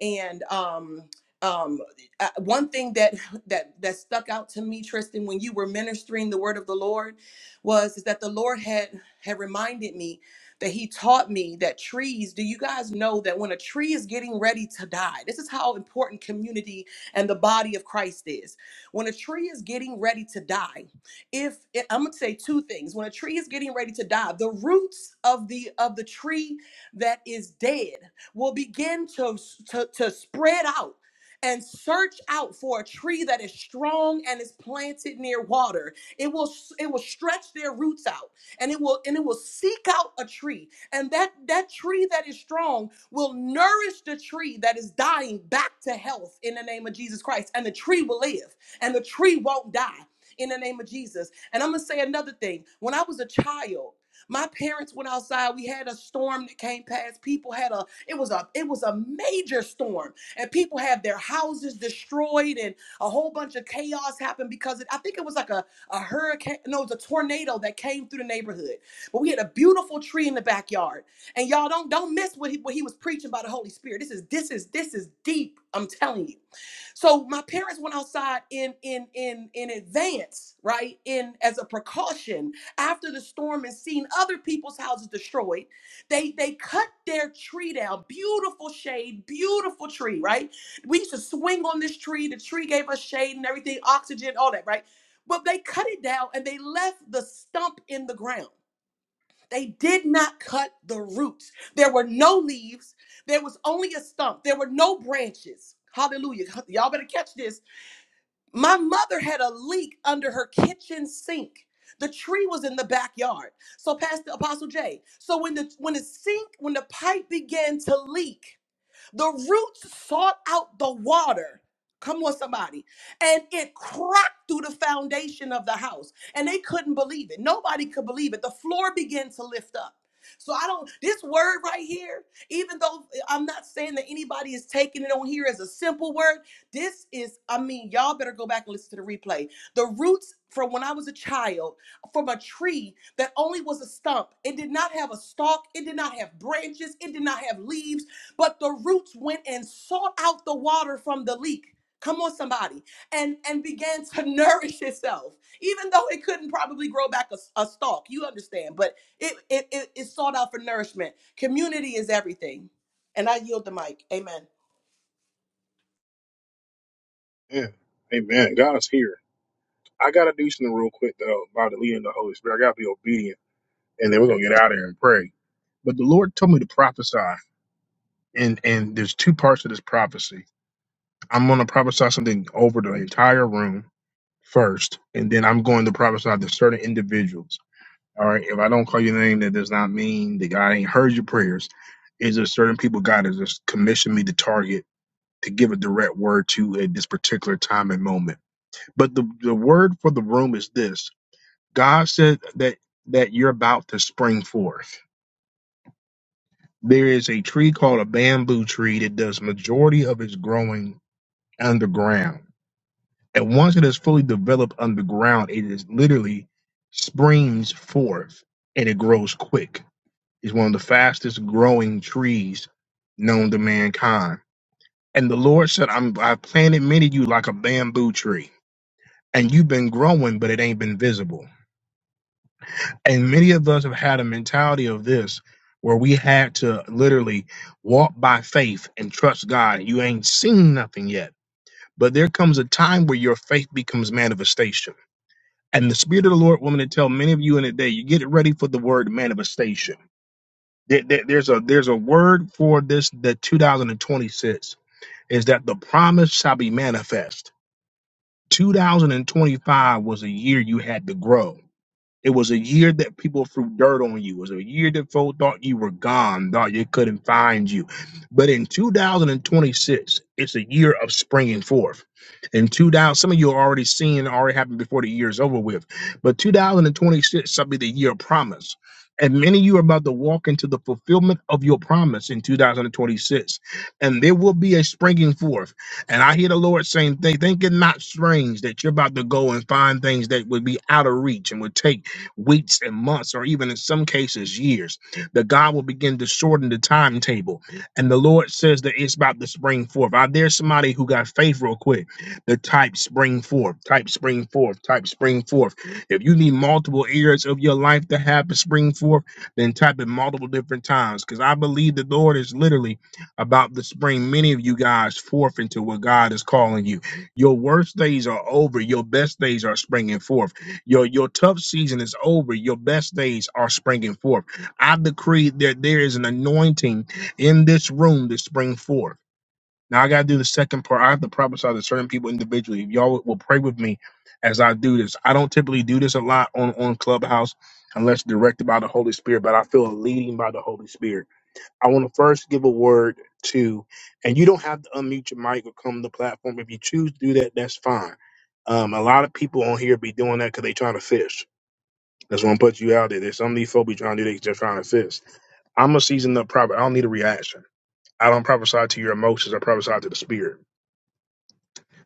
S9: and um, um, uh, one thing that that that stuck out to me, Tristan, when you were ministering the word of the Lord, was is that the Lord had had reminded me that He taught me that trees. Do you guys know that when a tree is getting ready to die, this is how important community and the body of Christ is. When a tree is getting ready to die, if eh, I'm gonna say two things, when a tree is getting ready to die, the roots of the of the tree that is dead will begin to, to, to spread out and search out for a tree that is strong and is planted near water. It will it will stretch their roots out and it will and it will seek out a tree. And that that tree that is strong will nourish the tree that is dying back to health in the name of Jesus Christ. And the tree will live and the tree won't die in the name of Jesus. And I'm going to say another thing. When I was a child, my parents went outside. We had a storm that came past. People had a it was a it was a major storm, and people had their houses destroyed, and a whole bunch of chaos happened because it, I think it was like a a hurricane. No, it was a tornado that came through the neighborhood. But we had a beautiful tree in the backyard, and y'all don't don't miss what he what he was preaching by the Holy Spirit. This is this is this is deep. I'm telling you. So my parents went outside in in in in advance, right? In as a precaution after the storm and seen other people's houses destroyed. They they cut their tree down, beautiful shade, beautiful tree, right? We used to swing on this tree. The tree gave us shade and everything, oxygen, all that, right? But they cut it down and they left the stump in the ground. They did not cut the roots. There were no leaves. There was only a stump. There were no branches. Hallelujah. (laughs) Y'all better catch this. My mother had a leak under her kitchen sink. The tree was in the backyard. So Pastor Apostle Jay. So when the when the sink, when the pipe began to leak, the roots sought out the water. Come on, somebody. And it cracked through the foundation of the house. And they couldn't believe it. Nobody could believe it. The floor began to lift up. So I don't, this word right here, even though eh, I'm not saying that anybody is taking it on here as a simple word, this is, I mean, y'all better go back and listen to the replay. The roots from when I was a child, from a tree that only was a stump, it did not have a stalk, it did not have branches, it did not have leaves but the roots went and sought out the water from the leak. Come on, somebody, and and began to (laughs) nourish itself, even though it couldn't probably grow back a, a stalk. You understand, but it, it it it sought out for nourishment. Community is everything, and I yield the mic. Amen.
S1: Yeah. Amen. God is here. I gotta do something real quick though about the leading of the Holy Spirit. I gotta be obedient, and then we're gonna get out of here and pray. But the Lord told me to prophesy, and and there's two parts of this prophecy. I'm gonna prophesy something over the entire room first, and then I'm going to prophesy to certain individuals. All right, if I don't call your name, that does not mean that God ain't heard your prayers. It's there certain people God has just commissioned me to target to give a direct word to at this particular time and moment? But the the word for the room is this God said that that you're about to spring forth. There is a tree called a bamboo tree that does majority of its growing underground. And once it is fully developed underground, it is literally springs forth and it grows quick. It's one of the fastest growing trees known to mankind. And the Lord said, I'm I planted many of you like a bamboo tree. And you've been growing, but it ain't been visible And many of us have had a mentality of this where we had to literally walk by faith and trust God. You ain't seen nothing yet. But there comes a time where your faith becomes manifestation. And the Spirit of the Lord, woman, to tell many of you in a day, you get ready for the word manifestation. There- there- There's a there's a word for this that 2026 is that the promise shall be manifest. 2025 was a year you had to grow. It was a year that people threw dirt on you. It was a year that folk thought you were gone, thought you couldn't find you. But in 2026, it's a year of springing forth. In 2000, some of you are already seeing already happened before the year is over with. But 2026 shall be the year of promise. And many of you are about to walk into the fulfillment of your promise in 2026. And there will be a springing forth. And I hear the Lord saying, they think it not strange that you're about to go and find things that would be out of reach and would take weeks and months, or even in some cases, years. That God will begin to shorten the timetable. And the Lord says that it's about to spring forth. I there's somebody who got faith real quick. The type spring forth, type spring forth, type spring forth. If you need multiple areas of your life to have to spring forth, then type it multiple different times. Because I believe the Lord is literally about to spring many of you guys forth into what God is calling you. Your worst days are over, your best days are springing forth. Your your tough season is over. Your best days are springing forth. I decree that there is an anointing in this room to spring forth. Now I gotta do the second part. I have to prophesy to certain people individually. If y'all will pray with me as I do this. I don't typically do this a lot on, on Clubhouse unless directed by the Holy Spirit, but I feel a leading by the Holy Spirit. I want to first give a word to, and you don't have to unmute your mic or come to the platform. If you choose to do that, that's fine. Um, a lot of people on here be doing that because they trying to fish. That's what I'm put you out there. There's some of these folk be trying to do, they just trying to fist. I'm a seasoned up prophet. I don't need a reaction. I don't prophesy to your emotions. I prophesy to the spirit.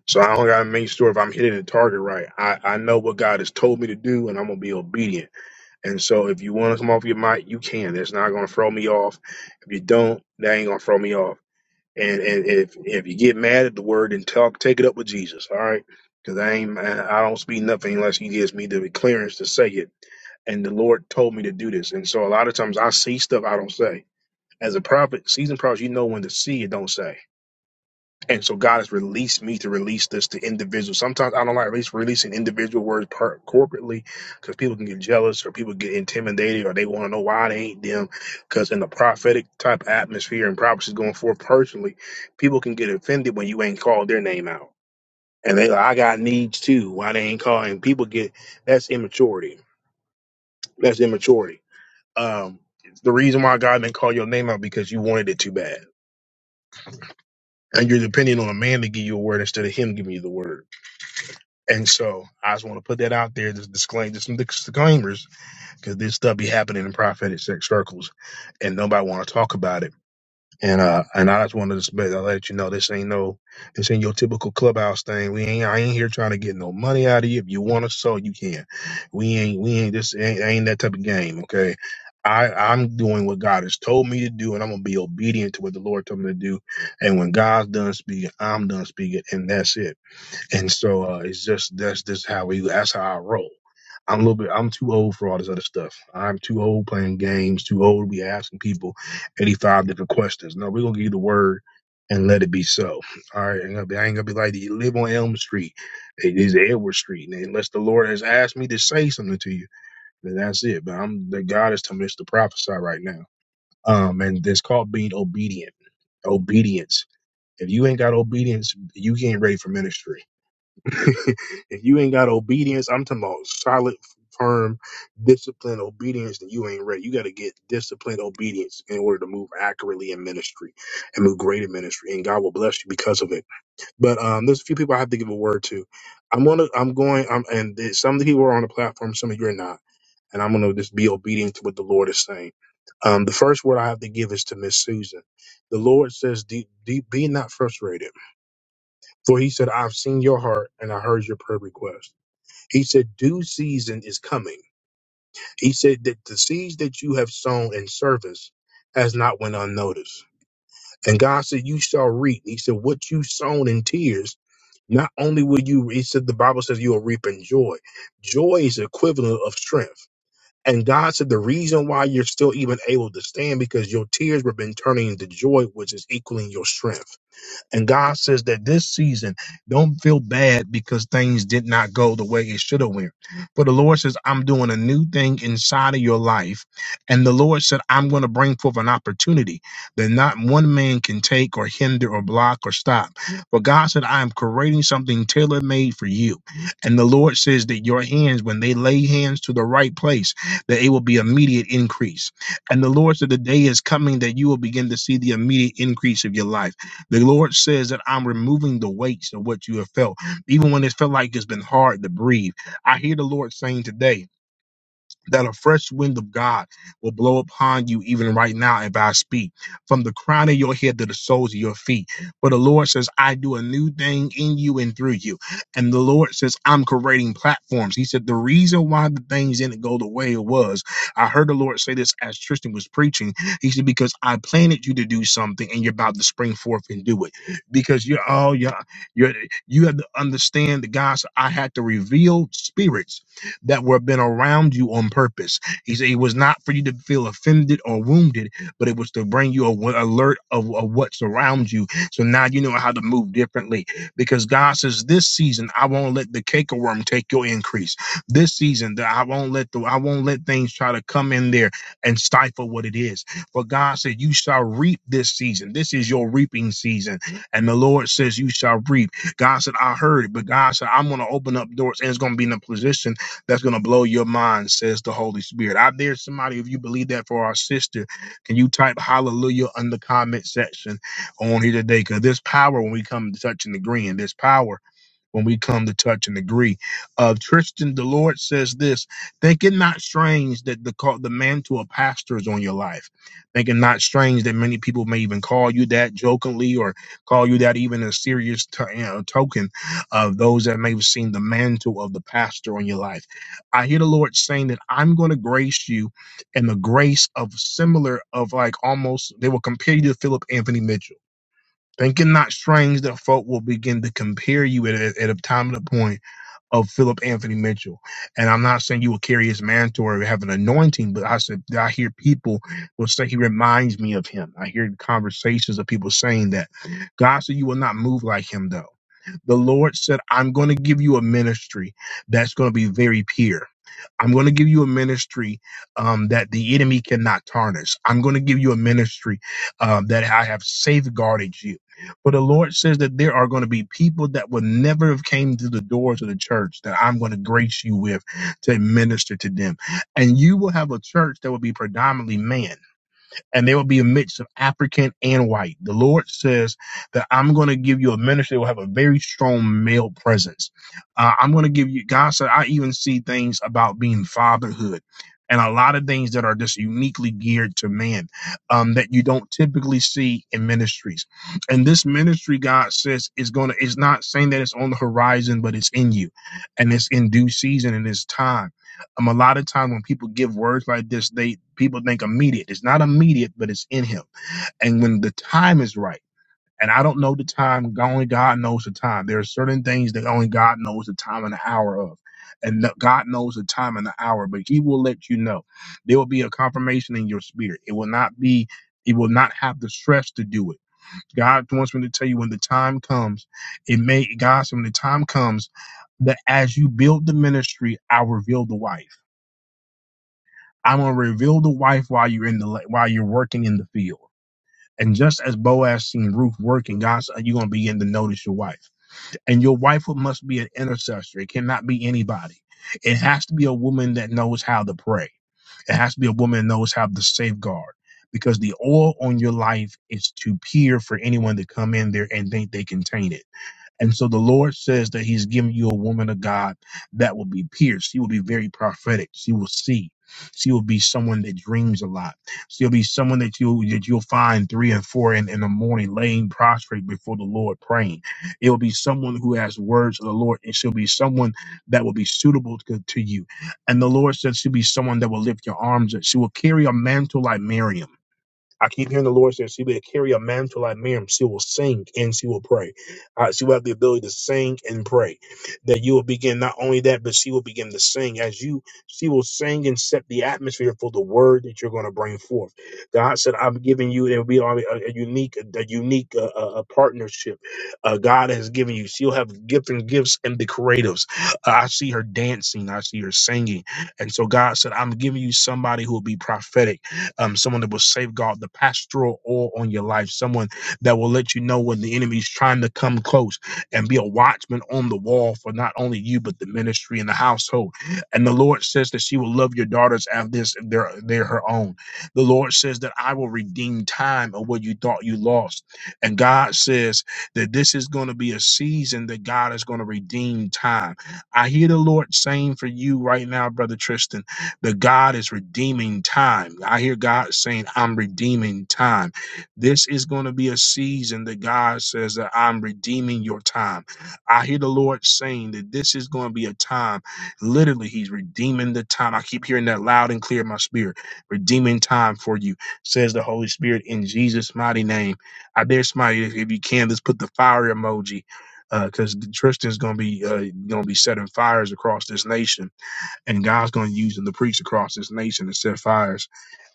S1: So I don't got to make sure if I'm hitting the target right. I, I know what God has told me to do and I'm going to be obedient. And so if you want to come off your mic, you can. That's not going to throw me off. If you don't, that ain't going to throw me off. And, and if if you get mad at the word, then talk, take it up with Jesus. All right. Because I ain't, I don't speak nothing unless he gives me the clearance to say it and the Lord told me to do this. And so a lot of times I see stuff I don't say. As a prophet, seasoned prophet, you know when to see it, don't say. And so God has released me to release this to individuals. Sometimes I don't like release, releasing individual words per, corporately because people can get jealous or people get intimidated or they want to know why they ain't them. Because in the prophetic type atmosphere and prophecies going forth personally, people can get offended when you ain't called their name out. And they like, I got needs too. Why they ain't calling? People get that's immaturity. That's immaturity um, the reason why God didn't call your name out because you wanted it too bad. And you're depending on a man to give you a word instead of him giving you the word. And so I just want to put that out there, just disclaim, just some disclaimers, because this stuff be happening in prophetic sex circles, and nobody want to talk about it. And uh, and I just wanted to let, let you know this ain't no, this ain't your typical clubhouse thing. We ain't, I ain't here trying to get no money out of you. If you want to, so you can. We ain't, we ain't this ain't, ain't that type of game. Okay, I I'm doing what God has told me to do, and I'm gonna be obedient to what the Lord told me to do. And when God's done speaking, I'm done speaking, and that's it. And so uh, it's just that's just how we that's how I roll. I'm a little bit I'm too old for all this other stuff. I'm too old playing games, too old to be asking people 85 different questions. No, we're gonna give you the word and let it be so. All right, ain't gonna be, I ain't gonna be like you live on Elm Street. It is Edward Street. And unless the Lord has asked me to say something to you, then that's it. But I'm the God is telling me it's to prophesy right now. Um and it's called being obedient. Obedience. If you ain't got obedience, you ain't ready for ministry (laughs) if you ain't got obedience, I'm talking about solid, firm, disciplined obedience, then you ain't ready. You got to get disciplined obedience in order to move accurately in ministry and move great in ministry, and God will bless you because of it. But um, there's a few people I have to give a word to. I'm gonna, I'm going, I'm, and there's- some of the people are on the platform, some of you are not, and I'm gonna just be obedient to what the Lord is saying. Um, the first word I have to give is to Miss Susan. The Lord says, "Be be- be not frustrated." For he said, I've seen your heart and I heard your prayer request. He said, Due season is coming. He said that the seeds that you have sown in service has not went unnoticed. And God said, You shall reap. He said, What you sown in tears, not only will you, he said, the Bible says you will reap in joy. Joy is the equivalent of strength. And God said, The reason why you're still even able to stand because your tears have been turning into joy, which is equaling your strength. And God says that this season, don't feel bad because things did not go the way it should have went. For the Lord says, I'm doing a new thing inside of your life. And the Lord said, I'm going to bring forth an opportunity that not one man can take or hinder or block or stop. But God said, I am creating something tailor made for you. And the Lord says that your hands, when they lay hands to the right place, that it will be immediate increase. And the Lord said, the day is coming that you will begin to see the immediate increase of your life the Lord says that I'm removing the weights of what you have felt, even when it felt like it's been hard to breathe. I hear the Lord saying today that a fresh wind of God will blow upon you even right now if I speak, from the crown of your head to the soles of your feet. For the Lord says, I do a new thing in you and through you. And the Lord says, I'm creating platforms. He said, The reason why the things didn't go the way it was, I heard the Lord say this as Tristan was preaching. He said, Because I planted you to do something and you're about to spring forth and do it. Because you're all, you're, you're, you have to understand that God said, I had to reveal spirits that were been around you on purpose. He said it was not for you to feel offended or wounded, but it was to bring you a alert of, of what's around you. So now you know how to move differently because God says this season I won't let the cake worm take your increase. This season that I won't let the I won't let things try to come in there and stifle what it is. For God said you shall reap this season. This is your reaping season, and the Lord says you shall reap. God said I heard it, but God said I'm going to open up doors and it's going to be in a position that's going to blow your mind, says the Holy Spirit. I dare somebody, if you believe that for our sister, can you type hallelujah in the comment section on here today? Because there's power when we come to touch and agreeing. There's power when we come to touch and agree. Uh, Tristan, the Lord says this: Think it not strange that the call, the mantle of pastor is on your life. Think it not strange that many people may even call you that jokingly, or call you that even a serious to- you know, token of those that may have seen the mantle of the pastor on your life. I hear the Lord saying that I'm going to grace you, and the grace of similar of like almost they will compare you to Philip Anthony Mitchell Think it not strange that folk will begin to compare you at a, at a time and a point of Philip Anthony Mitchell. And I'm not saying you will carry his mantle or have an anointing, but I said I hear people will say he reminds me of him. I hear conversations of people saying that. God said you will not move like him though. The Lord said, I'm going to give you a ministry that's going to be very pure. I'm going to give you a ministry um, that the enemy cannot tarnish. I'm going to give you a ministry um, that I have safeguarded you. But the Lord says that there are going to be people that would never have came to the doors of the church that I'm going to grace you with to minister to them. And you will have a church that will be predominantly man and there will be a mix of African and white. The Lord says that I'm going to give you a ministry that will have a very strong male presence. Uh, I'm going to give you, God said, I even see things about being fatherhood. And a lot of things that are just uniquely geared to man um, that you don't typically see in ministries. And this ministry, God says, is going to, is not saying that it's on the horizon, but it's in you and it's in due season and it's time. Um, a lot of time when people give words like this, they people think immediate. It's not immediate, but it's in him. And when the time is right, and I don't know the time, only God knows the time. There are certain things that only God knows the time and the hour of. And that God knows the time and the hour, but He will let you know. There will be a confirmation in your spirit. It will not be, it will not have the stress to do it. God wants me to tell you when the time comes, it may God said when the time comes that as you build the ministry, I'll reveal the wife I'm gonna reveal the wife while you're in the while you're working in the field. And just as Boaz seen Ruth working, God said, you're gonna begin to notice your wife. And your wife must be an intercessor. It cannot be anybody. It has to be a woman that knows how to pray. It has to be a woman that knows how to safeguard. Because the oil on your life is too pure for anyone to come in there and think they can taint it and so the Lord says that He's giving you a woman of God that will be pierced. She will be very prophetic. She will see. She will be someone that dreams a lot. She'll be someone that you that you'll find three and four in, in the morning laying prostrate before the Lord praying. It'll be someone who has words of the Lord, and she'll be someone that will be suitable to, to you. And the Lord says she'll be someone that will lift your arms. up. She will carry a mantle like Miriam. I keep hearing the Lord say she will carry a mantle like Miriam. She will sing and she will pray. Uh, she will have the ability to sing and pray. That you will begin not only that, but she will begin to sing as you. She will sing and set the atmosphere for the word that you're going to bring forth. God said, "I'm giving you. It will be a, a unique, a unique uh, uh, uh, partnership. Uh, God has given you. She'll have gift and gifts and the creatives. Uh, I see her dancing. I see her singing. And so God said, "I'm giving you somebody who will be prophetic." um, someone that will safeguard the pastoral oil on your life, someone that will let you know when the enemy's trying to come close and be a watchman on the wall for not only you, but the ministry and the household. And the Lord says that she will love your daughters as this, they're, they're her own. The Lord says that I will redeem time of what you thought you lost. And God says that this is going to be a season that God is going to redeem time. I hear the Lord saying for you right now, Brother Tristan that God is redeeming time. I hear God saying, I'm redeeming time. This is going to be a season that God says that I'm redeeming your time. I hear the Lord saying that this is going to be a time, literally, He's redeeming the time. I keep hearing that loud and clear in my spirit. Redeeming time for you, says the Holy Spirit in Jesus' mighty name. I dare somebody, if if you can, let's put the fire emoji because Tristan's gonna be uh, gonna be setting fires across this nation and God's going to use them to preach across this nation and set fires.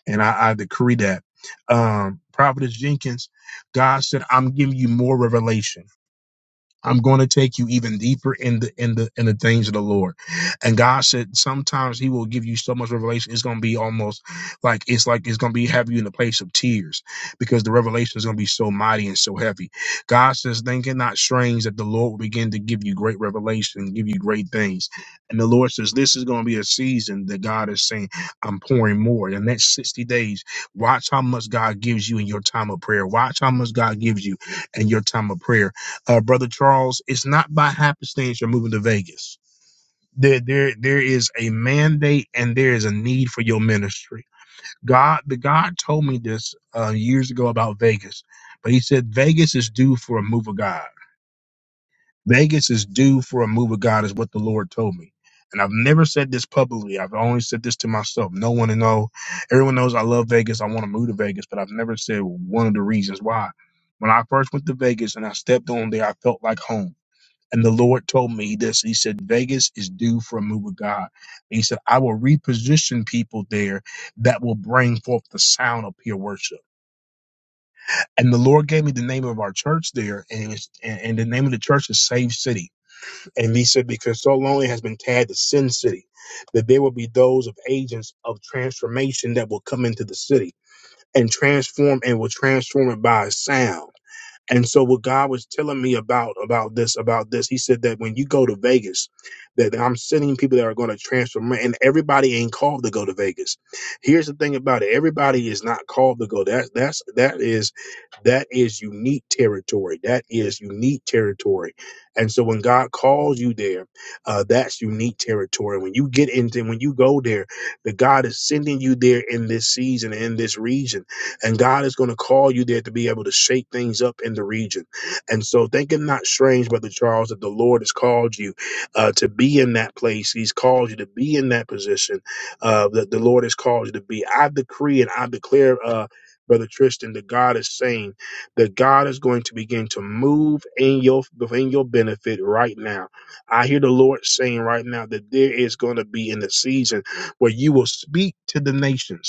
S1: And I, I decree that. Um, Providence Jenkins, God said, I'm giving you more revelation. I'm going to take you even deeper in the in the in the things of the Lord. And God said sometimes He will give you so much revelation, it's gonna be almost like it's like it's gonna be have you in a place of tears because the revelation is gonna be so mighty and so heavy. God says, Think it not strange that the Lord will begin to give you great revelation, give you great things. And the Lord says, This is gonna be a season that God is saying, I'm pouring more. In the next 60 days, watch how much God gives you in your time of prayer. Watch how much God gives you in your time of prayer uh, brother Charles, it's not by happenstance you're moving to Vegas. There, there, there is a mandate and there is a need for your ministry. God, the God told me this uh, years ago about Vegas, but He said Vegas is due for a move of God. Vegas is due for a move of God, is what the Lord told me. And I've never said this publicly. I've only said this to myself. No one to know. Everyone knows I love Vegas. I want to move to Vegas, but I've never said one of the reasons why. When I first went to Vegas and I stepped on there, I felt like home. And the Lord told me this. He said, Vegas is due for a move of God. And he said, I will reposition people there that will bring forth the sound of pure worship. And the Lord gave me the name of our church there, and, it was, and, and the name of the church is Save City. And he said, because so long it has been tagged to Sin City, that there will be those of agents of transformation that will come into the city and transform and will transform it by sound. And so what God was telling me about about this about this, He said that when you go to Vegas, that I'm sending people that are going to transform, and everybody ain't called to go to Vegas. Here's the thing about it: everybody is not called to go. That's that's that is that is unique territory. That is unique territory. And so when God calls you there, uh, that's unique territory. When you get into when you go there, that God is sending you there in this season in this region and God is going to call you there to be able to shake things up in the region. And so think it not strange, Brother Charles, that the Lord has called you uh, to be in that place. He's called you to be in that position uh, that the Lord has called you to be. I decree and I declare, uh, Brother Tristan, that God is saying that God is going to begin to move in your in your benefit right now. I hear the Lord saying right now that there is going to be in the season where you will speak to the nations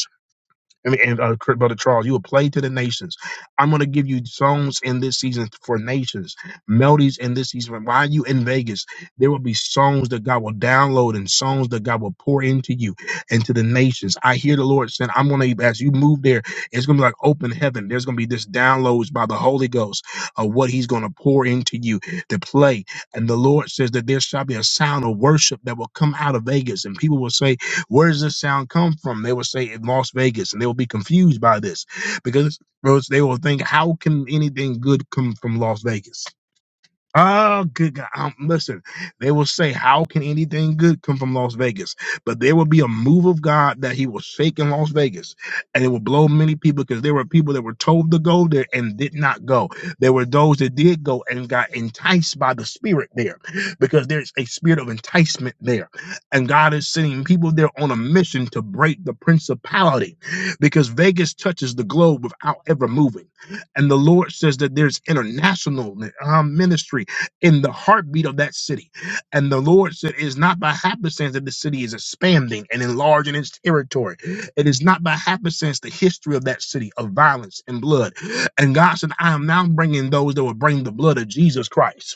S1: I mean, and uh, Brother Charles, you will play to the nations. I'm going to give you songs in this season for nations, melodies in this season. While you in Vegas, there will be songs that God will download and songs that God will pour into you and to the nations. I hear the Lord saying, I'm going to, as you move there, it's going to be like open heaven. There's going to be this downloads by the Holy Ghost of what he's going to pour into you to play. And the Lord says that there shall be a sound of worship that will come out of Vegas and people will say, where does this sound come from? They would say in Las Vegas, and they will be confused by this because they will think, how can anything good come from Las Vegas? Oh, good God. Um, listen, they will say, How can anything good come from Las Vegas? But there will be a move of God that He will shake in Las Vegas, and it will blow many people because there were people that were told to go there and did not go. There were those that did go and got enticed by the Spirit there because there's a spirit of enticement there. And God is sending people there on a mission to break the principality because Vegas touches the globe without ever moving. And the Lord says that there's international um, ministry in the heartbeat of that city. And the Lord said, It is not by happenstance that the city is expanding and enlarging its territory. It is not by happenstance the history of that city of violence and blood. And God said, I am now bringing those that will bring the blood of Jesus Christ.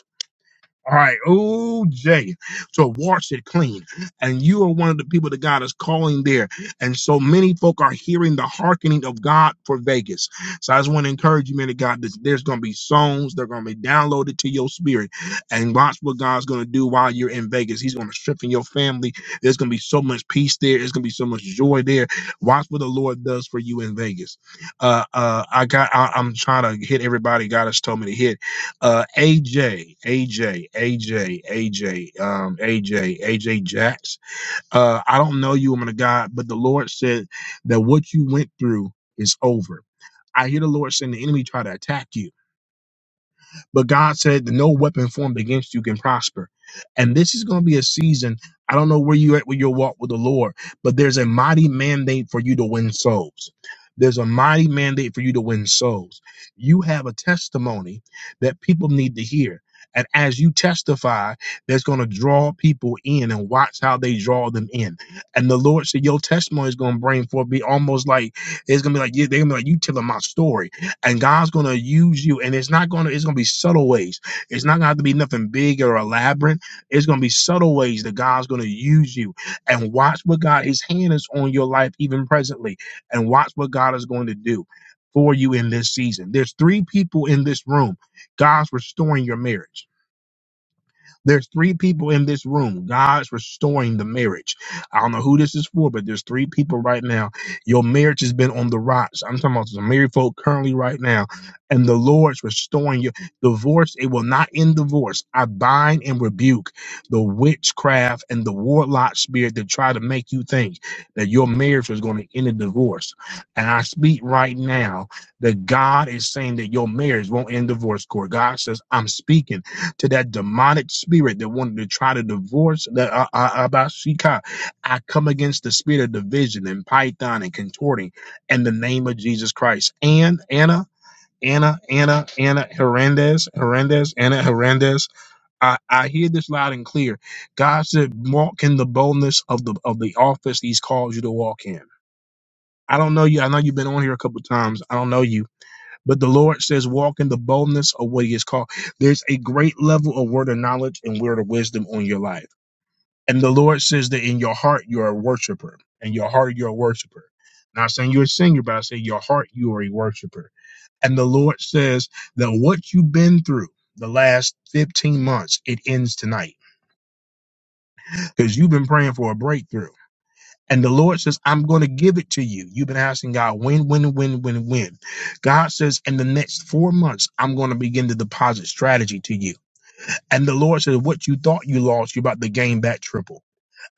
S1: All right, OJ, to wash it clean. And you are one of the people that God is calling there. And so many folk are hearing the hearkening of God for Vegas. So I just want to encourage you, man of God, that there's going to be songs that are going to be downloaded to your spirit. And watch what God's going to do while you're in Vegas. He's going to strengthen your family. There's going to be so much peace there. There's going to be so much joy there. Watch what the Lord does for you in Vegas. Uh, uh, I got, I, I'm trying to hit everybody God has told me to hit. Uh, AJ, AJ, AJ, AJ, um, AJ, AJ Jax. Uh, I don't know you, woman of God, but the Lord said that what you went through is over. I hear the Lord saying the enemy try to attack you but God said, No weapon formed against you can prosper. And this is going to be a season. I don't know where you're at with your walk with the Lord, but there's a mighty mandate for you to win souls. There's a mighty mandate for you to win souls. You have a testimony that people need to hear. And as you testify, that's going to draw people in and watch how they draw them in. And the Lord said, Your testimony is going to bring forth, be almost like, it's going to be like, yeah, they're going to be like, You telling my story and God's going to use you. And it's not going to, it's going to be subtle ways. It's not going to have to be nothing big or elaborate. It's going to be subtle ways that God's going to use you. And watch what God, his hand is on your life even presently. And watch what God is going to do for you in this season. There's three people in this room. God's restoring your marriage. There's three people in this room. God's restoring the marriage. I don't know who this is for, but there's three people right now. Your marriage has been on the rocks. I'm talking about some married folk currently right now. And the Lord's restoring your Divorce, it will not end divorce. I bind and rebuke the witchcraft and the warlock spirit that try to make you think that your marriage was going to end in divorce. And I speak right now that God is saying that your marriage won't end divorce court. God says, I'm speaking to that demonic spirit that wanted to try to divorce that uh, uh, Abashika. I come against the spirit of division and python and contorting in the name of Jesus Christ. And Anna, Anna, Anna, Anna Hernandez, Hernandez, Anna Hernandez. I, I hear this loud and clear. God said, walk in the boldness of the of the office He's called you to walk in. I don't know you. I know you've been on here a couple of times. I don't know you but the Lord says, walk in the boldness of what He has called. There's a great level of word of knowledge and word of wisdom on your life. And the Lord says that in your heart, you're a worshiper. In your heart, you're a worshiper. Not saying you're a singer, but I say your heart, you are a worshiper. And the Lord says that what you've been through the last 15 months, it ends tonight because you've been praying for a breakthrough. And the Lord says, I'm going to give it to you. You've been asking God when, when, when, when, when. God says, in the next four months, I'm going to begin to deposit strategy to you. And the Lord says, what you thought you lost, you're about to gain back triple.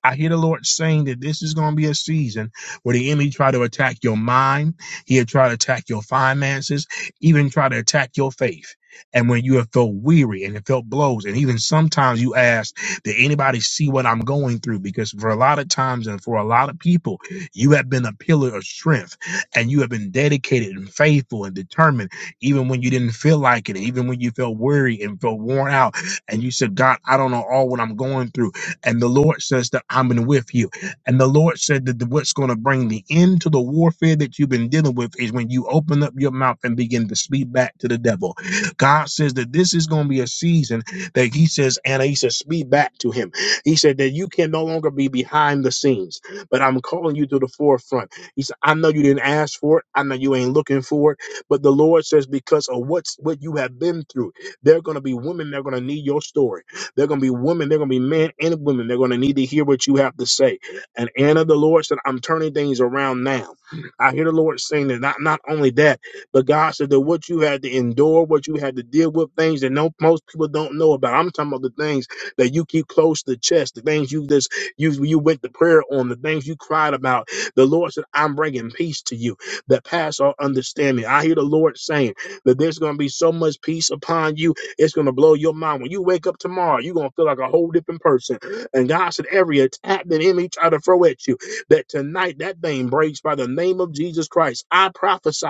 S1: I hear the Lord saying that this is going to be a season where the enemy try to attack your mind, he'll try to attack your finances, even try to attack your faith. And when you have felt weary and it felt blows, and even sometimes you ask, did anybody see what I'm going through? Because for a lot of times and for a lot of people, you have been a pillar of strength and you have been dedicated and faithful and determined, even when you didn't feel like it, even when you felt weary and felt worn out. And you said, God, I don't know all what I'm going through and the Lord says that I'm in with you. And the Lord said that the- what's going to bring the end to the warfare that you've been dealing with is when you open up your mouth and begin to speak back to the devil. God says that this is going to be a season that He says, Anna, He says, speak back to him. He said that you can no longer be behind the scenes, but I'm calling you to the forefront. He said, I know you didn't ask for it. I know you ain't looking for it, but the Lord says because of what's what you have been through, there are going to be women that are going to need your story. They're going to be women. They're going to be men and women. They're going to need to hear what you have to say. And Anna, the Lord said, I'm turning things around now. I hear the Lord saying that not, not only that, but God said that what you had to endure, what you had to deal with, things that no, most people don't know about. I'm talking about the things that you keep close to the chest, the things you just you you went to prayer on, the things you cried about. The Lord said, "I'm bringing peace to you that pass all understanding." I hear the Lord saying that there's going to be so much peace upon you it's going to blow your mind. When you wake up tomorrow, you're going to feel like a whole different person. And God said, every attack that enemy try to throw at you, that tonight that thing breaks by the name of Jesus Christ. I prophesy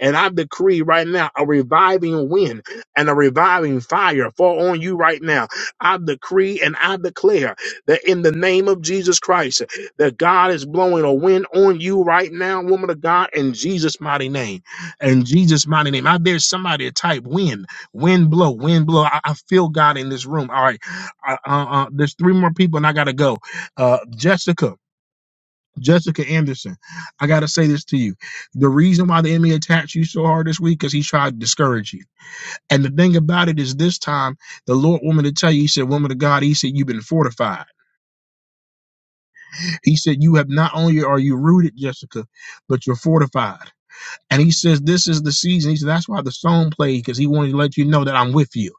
S1: and I decree right now a reviving wind and a reviving fire fall on you right now. I decree and I declare that in the name of Jesus Christ, that God is blowing a wind on you right now, woman of God, in Jesus' mighty name. In Jesus' mighty name. I dare somebody to type wind Wind blow, wind blow. I, I feel God in this room. All right, I, uh, uh, there's three more people, and I gotta go. Uh, Jessica, Jessica Anderson, I gotta say this to you. The reason why the enemy attacked you so hard this week is he tried to discourage you. And the thing about it is, this time the Lord wanted to tell you. He said, "Woman of God," he said, "You've been fortified." He said, "You have not only are you rooted, Jessica, but you're fortified." And he says, "This is the season." He said, "That's why the song played because he wanted to let you know that I'm with you."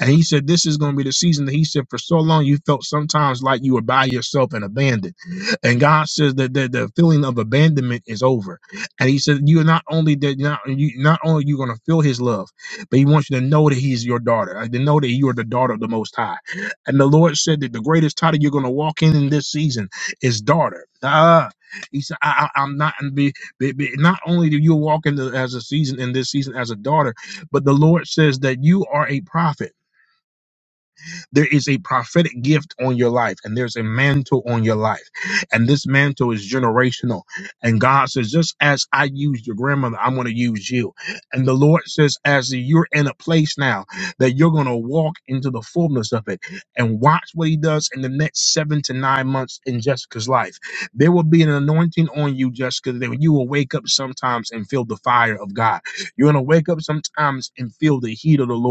S1: And he said, This is going to be the season that he said, for so long you felt sometimes like you were by yourself and abandoned. And God says that the, the feeling of abandonment is over. And he said, You're not only that not you not only you're gonna feel his love, but he wants you to know that he's your daughter, uh, to know that you are the daughter of the most high. And the Lord said that the greatest title you're gonna walk in in this season is daughter. Ah, he said, I, I, I'm not, and be, be, be, not only do you walk in the, as a season in this season as a daughter, but the Lord says that you are a prophet. There is a prophetic gift on your life, and there's a mantle on your life. And this mantle is generational. And God says, just as I used your grandmother, I'm going to use you. And the Lord says, as you're in a place now that you're going to walk into the fullness of it and watch what He does in the next seven to nine months in Jessica's life. There will be an anointing on you, Jessica, that you will wake up sometimes and feel the fire of God. You're going to wake up sometimes and feel the heat of the Lord.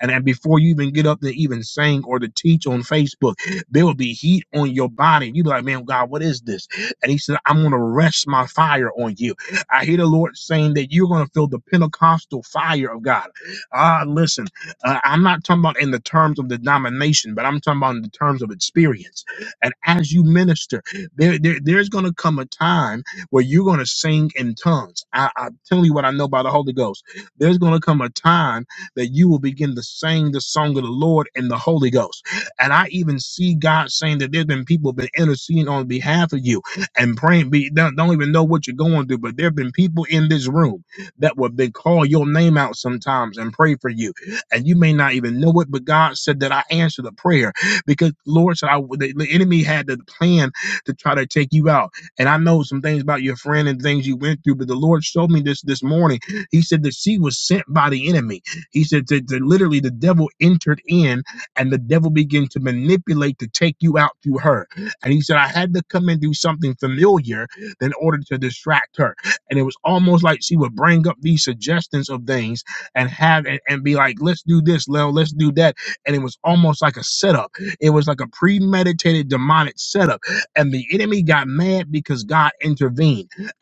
S1: And then before you even get up to even sing or to teach on Facebook, there will be heat on your body. You be like, man, God, what is this? And he said, I'm gonna rest my fire on you. I hear the Lord saying that you're gonna feel the Pentecostal fire of God. Ah, listen, uh, I'm not talking about in the terms of denomination, but I'm talking about in the terms of experience. And as you minister, there, there there's gonna come a time where you're gonna sing in tongues. I, I'm telling you what I know by the Holy Ghost. There's gonna come a time that you will begin to sing the song of the Lord in the Holy Ghost. And I even see God saying that there's been people been interceding on behalf of you and praying. Be don't, don't even know what you're going through, but there have been people in this room that would they call your name out sometimes and pray for you, and you may not even know it. But God said that I answer the prayer because Lord said I, the, the enemy had the plan to try to take you out, and I know some things about your friend and things you went through. But the Lord showed me this this morning. He said that she was sent by the enemy he said that, that literally the devil entered in and the devil began to manipulate to take you out through her. And he said, I had to come and do something familiar in order to distract her. And it was almost like she would bring up these suggestions of things and have and, and be like, let's do this, Lil, let's do that. And it was almost like a setup. It was like a premeditated demonic setup. And the enemy got mad because God intervened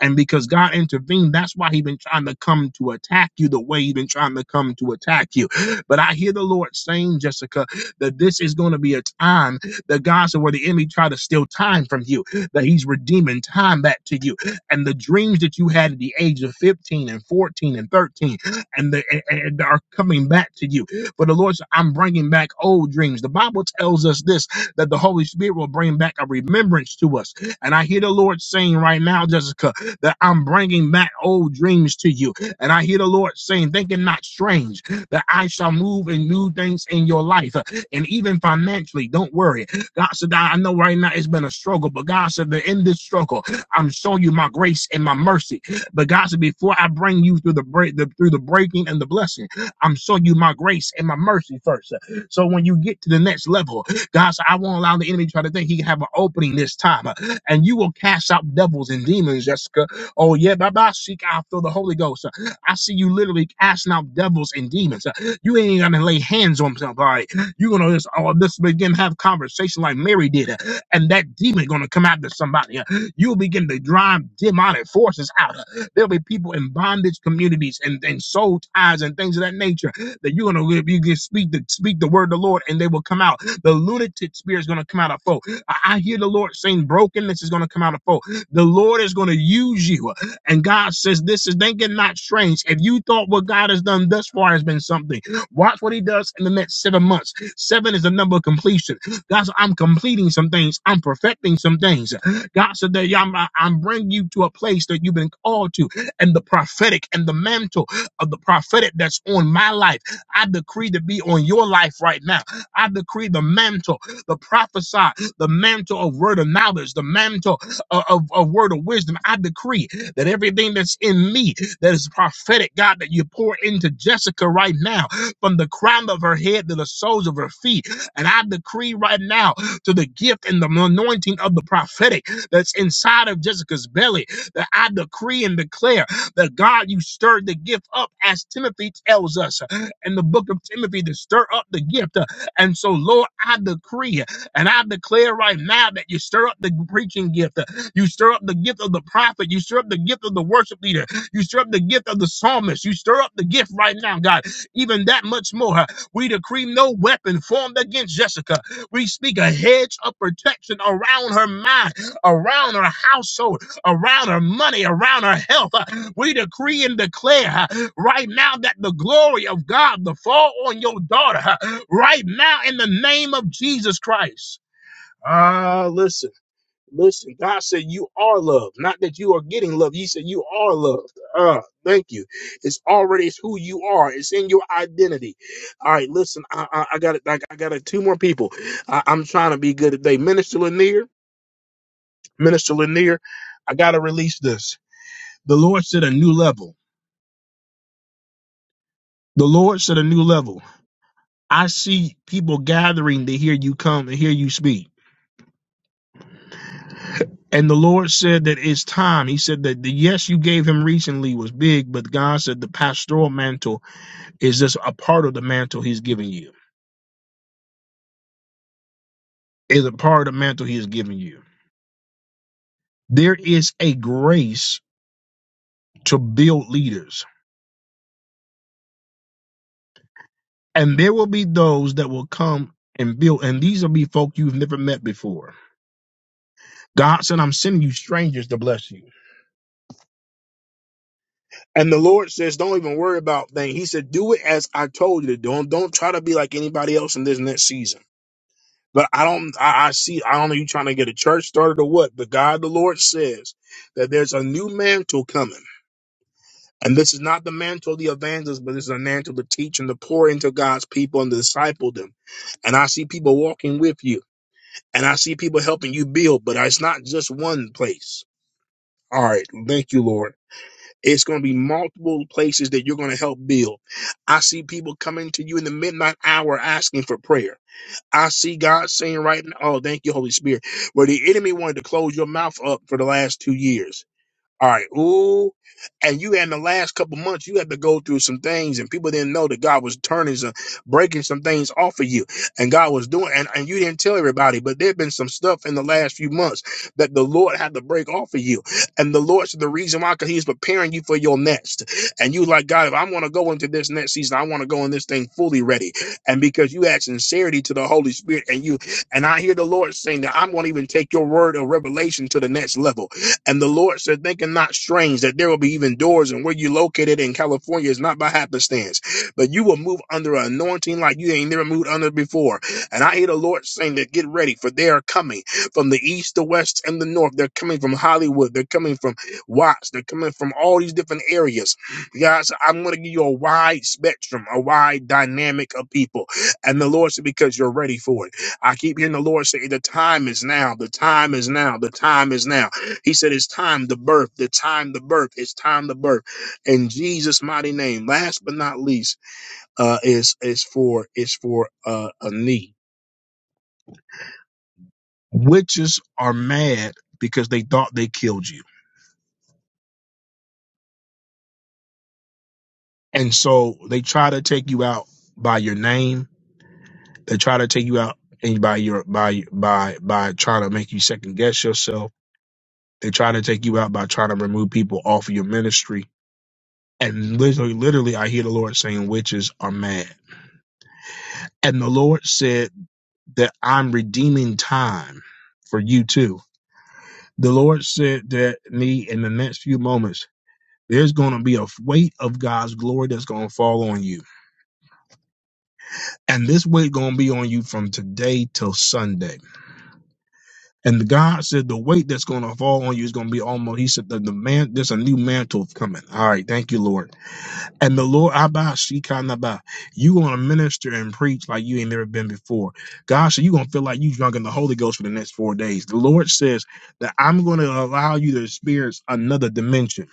S1: and because God intervened, that's why he's been trying to come to attack you the way he's been trying to come to attack you. (gasps) But I hear the Lord saying, Jessica, that this is going to be a time that God said where the enemy tried to steal time from you, that he's redeeming time back to you. And the dreams that you had at the age of 15 and 14 and 13 (gasps) and, the, and, and are coming back to you. For the Lord said, I'm bringing back old dreams. The Bible tells us this, that the Holy Spirit will bring back a remembrance to us. And I hear the Lord saying right now, Jessica, that I'm bringing back old dreams to you. And I hear the Lord saying, thinking not strange, that I shall move and new things in your life. And even financially, don't worry. God said, I I know right now it's been a struggle, but God said that in this struggle, I'm showing you my grace and my mercy. But God said, before I bring you through the break, the, through the breaking and the blessing, I'm showing you my grace and my mercy first. So when you get to the next level, God said, I won't allow the enemy to try to think he can have an opening this time. And you will cast out devils and demons, Jessica. Oh, yeah, Baba, seek after the Holy Ghost. I see you literally casting out devils and demons. You ain't gonna lay hands on somebody. You're gonna just, oh, this begin to have conversation like Mary did, and that demon gonna come after somebody. You'll begin to drive demonic forces out. There'll be people in bondage communities and, and soul ties and things of that nature that you're gonna You can speak the speak the word of the Lord, and they will come out. The lunatic spirit is gonna come out of folk. I, I hear the Lord saying brokenness is gonna come out of folk. The Lord is going to use you. And God says, This is thinking not strange. If you thought what God has done thus far has been something, watch what He does in the next seven months. Seven is the number of completion. God said, I'm completing some things, I'm perfecting some things. God said that "Yeah, I'm, I'm bringing you to a place that you've been called to, and the prophetic and the mantle of the prophetic that's on my life. I decree to be on your life right now. I decree the mantle, the prophesy, the mantle of word of knowledge, the mantle a, a, a word of wisdom. I decree that everything that's in me that is prophetic, God, that you pour into Jessica right now, from the crown of her head to the soles of her feet. And I decree right now to the gift and the anointing of the prophetic that's inside of Jessica's belly, that I decree and declare that God, you stirred the gift up as Timothy tells us uh, in the book of Timothy to stir up the gift. Uh, And so, Lord, I decree and I declare right now that you stir up the preaching gift. uh, you stir up the gift of the prophet. You stir up the gift of the worship leader. You stir up the gift of the psalmist. You stir up the gift right now, God. Even that much more. huh? We decree no weapon formed against Jessica. We speak a hedge of protection around her mind, around her household, around her money, around her health. huh? We decree and declare huh, right now that the glory of God will fall on your daughter huh? right now in the name of Jesus Christ. Ah, listen. Listen, God said you are love, not that you are getting love. He said you are love. Uh, thank you. It's already it's who you are. It's in your identity. All right, listen, I I, I got it. I, I got it. Two more people. I, I'm trying to be good today. Minister Lanier, Minister Lanier, I gotta release this. The Lord said a new level. The Lord said a new level. I see people gathering to hear you come and hear you speak. And the Lord said that it's time. He said that the yes you gave him recently was big, but God said the pastoral mantle is just a part of the mantle he's giving you, is a part of the mantle he is giving you. There is a grace to build leaders, and there will be those that will come and build, and these will be folk you've never met before. God said, I'm sending you strangers to bless you. And the Lord says, Don't even worry about things. He said, Do it as I told you to do. Don't, don't try to be like anybody else in this next season. But I don't, I, I see, I don't know you trying to get a church started or what, but God the Lord says that there's a new mantle coming. And this is not the mantle of the evangelist, but this is a mantle to teach and to pour into God's people and to disciple them. And I see people walking with you and I see people helping you build, but it's not just one place. All right. Thank you, Lord. It's going to be multiple places that you're going to help build. I see people coming to you in the midnight hour asking for prayer. I see God saying right now, oh, thank you, Holy Spirit, where the enemy wanted to close your mouth up for the last two years. All right. Ooh. And you had in the last couple months, you had to go through some things, and people didn't know that God was turning some, breaking some things off of you, and God was doing, and, and you didn't tell everybody, but there had been some stuff in the last few months that the Lord had to break off of you, and the Lord said the reason why, because He's preparing you for your next, and you like God, if I want to go into this next season, I want to go in this thing fully ready, and because you had sincerity to the Holy Spirit, and you, and I hear the Lord saying that I'm going to even take your word of revelation to the next level and the Lord said, thinking not strange that there will be even doors and where you located in California is not by happenstance, but you will move under an anointing like you ain't never moved under before. And I hear the Lord saying that get ready for they are coming from the east, the west, and the north. They're coming from Hollywood. They're coming from Watts. They're coming from all these different areas. Guys, I'm going to give you a wide spectrum, a wide dynamic of people. And the Lord said, because you're ready for it. I keep hearing the Lord say, the time is now. The time is now. The time is now he said, It's time to birth, the time to birth, it's time to birth. In Jesus' mighty name. Last but not least, uh, is is for is for uh, a knee. Witches are mad because they thought they killed you. And so they try to take you out by your name. They try to take you out and by your by by by trying to make you second guess yourself. They try to take you out by trying to remove people off of your ministry. And literally, literally, I hear the Lord saying witches are mad. And the Lord said that I'm redeeming time for you too. The Lord said that me in the next few moments, there's going to be a weight of God's glory that's going to fall on you. And this weight going to be on you from today till Sunday. And God said the weight that's going to fall on you is going to be almost, he said, the, the man, there's a new mantle coming. All right. Thank you, Lord And the Lord Abba Shikanaba, you gonna minister and preach like you ain't never been before. God said you gonna feel like you drunk in the Holy Ghost for the next four days. The Lord says that I'm gonna allow you to experience another dimension.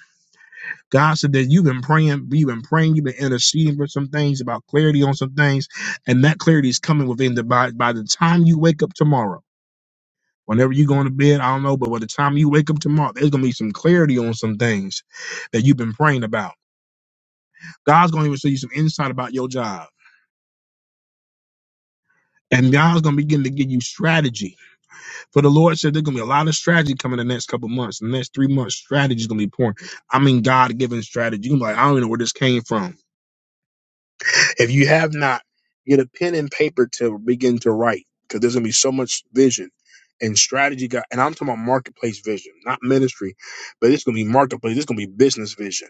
S1: God said that you've been praying, you've been praying, you've been interceding for some things about clarity on some things, and that clarity is coming within the by by the time you wake up tomorrow. Whenever you go to bed, I don't know, but by the time you wake up tomorrow, there's gonna be some clarity on some things that you've been praying about. God's gonna even show you some insight about your job. And God's gonna begin to give you strategy. For the Lord said there's gonna be a lot of strategy coming in the next couple months. The next three months, strategy is gonna be pouring. I mean, God given strategy. You're gonna be like, I don't even know where this came from. If you have not, get a pen and paper to begin to write, because there's gonna be so much vision and strategy. God, and I'm talking about marketplace vision, not ministry, but it's gonna be marketplace. It's gonna be business vision.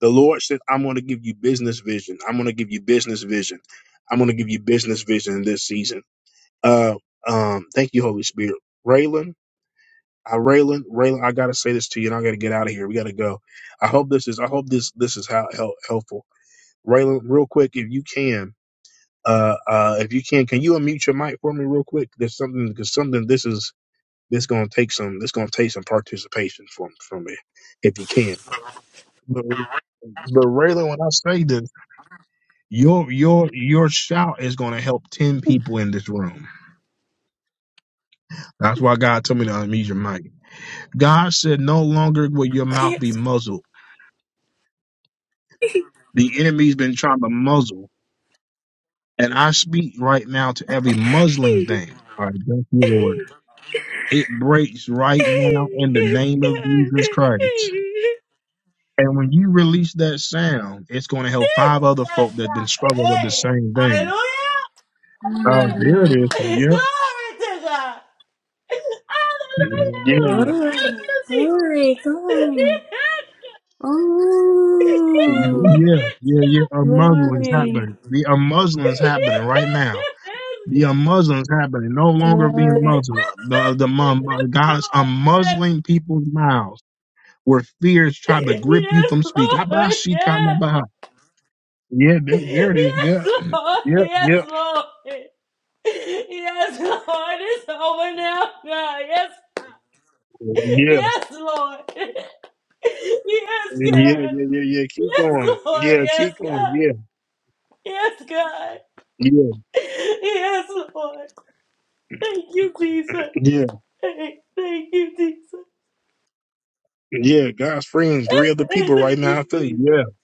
S1: The Lord said, I'm going to give you business vision. I'm going to give you business vision. I'm going to give you business vision in this season. Uh, um, thank you, Holy Spirit. Raylan, I Raylan, Raylan, I gotta say this to you, and I gotta get out of here. We gotta go. I hope this is, I hope this this is how help, helpful. Raylan, real quick, if you can, uh, uh, if you can, can you unmute your mic for me, real quick? There's something, because something. This is this gonna take some. This gonna take some participation from from me, if you can. But but Raylan, when I say this, your your your shout is gonna help ten people in this room. That's why God told me to unmute your mic. God said, No longer will your mouth be muzzled. The enemy's been trying to muzzle. And I speak right now to every muzzling thing. All right, thank you, Lord. It breaks right now in the name of Jesus Christ. And when you release that sound, it's going to help
S10: Yes,
S1: five other folk that have been
S10: God.
S1: struggling with the
S10: Hey,
S1: same thing.
S10: hallelujah.
S1: Oh, there
S22: Mm.
S1: it is. Yep.
S10: Glory to God.
S1: Mhm.
S10: Hallelujah,
S1: Yeah,
S10: Lord.
S1: yeah.
S22: Glory,
S10: Thank you, Jesus.
S22: glory,
S10: Yes,
S22: glory.
S10: God. Yes, God. Yes,
S22: Ooh,
S10: Lord.
S1: Yeah, yeah, yeah. Unmuzzling's
S22: glory,
S1: happening. The unmuzzling's happening right now.
S10: Yes.
S1: The Muslims happening, no longer being
S22: glory,
S1: Muslim. The the mum- God is unmuzzling people's mouths where fears try to grip you from speaking. Abashikanabaha. Yeah, there, there it is.
S10: Yes,
S1: Yeah,
S10: Lord.
S1: yeah,
S10: Yes. Yes, Lord. Yes,
S1: yeah,
S10: Lord. Yes, Lord. It's over now, God. Yes,
S1: yeah,
S10: Yes, Lord. Yes,
S1: yeah, yeah,
S10: God.
S1: yeah, yeah. Keep
S10: Yes,
S1: going.
S10: Lord.
S1: Yeah,
S10: Yes,
S1: keep going. Yeah,
S10: God. Yes, God.
S1: yeah,
S10: Yes, Lord. Thank you, Jesus.
S1: yeah,
S10: Hey, thank you, Jesus.
S1: yeah. God's freeing three other
S10: Hey,
S1: people right
S10: thank
S1: now.
S10: you,
S1: I feel you.
S10: Jesus.
S1: Yeah,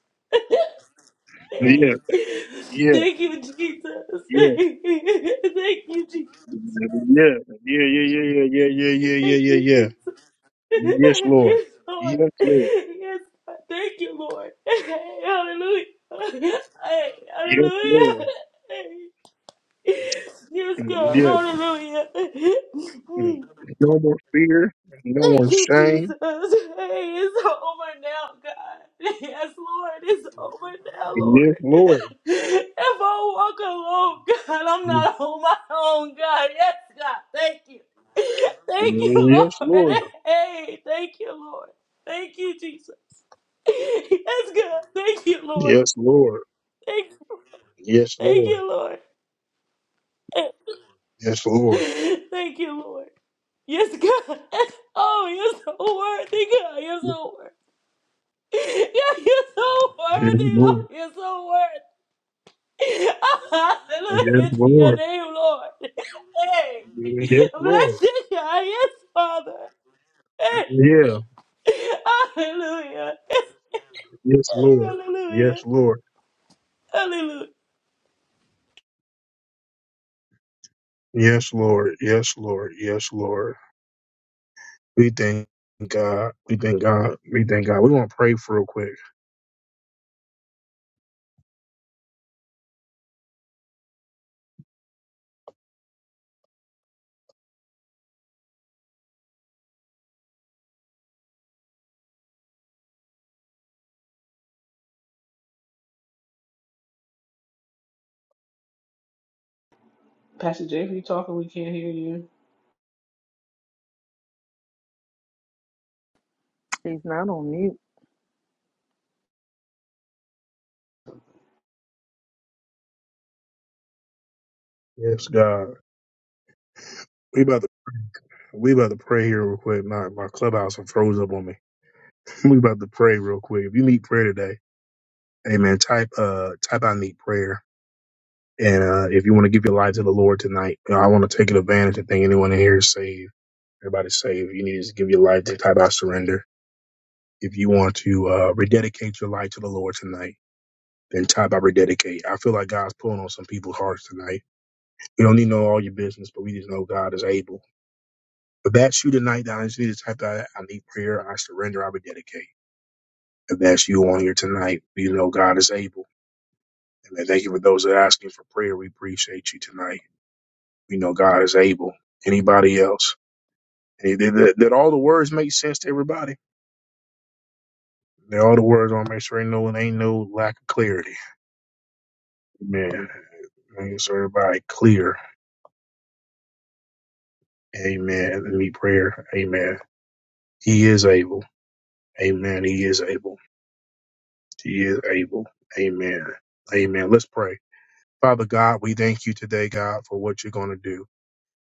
S10: Hey. Thank you, Jesus.
S1: yeah,
S10: Hey. Thank you, Jesus.
S1: yeah, yeah, yeah, yeah, yeah, yeah, yeah, yeah, yeah, yeah,
S10: Thank you,
S1: yeah. yeah.
S10: Jesus.
S1: Lord,
S10: Yes, Lord.
S1: yes, Lord.
S10: Yes, God. Thank you, Lord. Hey, hallelujah. Hey,
S1: Yes, Lord.
S10: hallelujah. Hey. Yes, God. Hallelujah. Thank
S1: Mm. No more fear. No more
S10: you,
S1: shame
S10: Jesus. Hey, it's over now, God. Yes, Lord, it's over now, Lord.
S1: Yes, Lord.
S10: If I walk alone, God, I'm
S1: Yes,
S10: not on my own, God. Yes, God. Thank you. Thank you, Lord.
S1: Lord.
S10: Hey, thank you, Lord. Thank you, Jesus. Yes, God. Thank you, Lord.
S1: Yes, Lord.
S10: Thank,
S1: Yes, Lord. Yes,
S10: thank
S1: Lord.
S10: you, Lord.
S1: Yes,
S10: (laughs)
S1: Lord.
S10: Thank you, Lord. Yes, God. (laughs) Oh, you're so worthy, God. You're so worthy. (laughs) Yeah, you're so
S1: Yes,
S10: worthy, Lord. You're so worthy. (laughs) Hallelujah to your
S1: Lord.
S10: name, Lord. (laughs) Hey,
S1: Yes, Lord.
S10: bless you, God. Yes, Father. Hey,
S1: Yeah.
S10: hallelujah. (laughs)
S1: Yes, Lord.
S10: Hallelujah.
S1: Yes, Lord.
S10: Hallelujah.
S1: Yes, Lord. Yes, Lord. Yes, Lord. We thank God. We thank God. We thank God. We want to pray for real quick.
S5: Pastor J, if you talking, we can't hear
S1: Yes, God. We about to we about to pray here real quick. My my clubhouse and froze up on me. (laughs) We about to pray real quick. If you need prayer today, Amen. Type uh type I need prayer. And uh, if you want to give your life to the Lord tonight, you know, I want to take advantage of thing anyone in here is saved. Everybody's saved. You need to give your life to type out surrender. If you want to uh, rededicate your life to the Lord tonight, then type out rededicate. I feel like God's pulling on some people's hearts tonight. We don't need to know all your business, but we just know God is able. If that's you tonight, I just need to type out I need prayer, I surrender, I rededicate. If that's you on here tonight, we know God is able. And I thank you for those that are asking for prayer. We appreciate you tonight. We know God is able. Anybody else? Hey, Did, did, did all the words make sense to everybody? Did all the words on make sure ain't no ain't no lack of clarity. Amen. Make sure everybody clear. Amen. And Need prayer. Amen. He is able. Amen. He is able. He is able. Amen. Amen. Let's pray. Father God, we thank you today, God, for what you're going to do.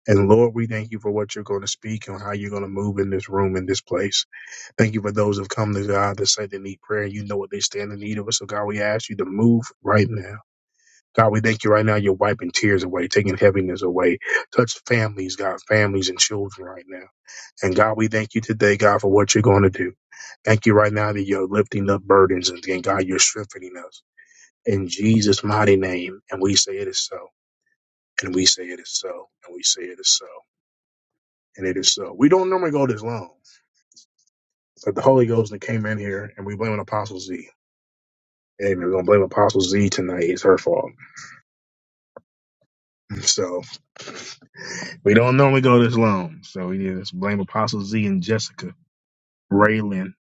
S1: And Lord, we thank you for what you're going to speak and how you're going to move in this room, in this place. Thank you for those who've come to God that say they need prayer. You know what they stand in need of. So, God, we ask you to move right now. God, we thank you right now. You're wiping tears away, taking heaviness away. Touch families, God, families and children right now. And God, we thank you today, God, for what you're going to do. Thank you right now that you're lifting up burdens and and God, you're strengthening us. In Jesus' mighty name. And we say it is so. And we say it is so. And we say it is so. And it is so. We don't normally go this long, but the Holy Ghost that came in here and we blame on Apostle Z. Amen. We're going to blame Apostle Z tonight. It's her fault. (laughs) So. We don't normally go this long, so we need to blame Apostle Z and Jessica, Raylan,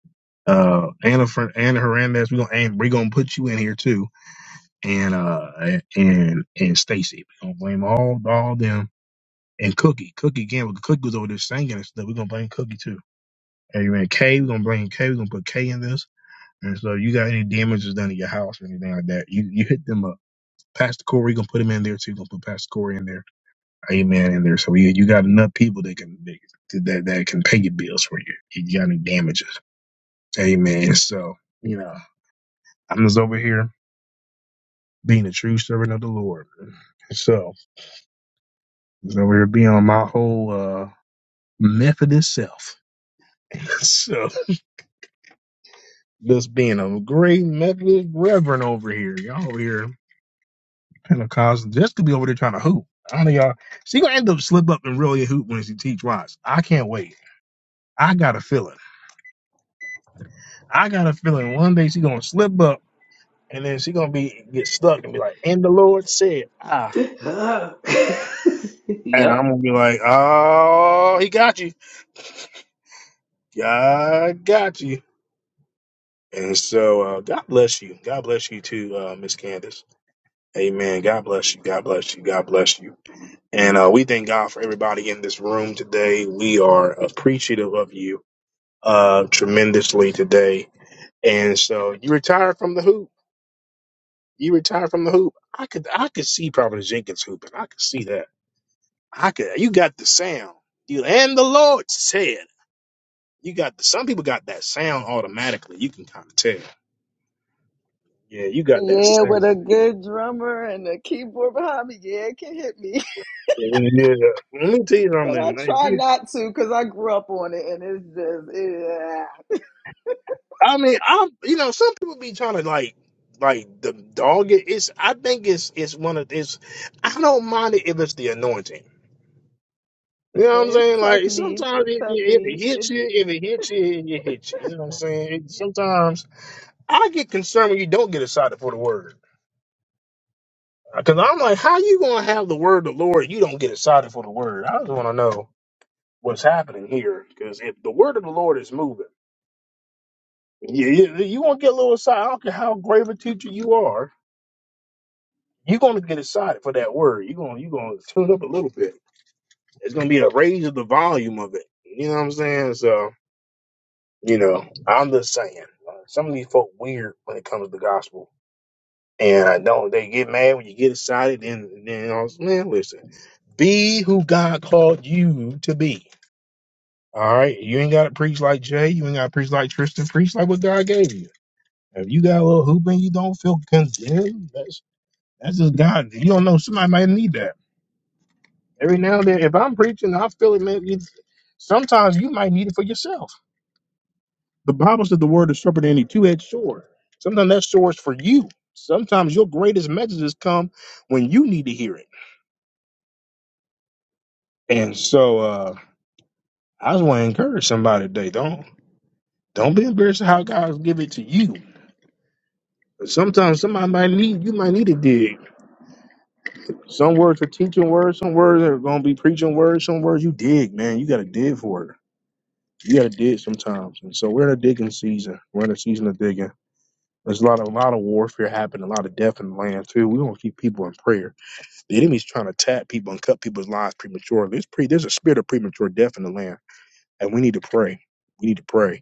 S1: uh, Anna, Fer- Anna Hernandez. We gonna and we gonna put you in here too, and uh, and and Stacy. We gonna blame all all them and Cookie. Cookie again, because Cookie was over there singing and stuff. We gonna blame Cookie too. Amen. K, we gonna blame K. We gonna put K in this. And so, you got any damages done to your house or anything like that? You you hit them up. Pastor Corey, gonna put him in there too. Gonna put Pastor Corey in there Amen in there. So you, you got enough people that can that that can pay your bills for you. You got any damages. Amen. So, you know, I'm just over here being a true servant of the Lord. So just over here being on my whole uh Methodist self. (laughs) So just being a great Methodist reverend over here. Y'all over here Pentecostal. Just could be over there trying to hoop. I know y'all she gonna end up slip up and really hoop when she teach wise. I can't wait. I got a feeling. I got a feeling one day she gonna slip up and then she gonna be get stuck and be like, "And the Lord said, ah,"
S5: you. (laughs) (laughs)
S1: and
S5: yep.
S1: I'm gonna be like, "Oh, he got you, God got you." And so, uh, God bless you, God bless you too, uh, Miss Candace. Amen. God bless you, God bless you, God bless you. And uh, we thank God for everybody in this room today. We are appreciative of you uh, tremendously today. And so, you retire from the hoop. You retire from the hoop. I could, I could see probably Jenkins hooping. I could see that. I could. You got the sound. You and the Lord said. You got the. Some people got that sound automatically. You can kind of tell. Yeah, you got that
S13: Yeah, with
S1: sound.
S13: a good drummer and a keyboard behind me. Yeah, it can hit me. (laughs)
S1: Yeah. Let me tell you
S13: But I
S1: something. like,
S13: try
S1: you-
S13: not to because I grew up on it and it's just, yeah.
S1: I mean, I'm. You know, some people be trying to like, like the dog. it. It's. I think it's. It's one of. It's. I don't mind it if it's the anointing. You know what I'm
S13: It's
S1: saying? Like
S13: technique.
S1: sometimes
S13: It's
S1: if, if
S13: technique.
S1: it
S13: It,
S1: hits you, if it hits you, it hits you. You know what I'm saying? Sometimes I get concerned when you don't get excited for the word. Because I'm like, how you gonna have the word of the Lord? You don't get excited for the word. I just want to know what's happening here. Because if the word of the Lord is moving, you, you, you gonna get a little excited. I don't care how great of a teacher you are. You're gonna get excited for that word. You're gonna you're gonna tune up a little bit. It's gonna be a raise of the volume of it. You know what I'm saying? So you know, I'm just saying, uh, some of these folk weird when it comes to the gospel. And I don't. They get mad when you get excited. And then I was, man, listen, be who God called you to be. All right, you ain't got to preach like Jay. You ain't got to preach like Tristan. Preach like what God gave you. If you got a little hoop and you don't feel condemned, that's that's just God. You don't know. Somebody might need that every now and then. If I'm preaching, I feel it, man. You, sometimes you might need it for yourself. The Bible says the word is sharper than any two-edged sword. Sometimes that sword's for you. Sometimes your greatest messages come when you need to hear it. And so uh, I just want to encourage somebody today. Don't don't be embarrassed of how God give it to you. Sometimes somebody might need you might need to dig. Some words are teaching words, some words are gonna be preaching words, some words you dig, man. You gotta dig for it. You gotta dig sometimes. And so we're in a digging season. We're in a season of digging. There's a lot of a lot of warfare happening, a lot of death in the land too. We want to keep people in prayer. The enemy's trying to tap people and cut people's lives prematurely. There's pre there's a spirit of premature death in the land, and we need to pray. We need to pray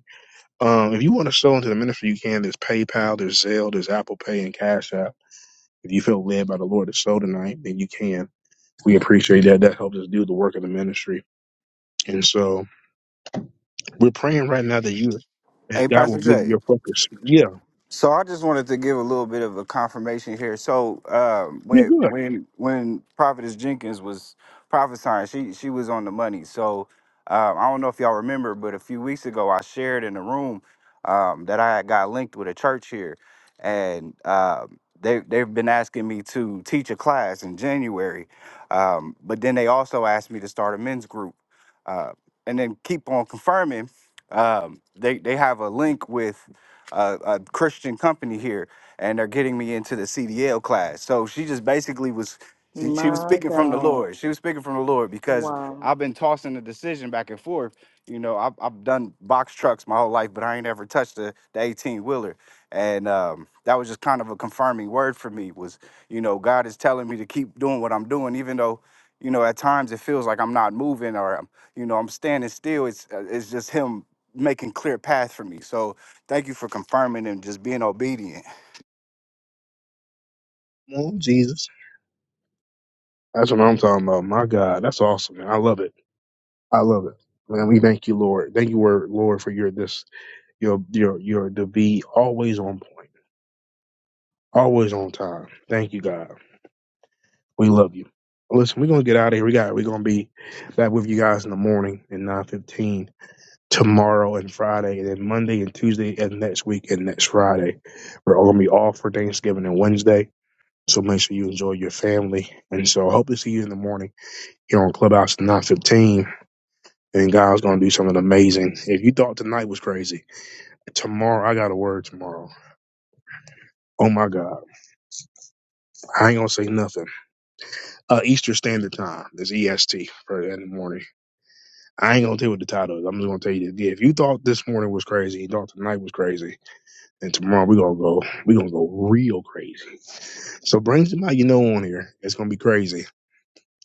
S1: Um, if you want to sow into the ministry, you can. There's PayPal, there's Zelle, there's Apple Pay, and Cash App. If you feel led by the Lord to sow tonight, then you can. We appreciate that. That helps us do the work of the ministry. And so we're praying right now that you, that
S12: Hey,
S1: God will
S12: Pastor
S1: give you
S12: Jay.
S1: your focus. Yeah,
S12: So I just wanted to give a little bit of a confirmation here. So um,
S1: yeah,
S12: when
S1: good.
S12: when when Prophetess Jenkins was prophesying, she she was on the money. So um, I don't know if y'all remember, but a few weeks ago I shared in the room um, that I had got linked with a church here, and um, they they've been asking me to teach a class in January, um, but then they also asked me to start a men's group, uh, and then keep on confirming. Um, they they have a link with a, a Christian company here, and they're getting me into the CDL class. So she just basically was she, she was speaking from the Lord. She was speaking from the Lord because
S13: wow.
S12: I've been tossing the decision back and forth. You know, I've, I've done box trucks my whole life, but I ain't ever touched the, the 18 wheeler. And um, that was just kind of a confirming word for me was, you know, God is telling me to keep doing what I'm doing, even though, you know, at times it feels like I'm not moving or, I'm, you know, I'm standing still. It's, uh, it's just Him making clear path for me. So, Thank you for confirming and just being obedient.
S1: Well, Jesus, that's what I'm talking about. My God, that's awesome. Man. I love it. I love it. Man, we thank you, Lord. Thank you, Word, Lord, for your this, your your your to be always on point, always on time. Thank you, God. We love you. Listen, we're gonna get out of here. We got we're gonna be back with you guys in the morning at nine fifteen tomorrow and Friday, and then Monday and Tuesday and next week and next Friday. We're all gonna be off for Thanksgiving and Wednesday. So make sure you enjoy your family. And so I hope to see you in the morning here on Clubhouse at nine fifteen. And God's gonna do something amazing. If you thought tonight was crazy, tomorrow I got a word tomorrow. Oh my God. I ain't gonna say nothing. Uh Eastern Standard Time. It's EST for in the morning. I ain't gonna tell you what the title is. I'm just gonna tell you this. Yeah, if you thought this morning was crazy, you thought tonight was crazy, and tomorrow we gonna go, we gonna go real crazy. So bring somebody you know on here. It's gonna be crazy.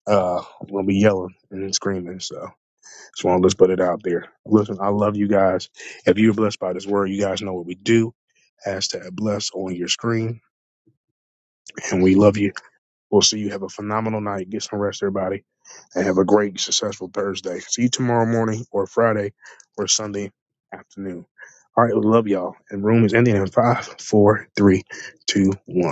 S1: Uh, I'm gonna be yelling and screaming. So just wanna let's put it out there. Listen, I love you guys. If you're blessed by this word, you guys know what we do. Hashtag blessed on your screen, and we love you. We'll see you. Have a phenomenal night. Get some rest, everybody. and have a great, successful Thursday. See you tomorrow morning or Friday or Sunday afternoon. All right, we love y'all. And room is ending in five, four, three, two, one.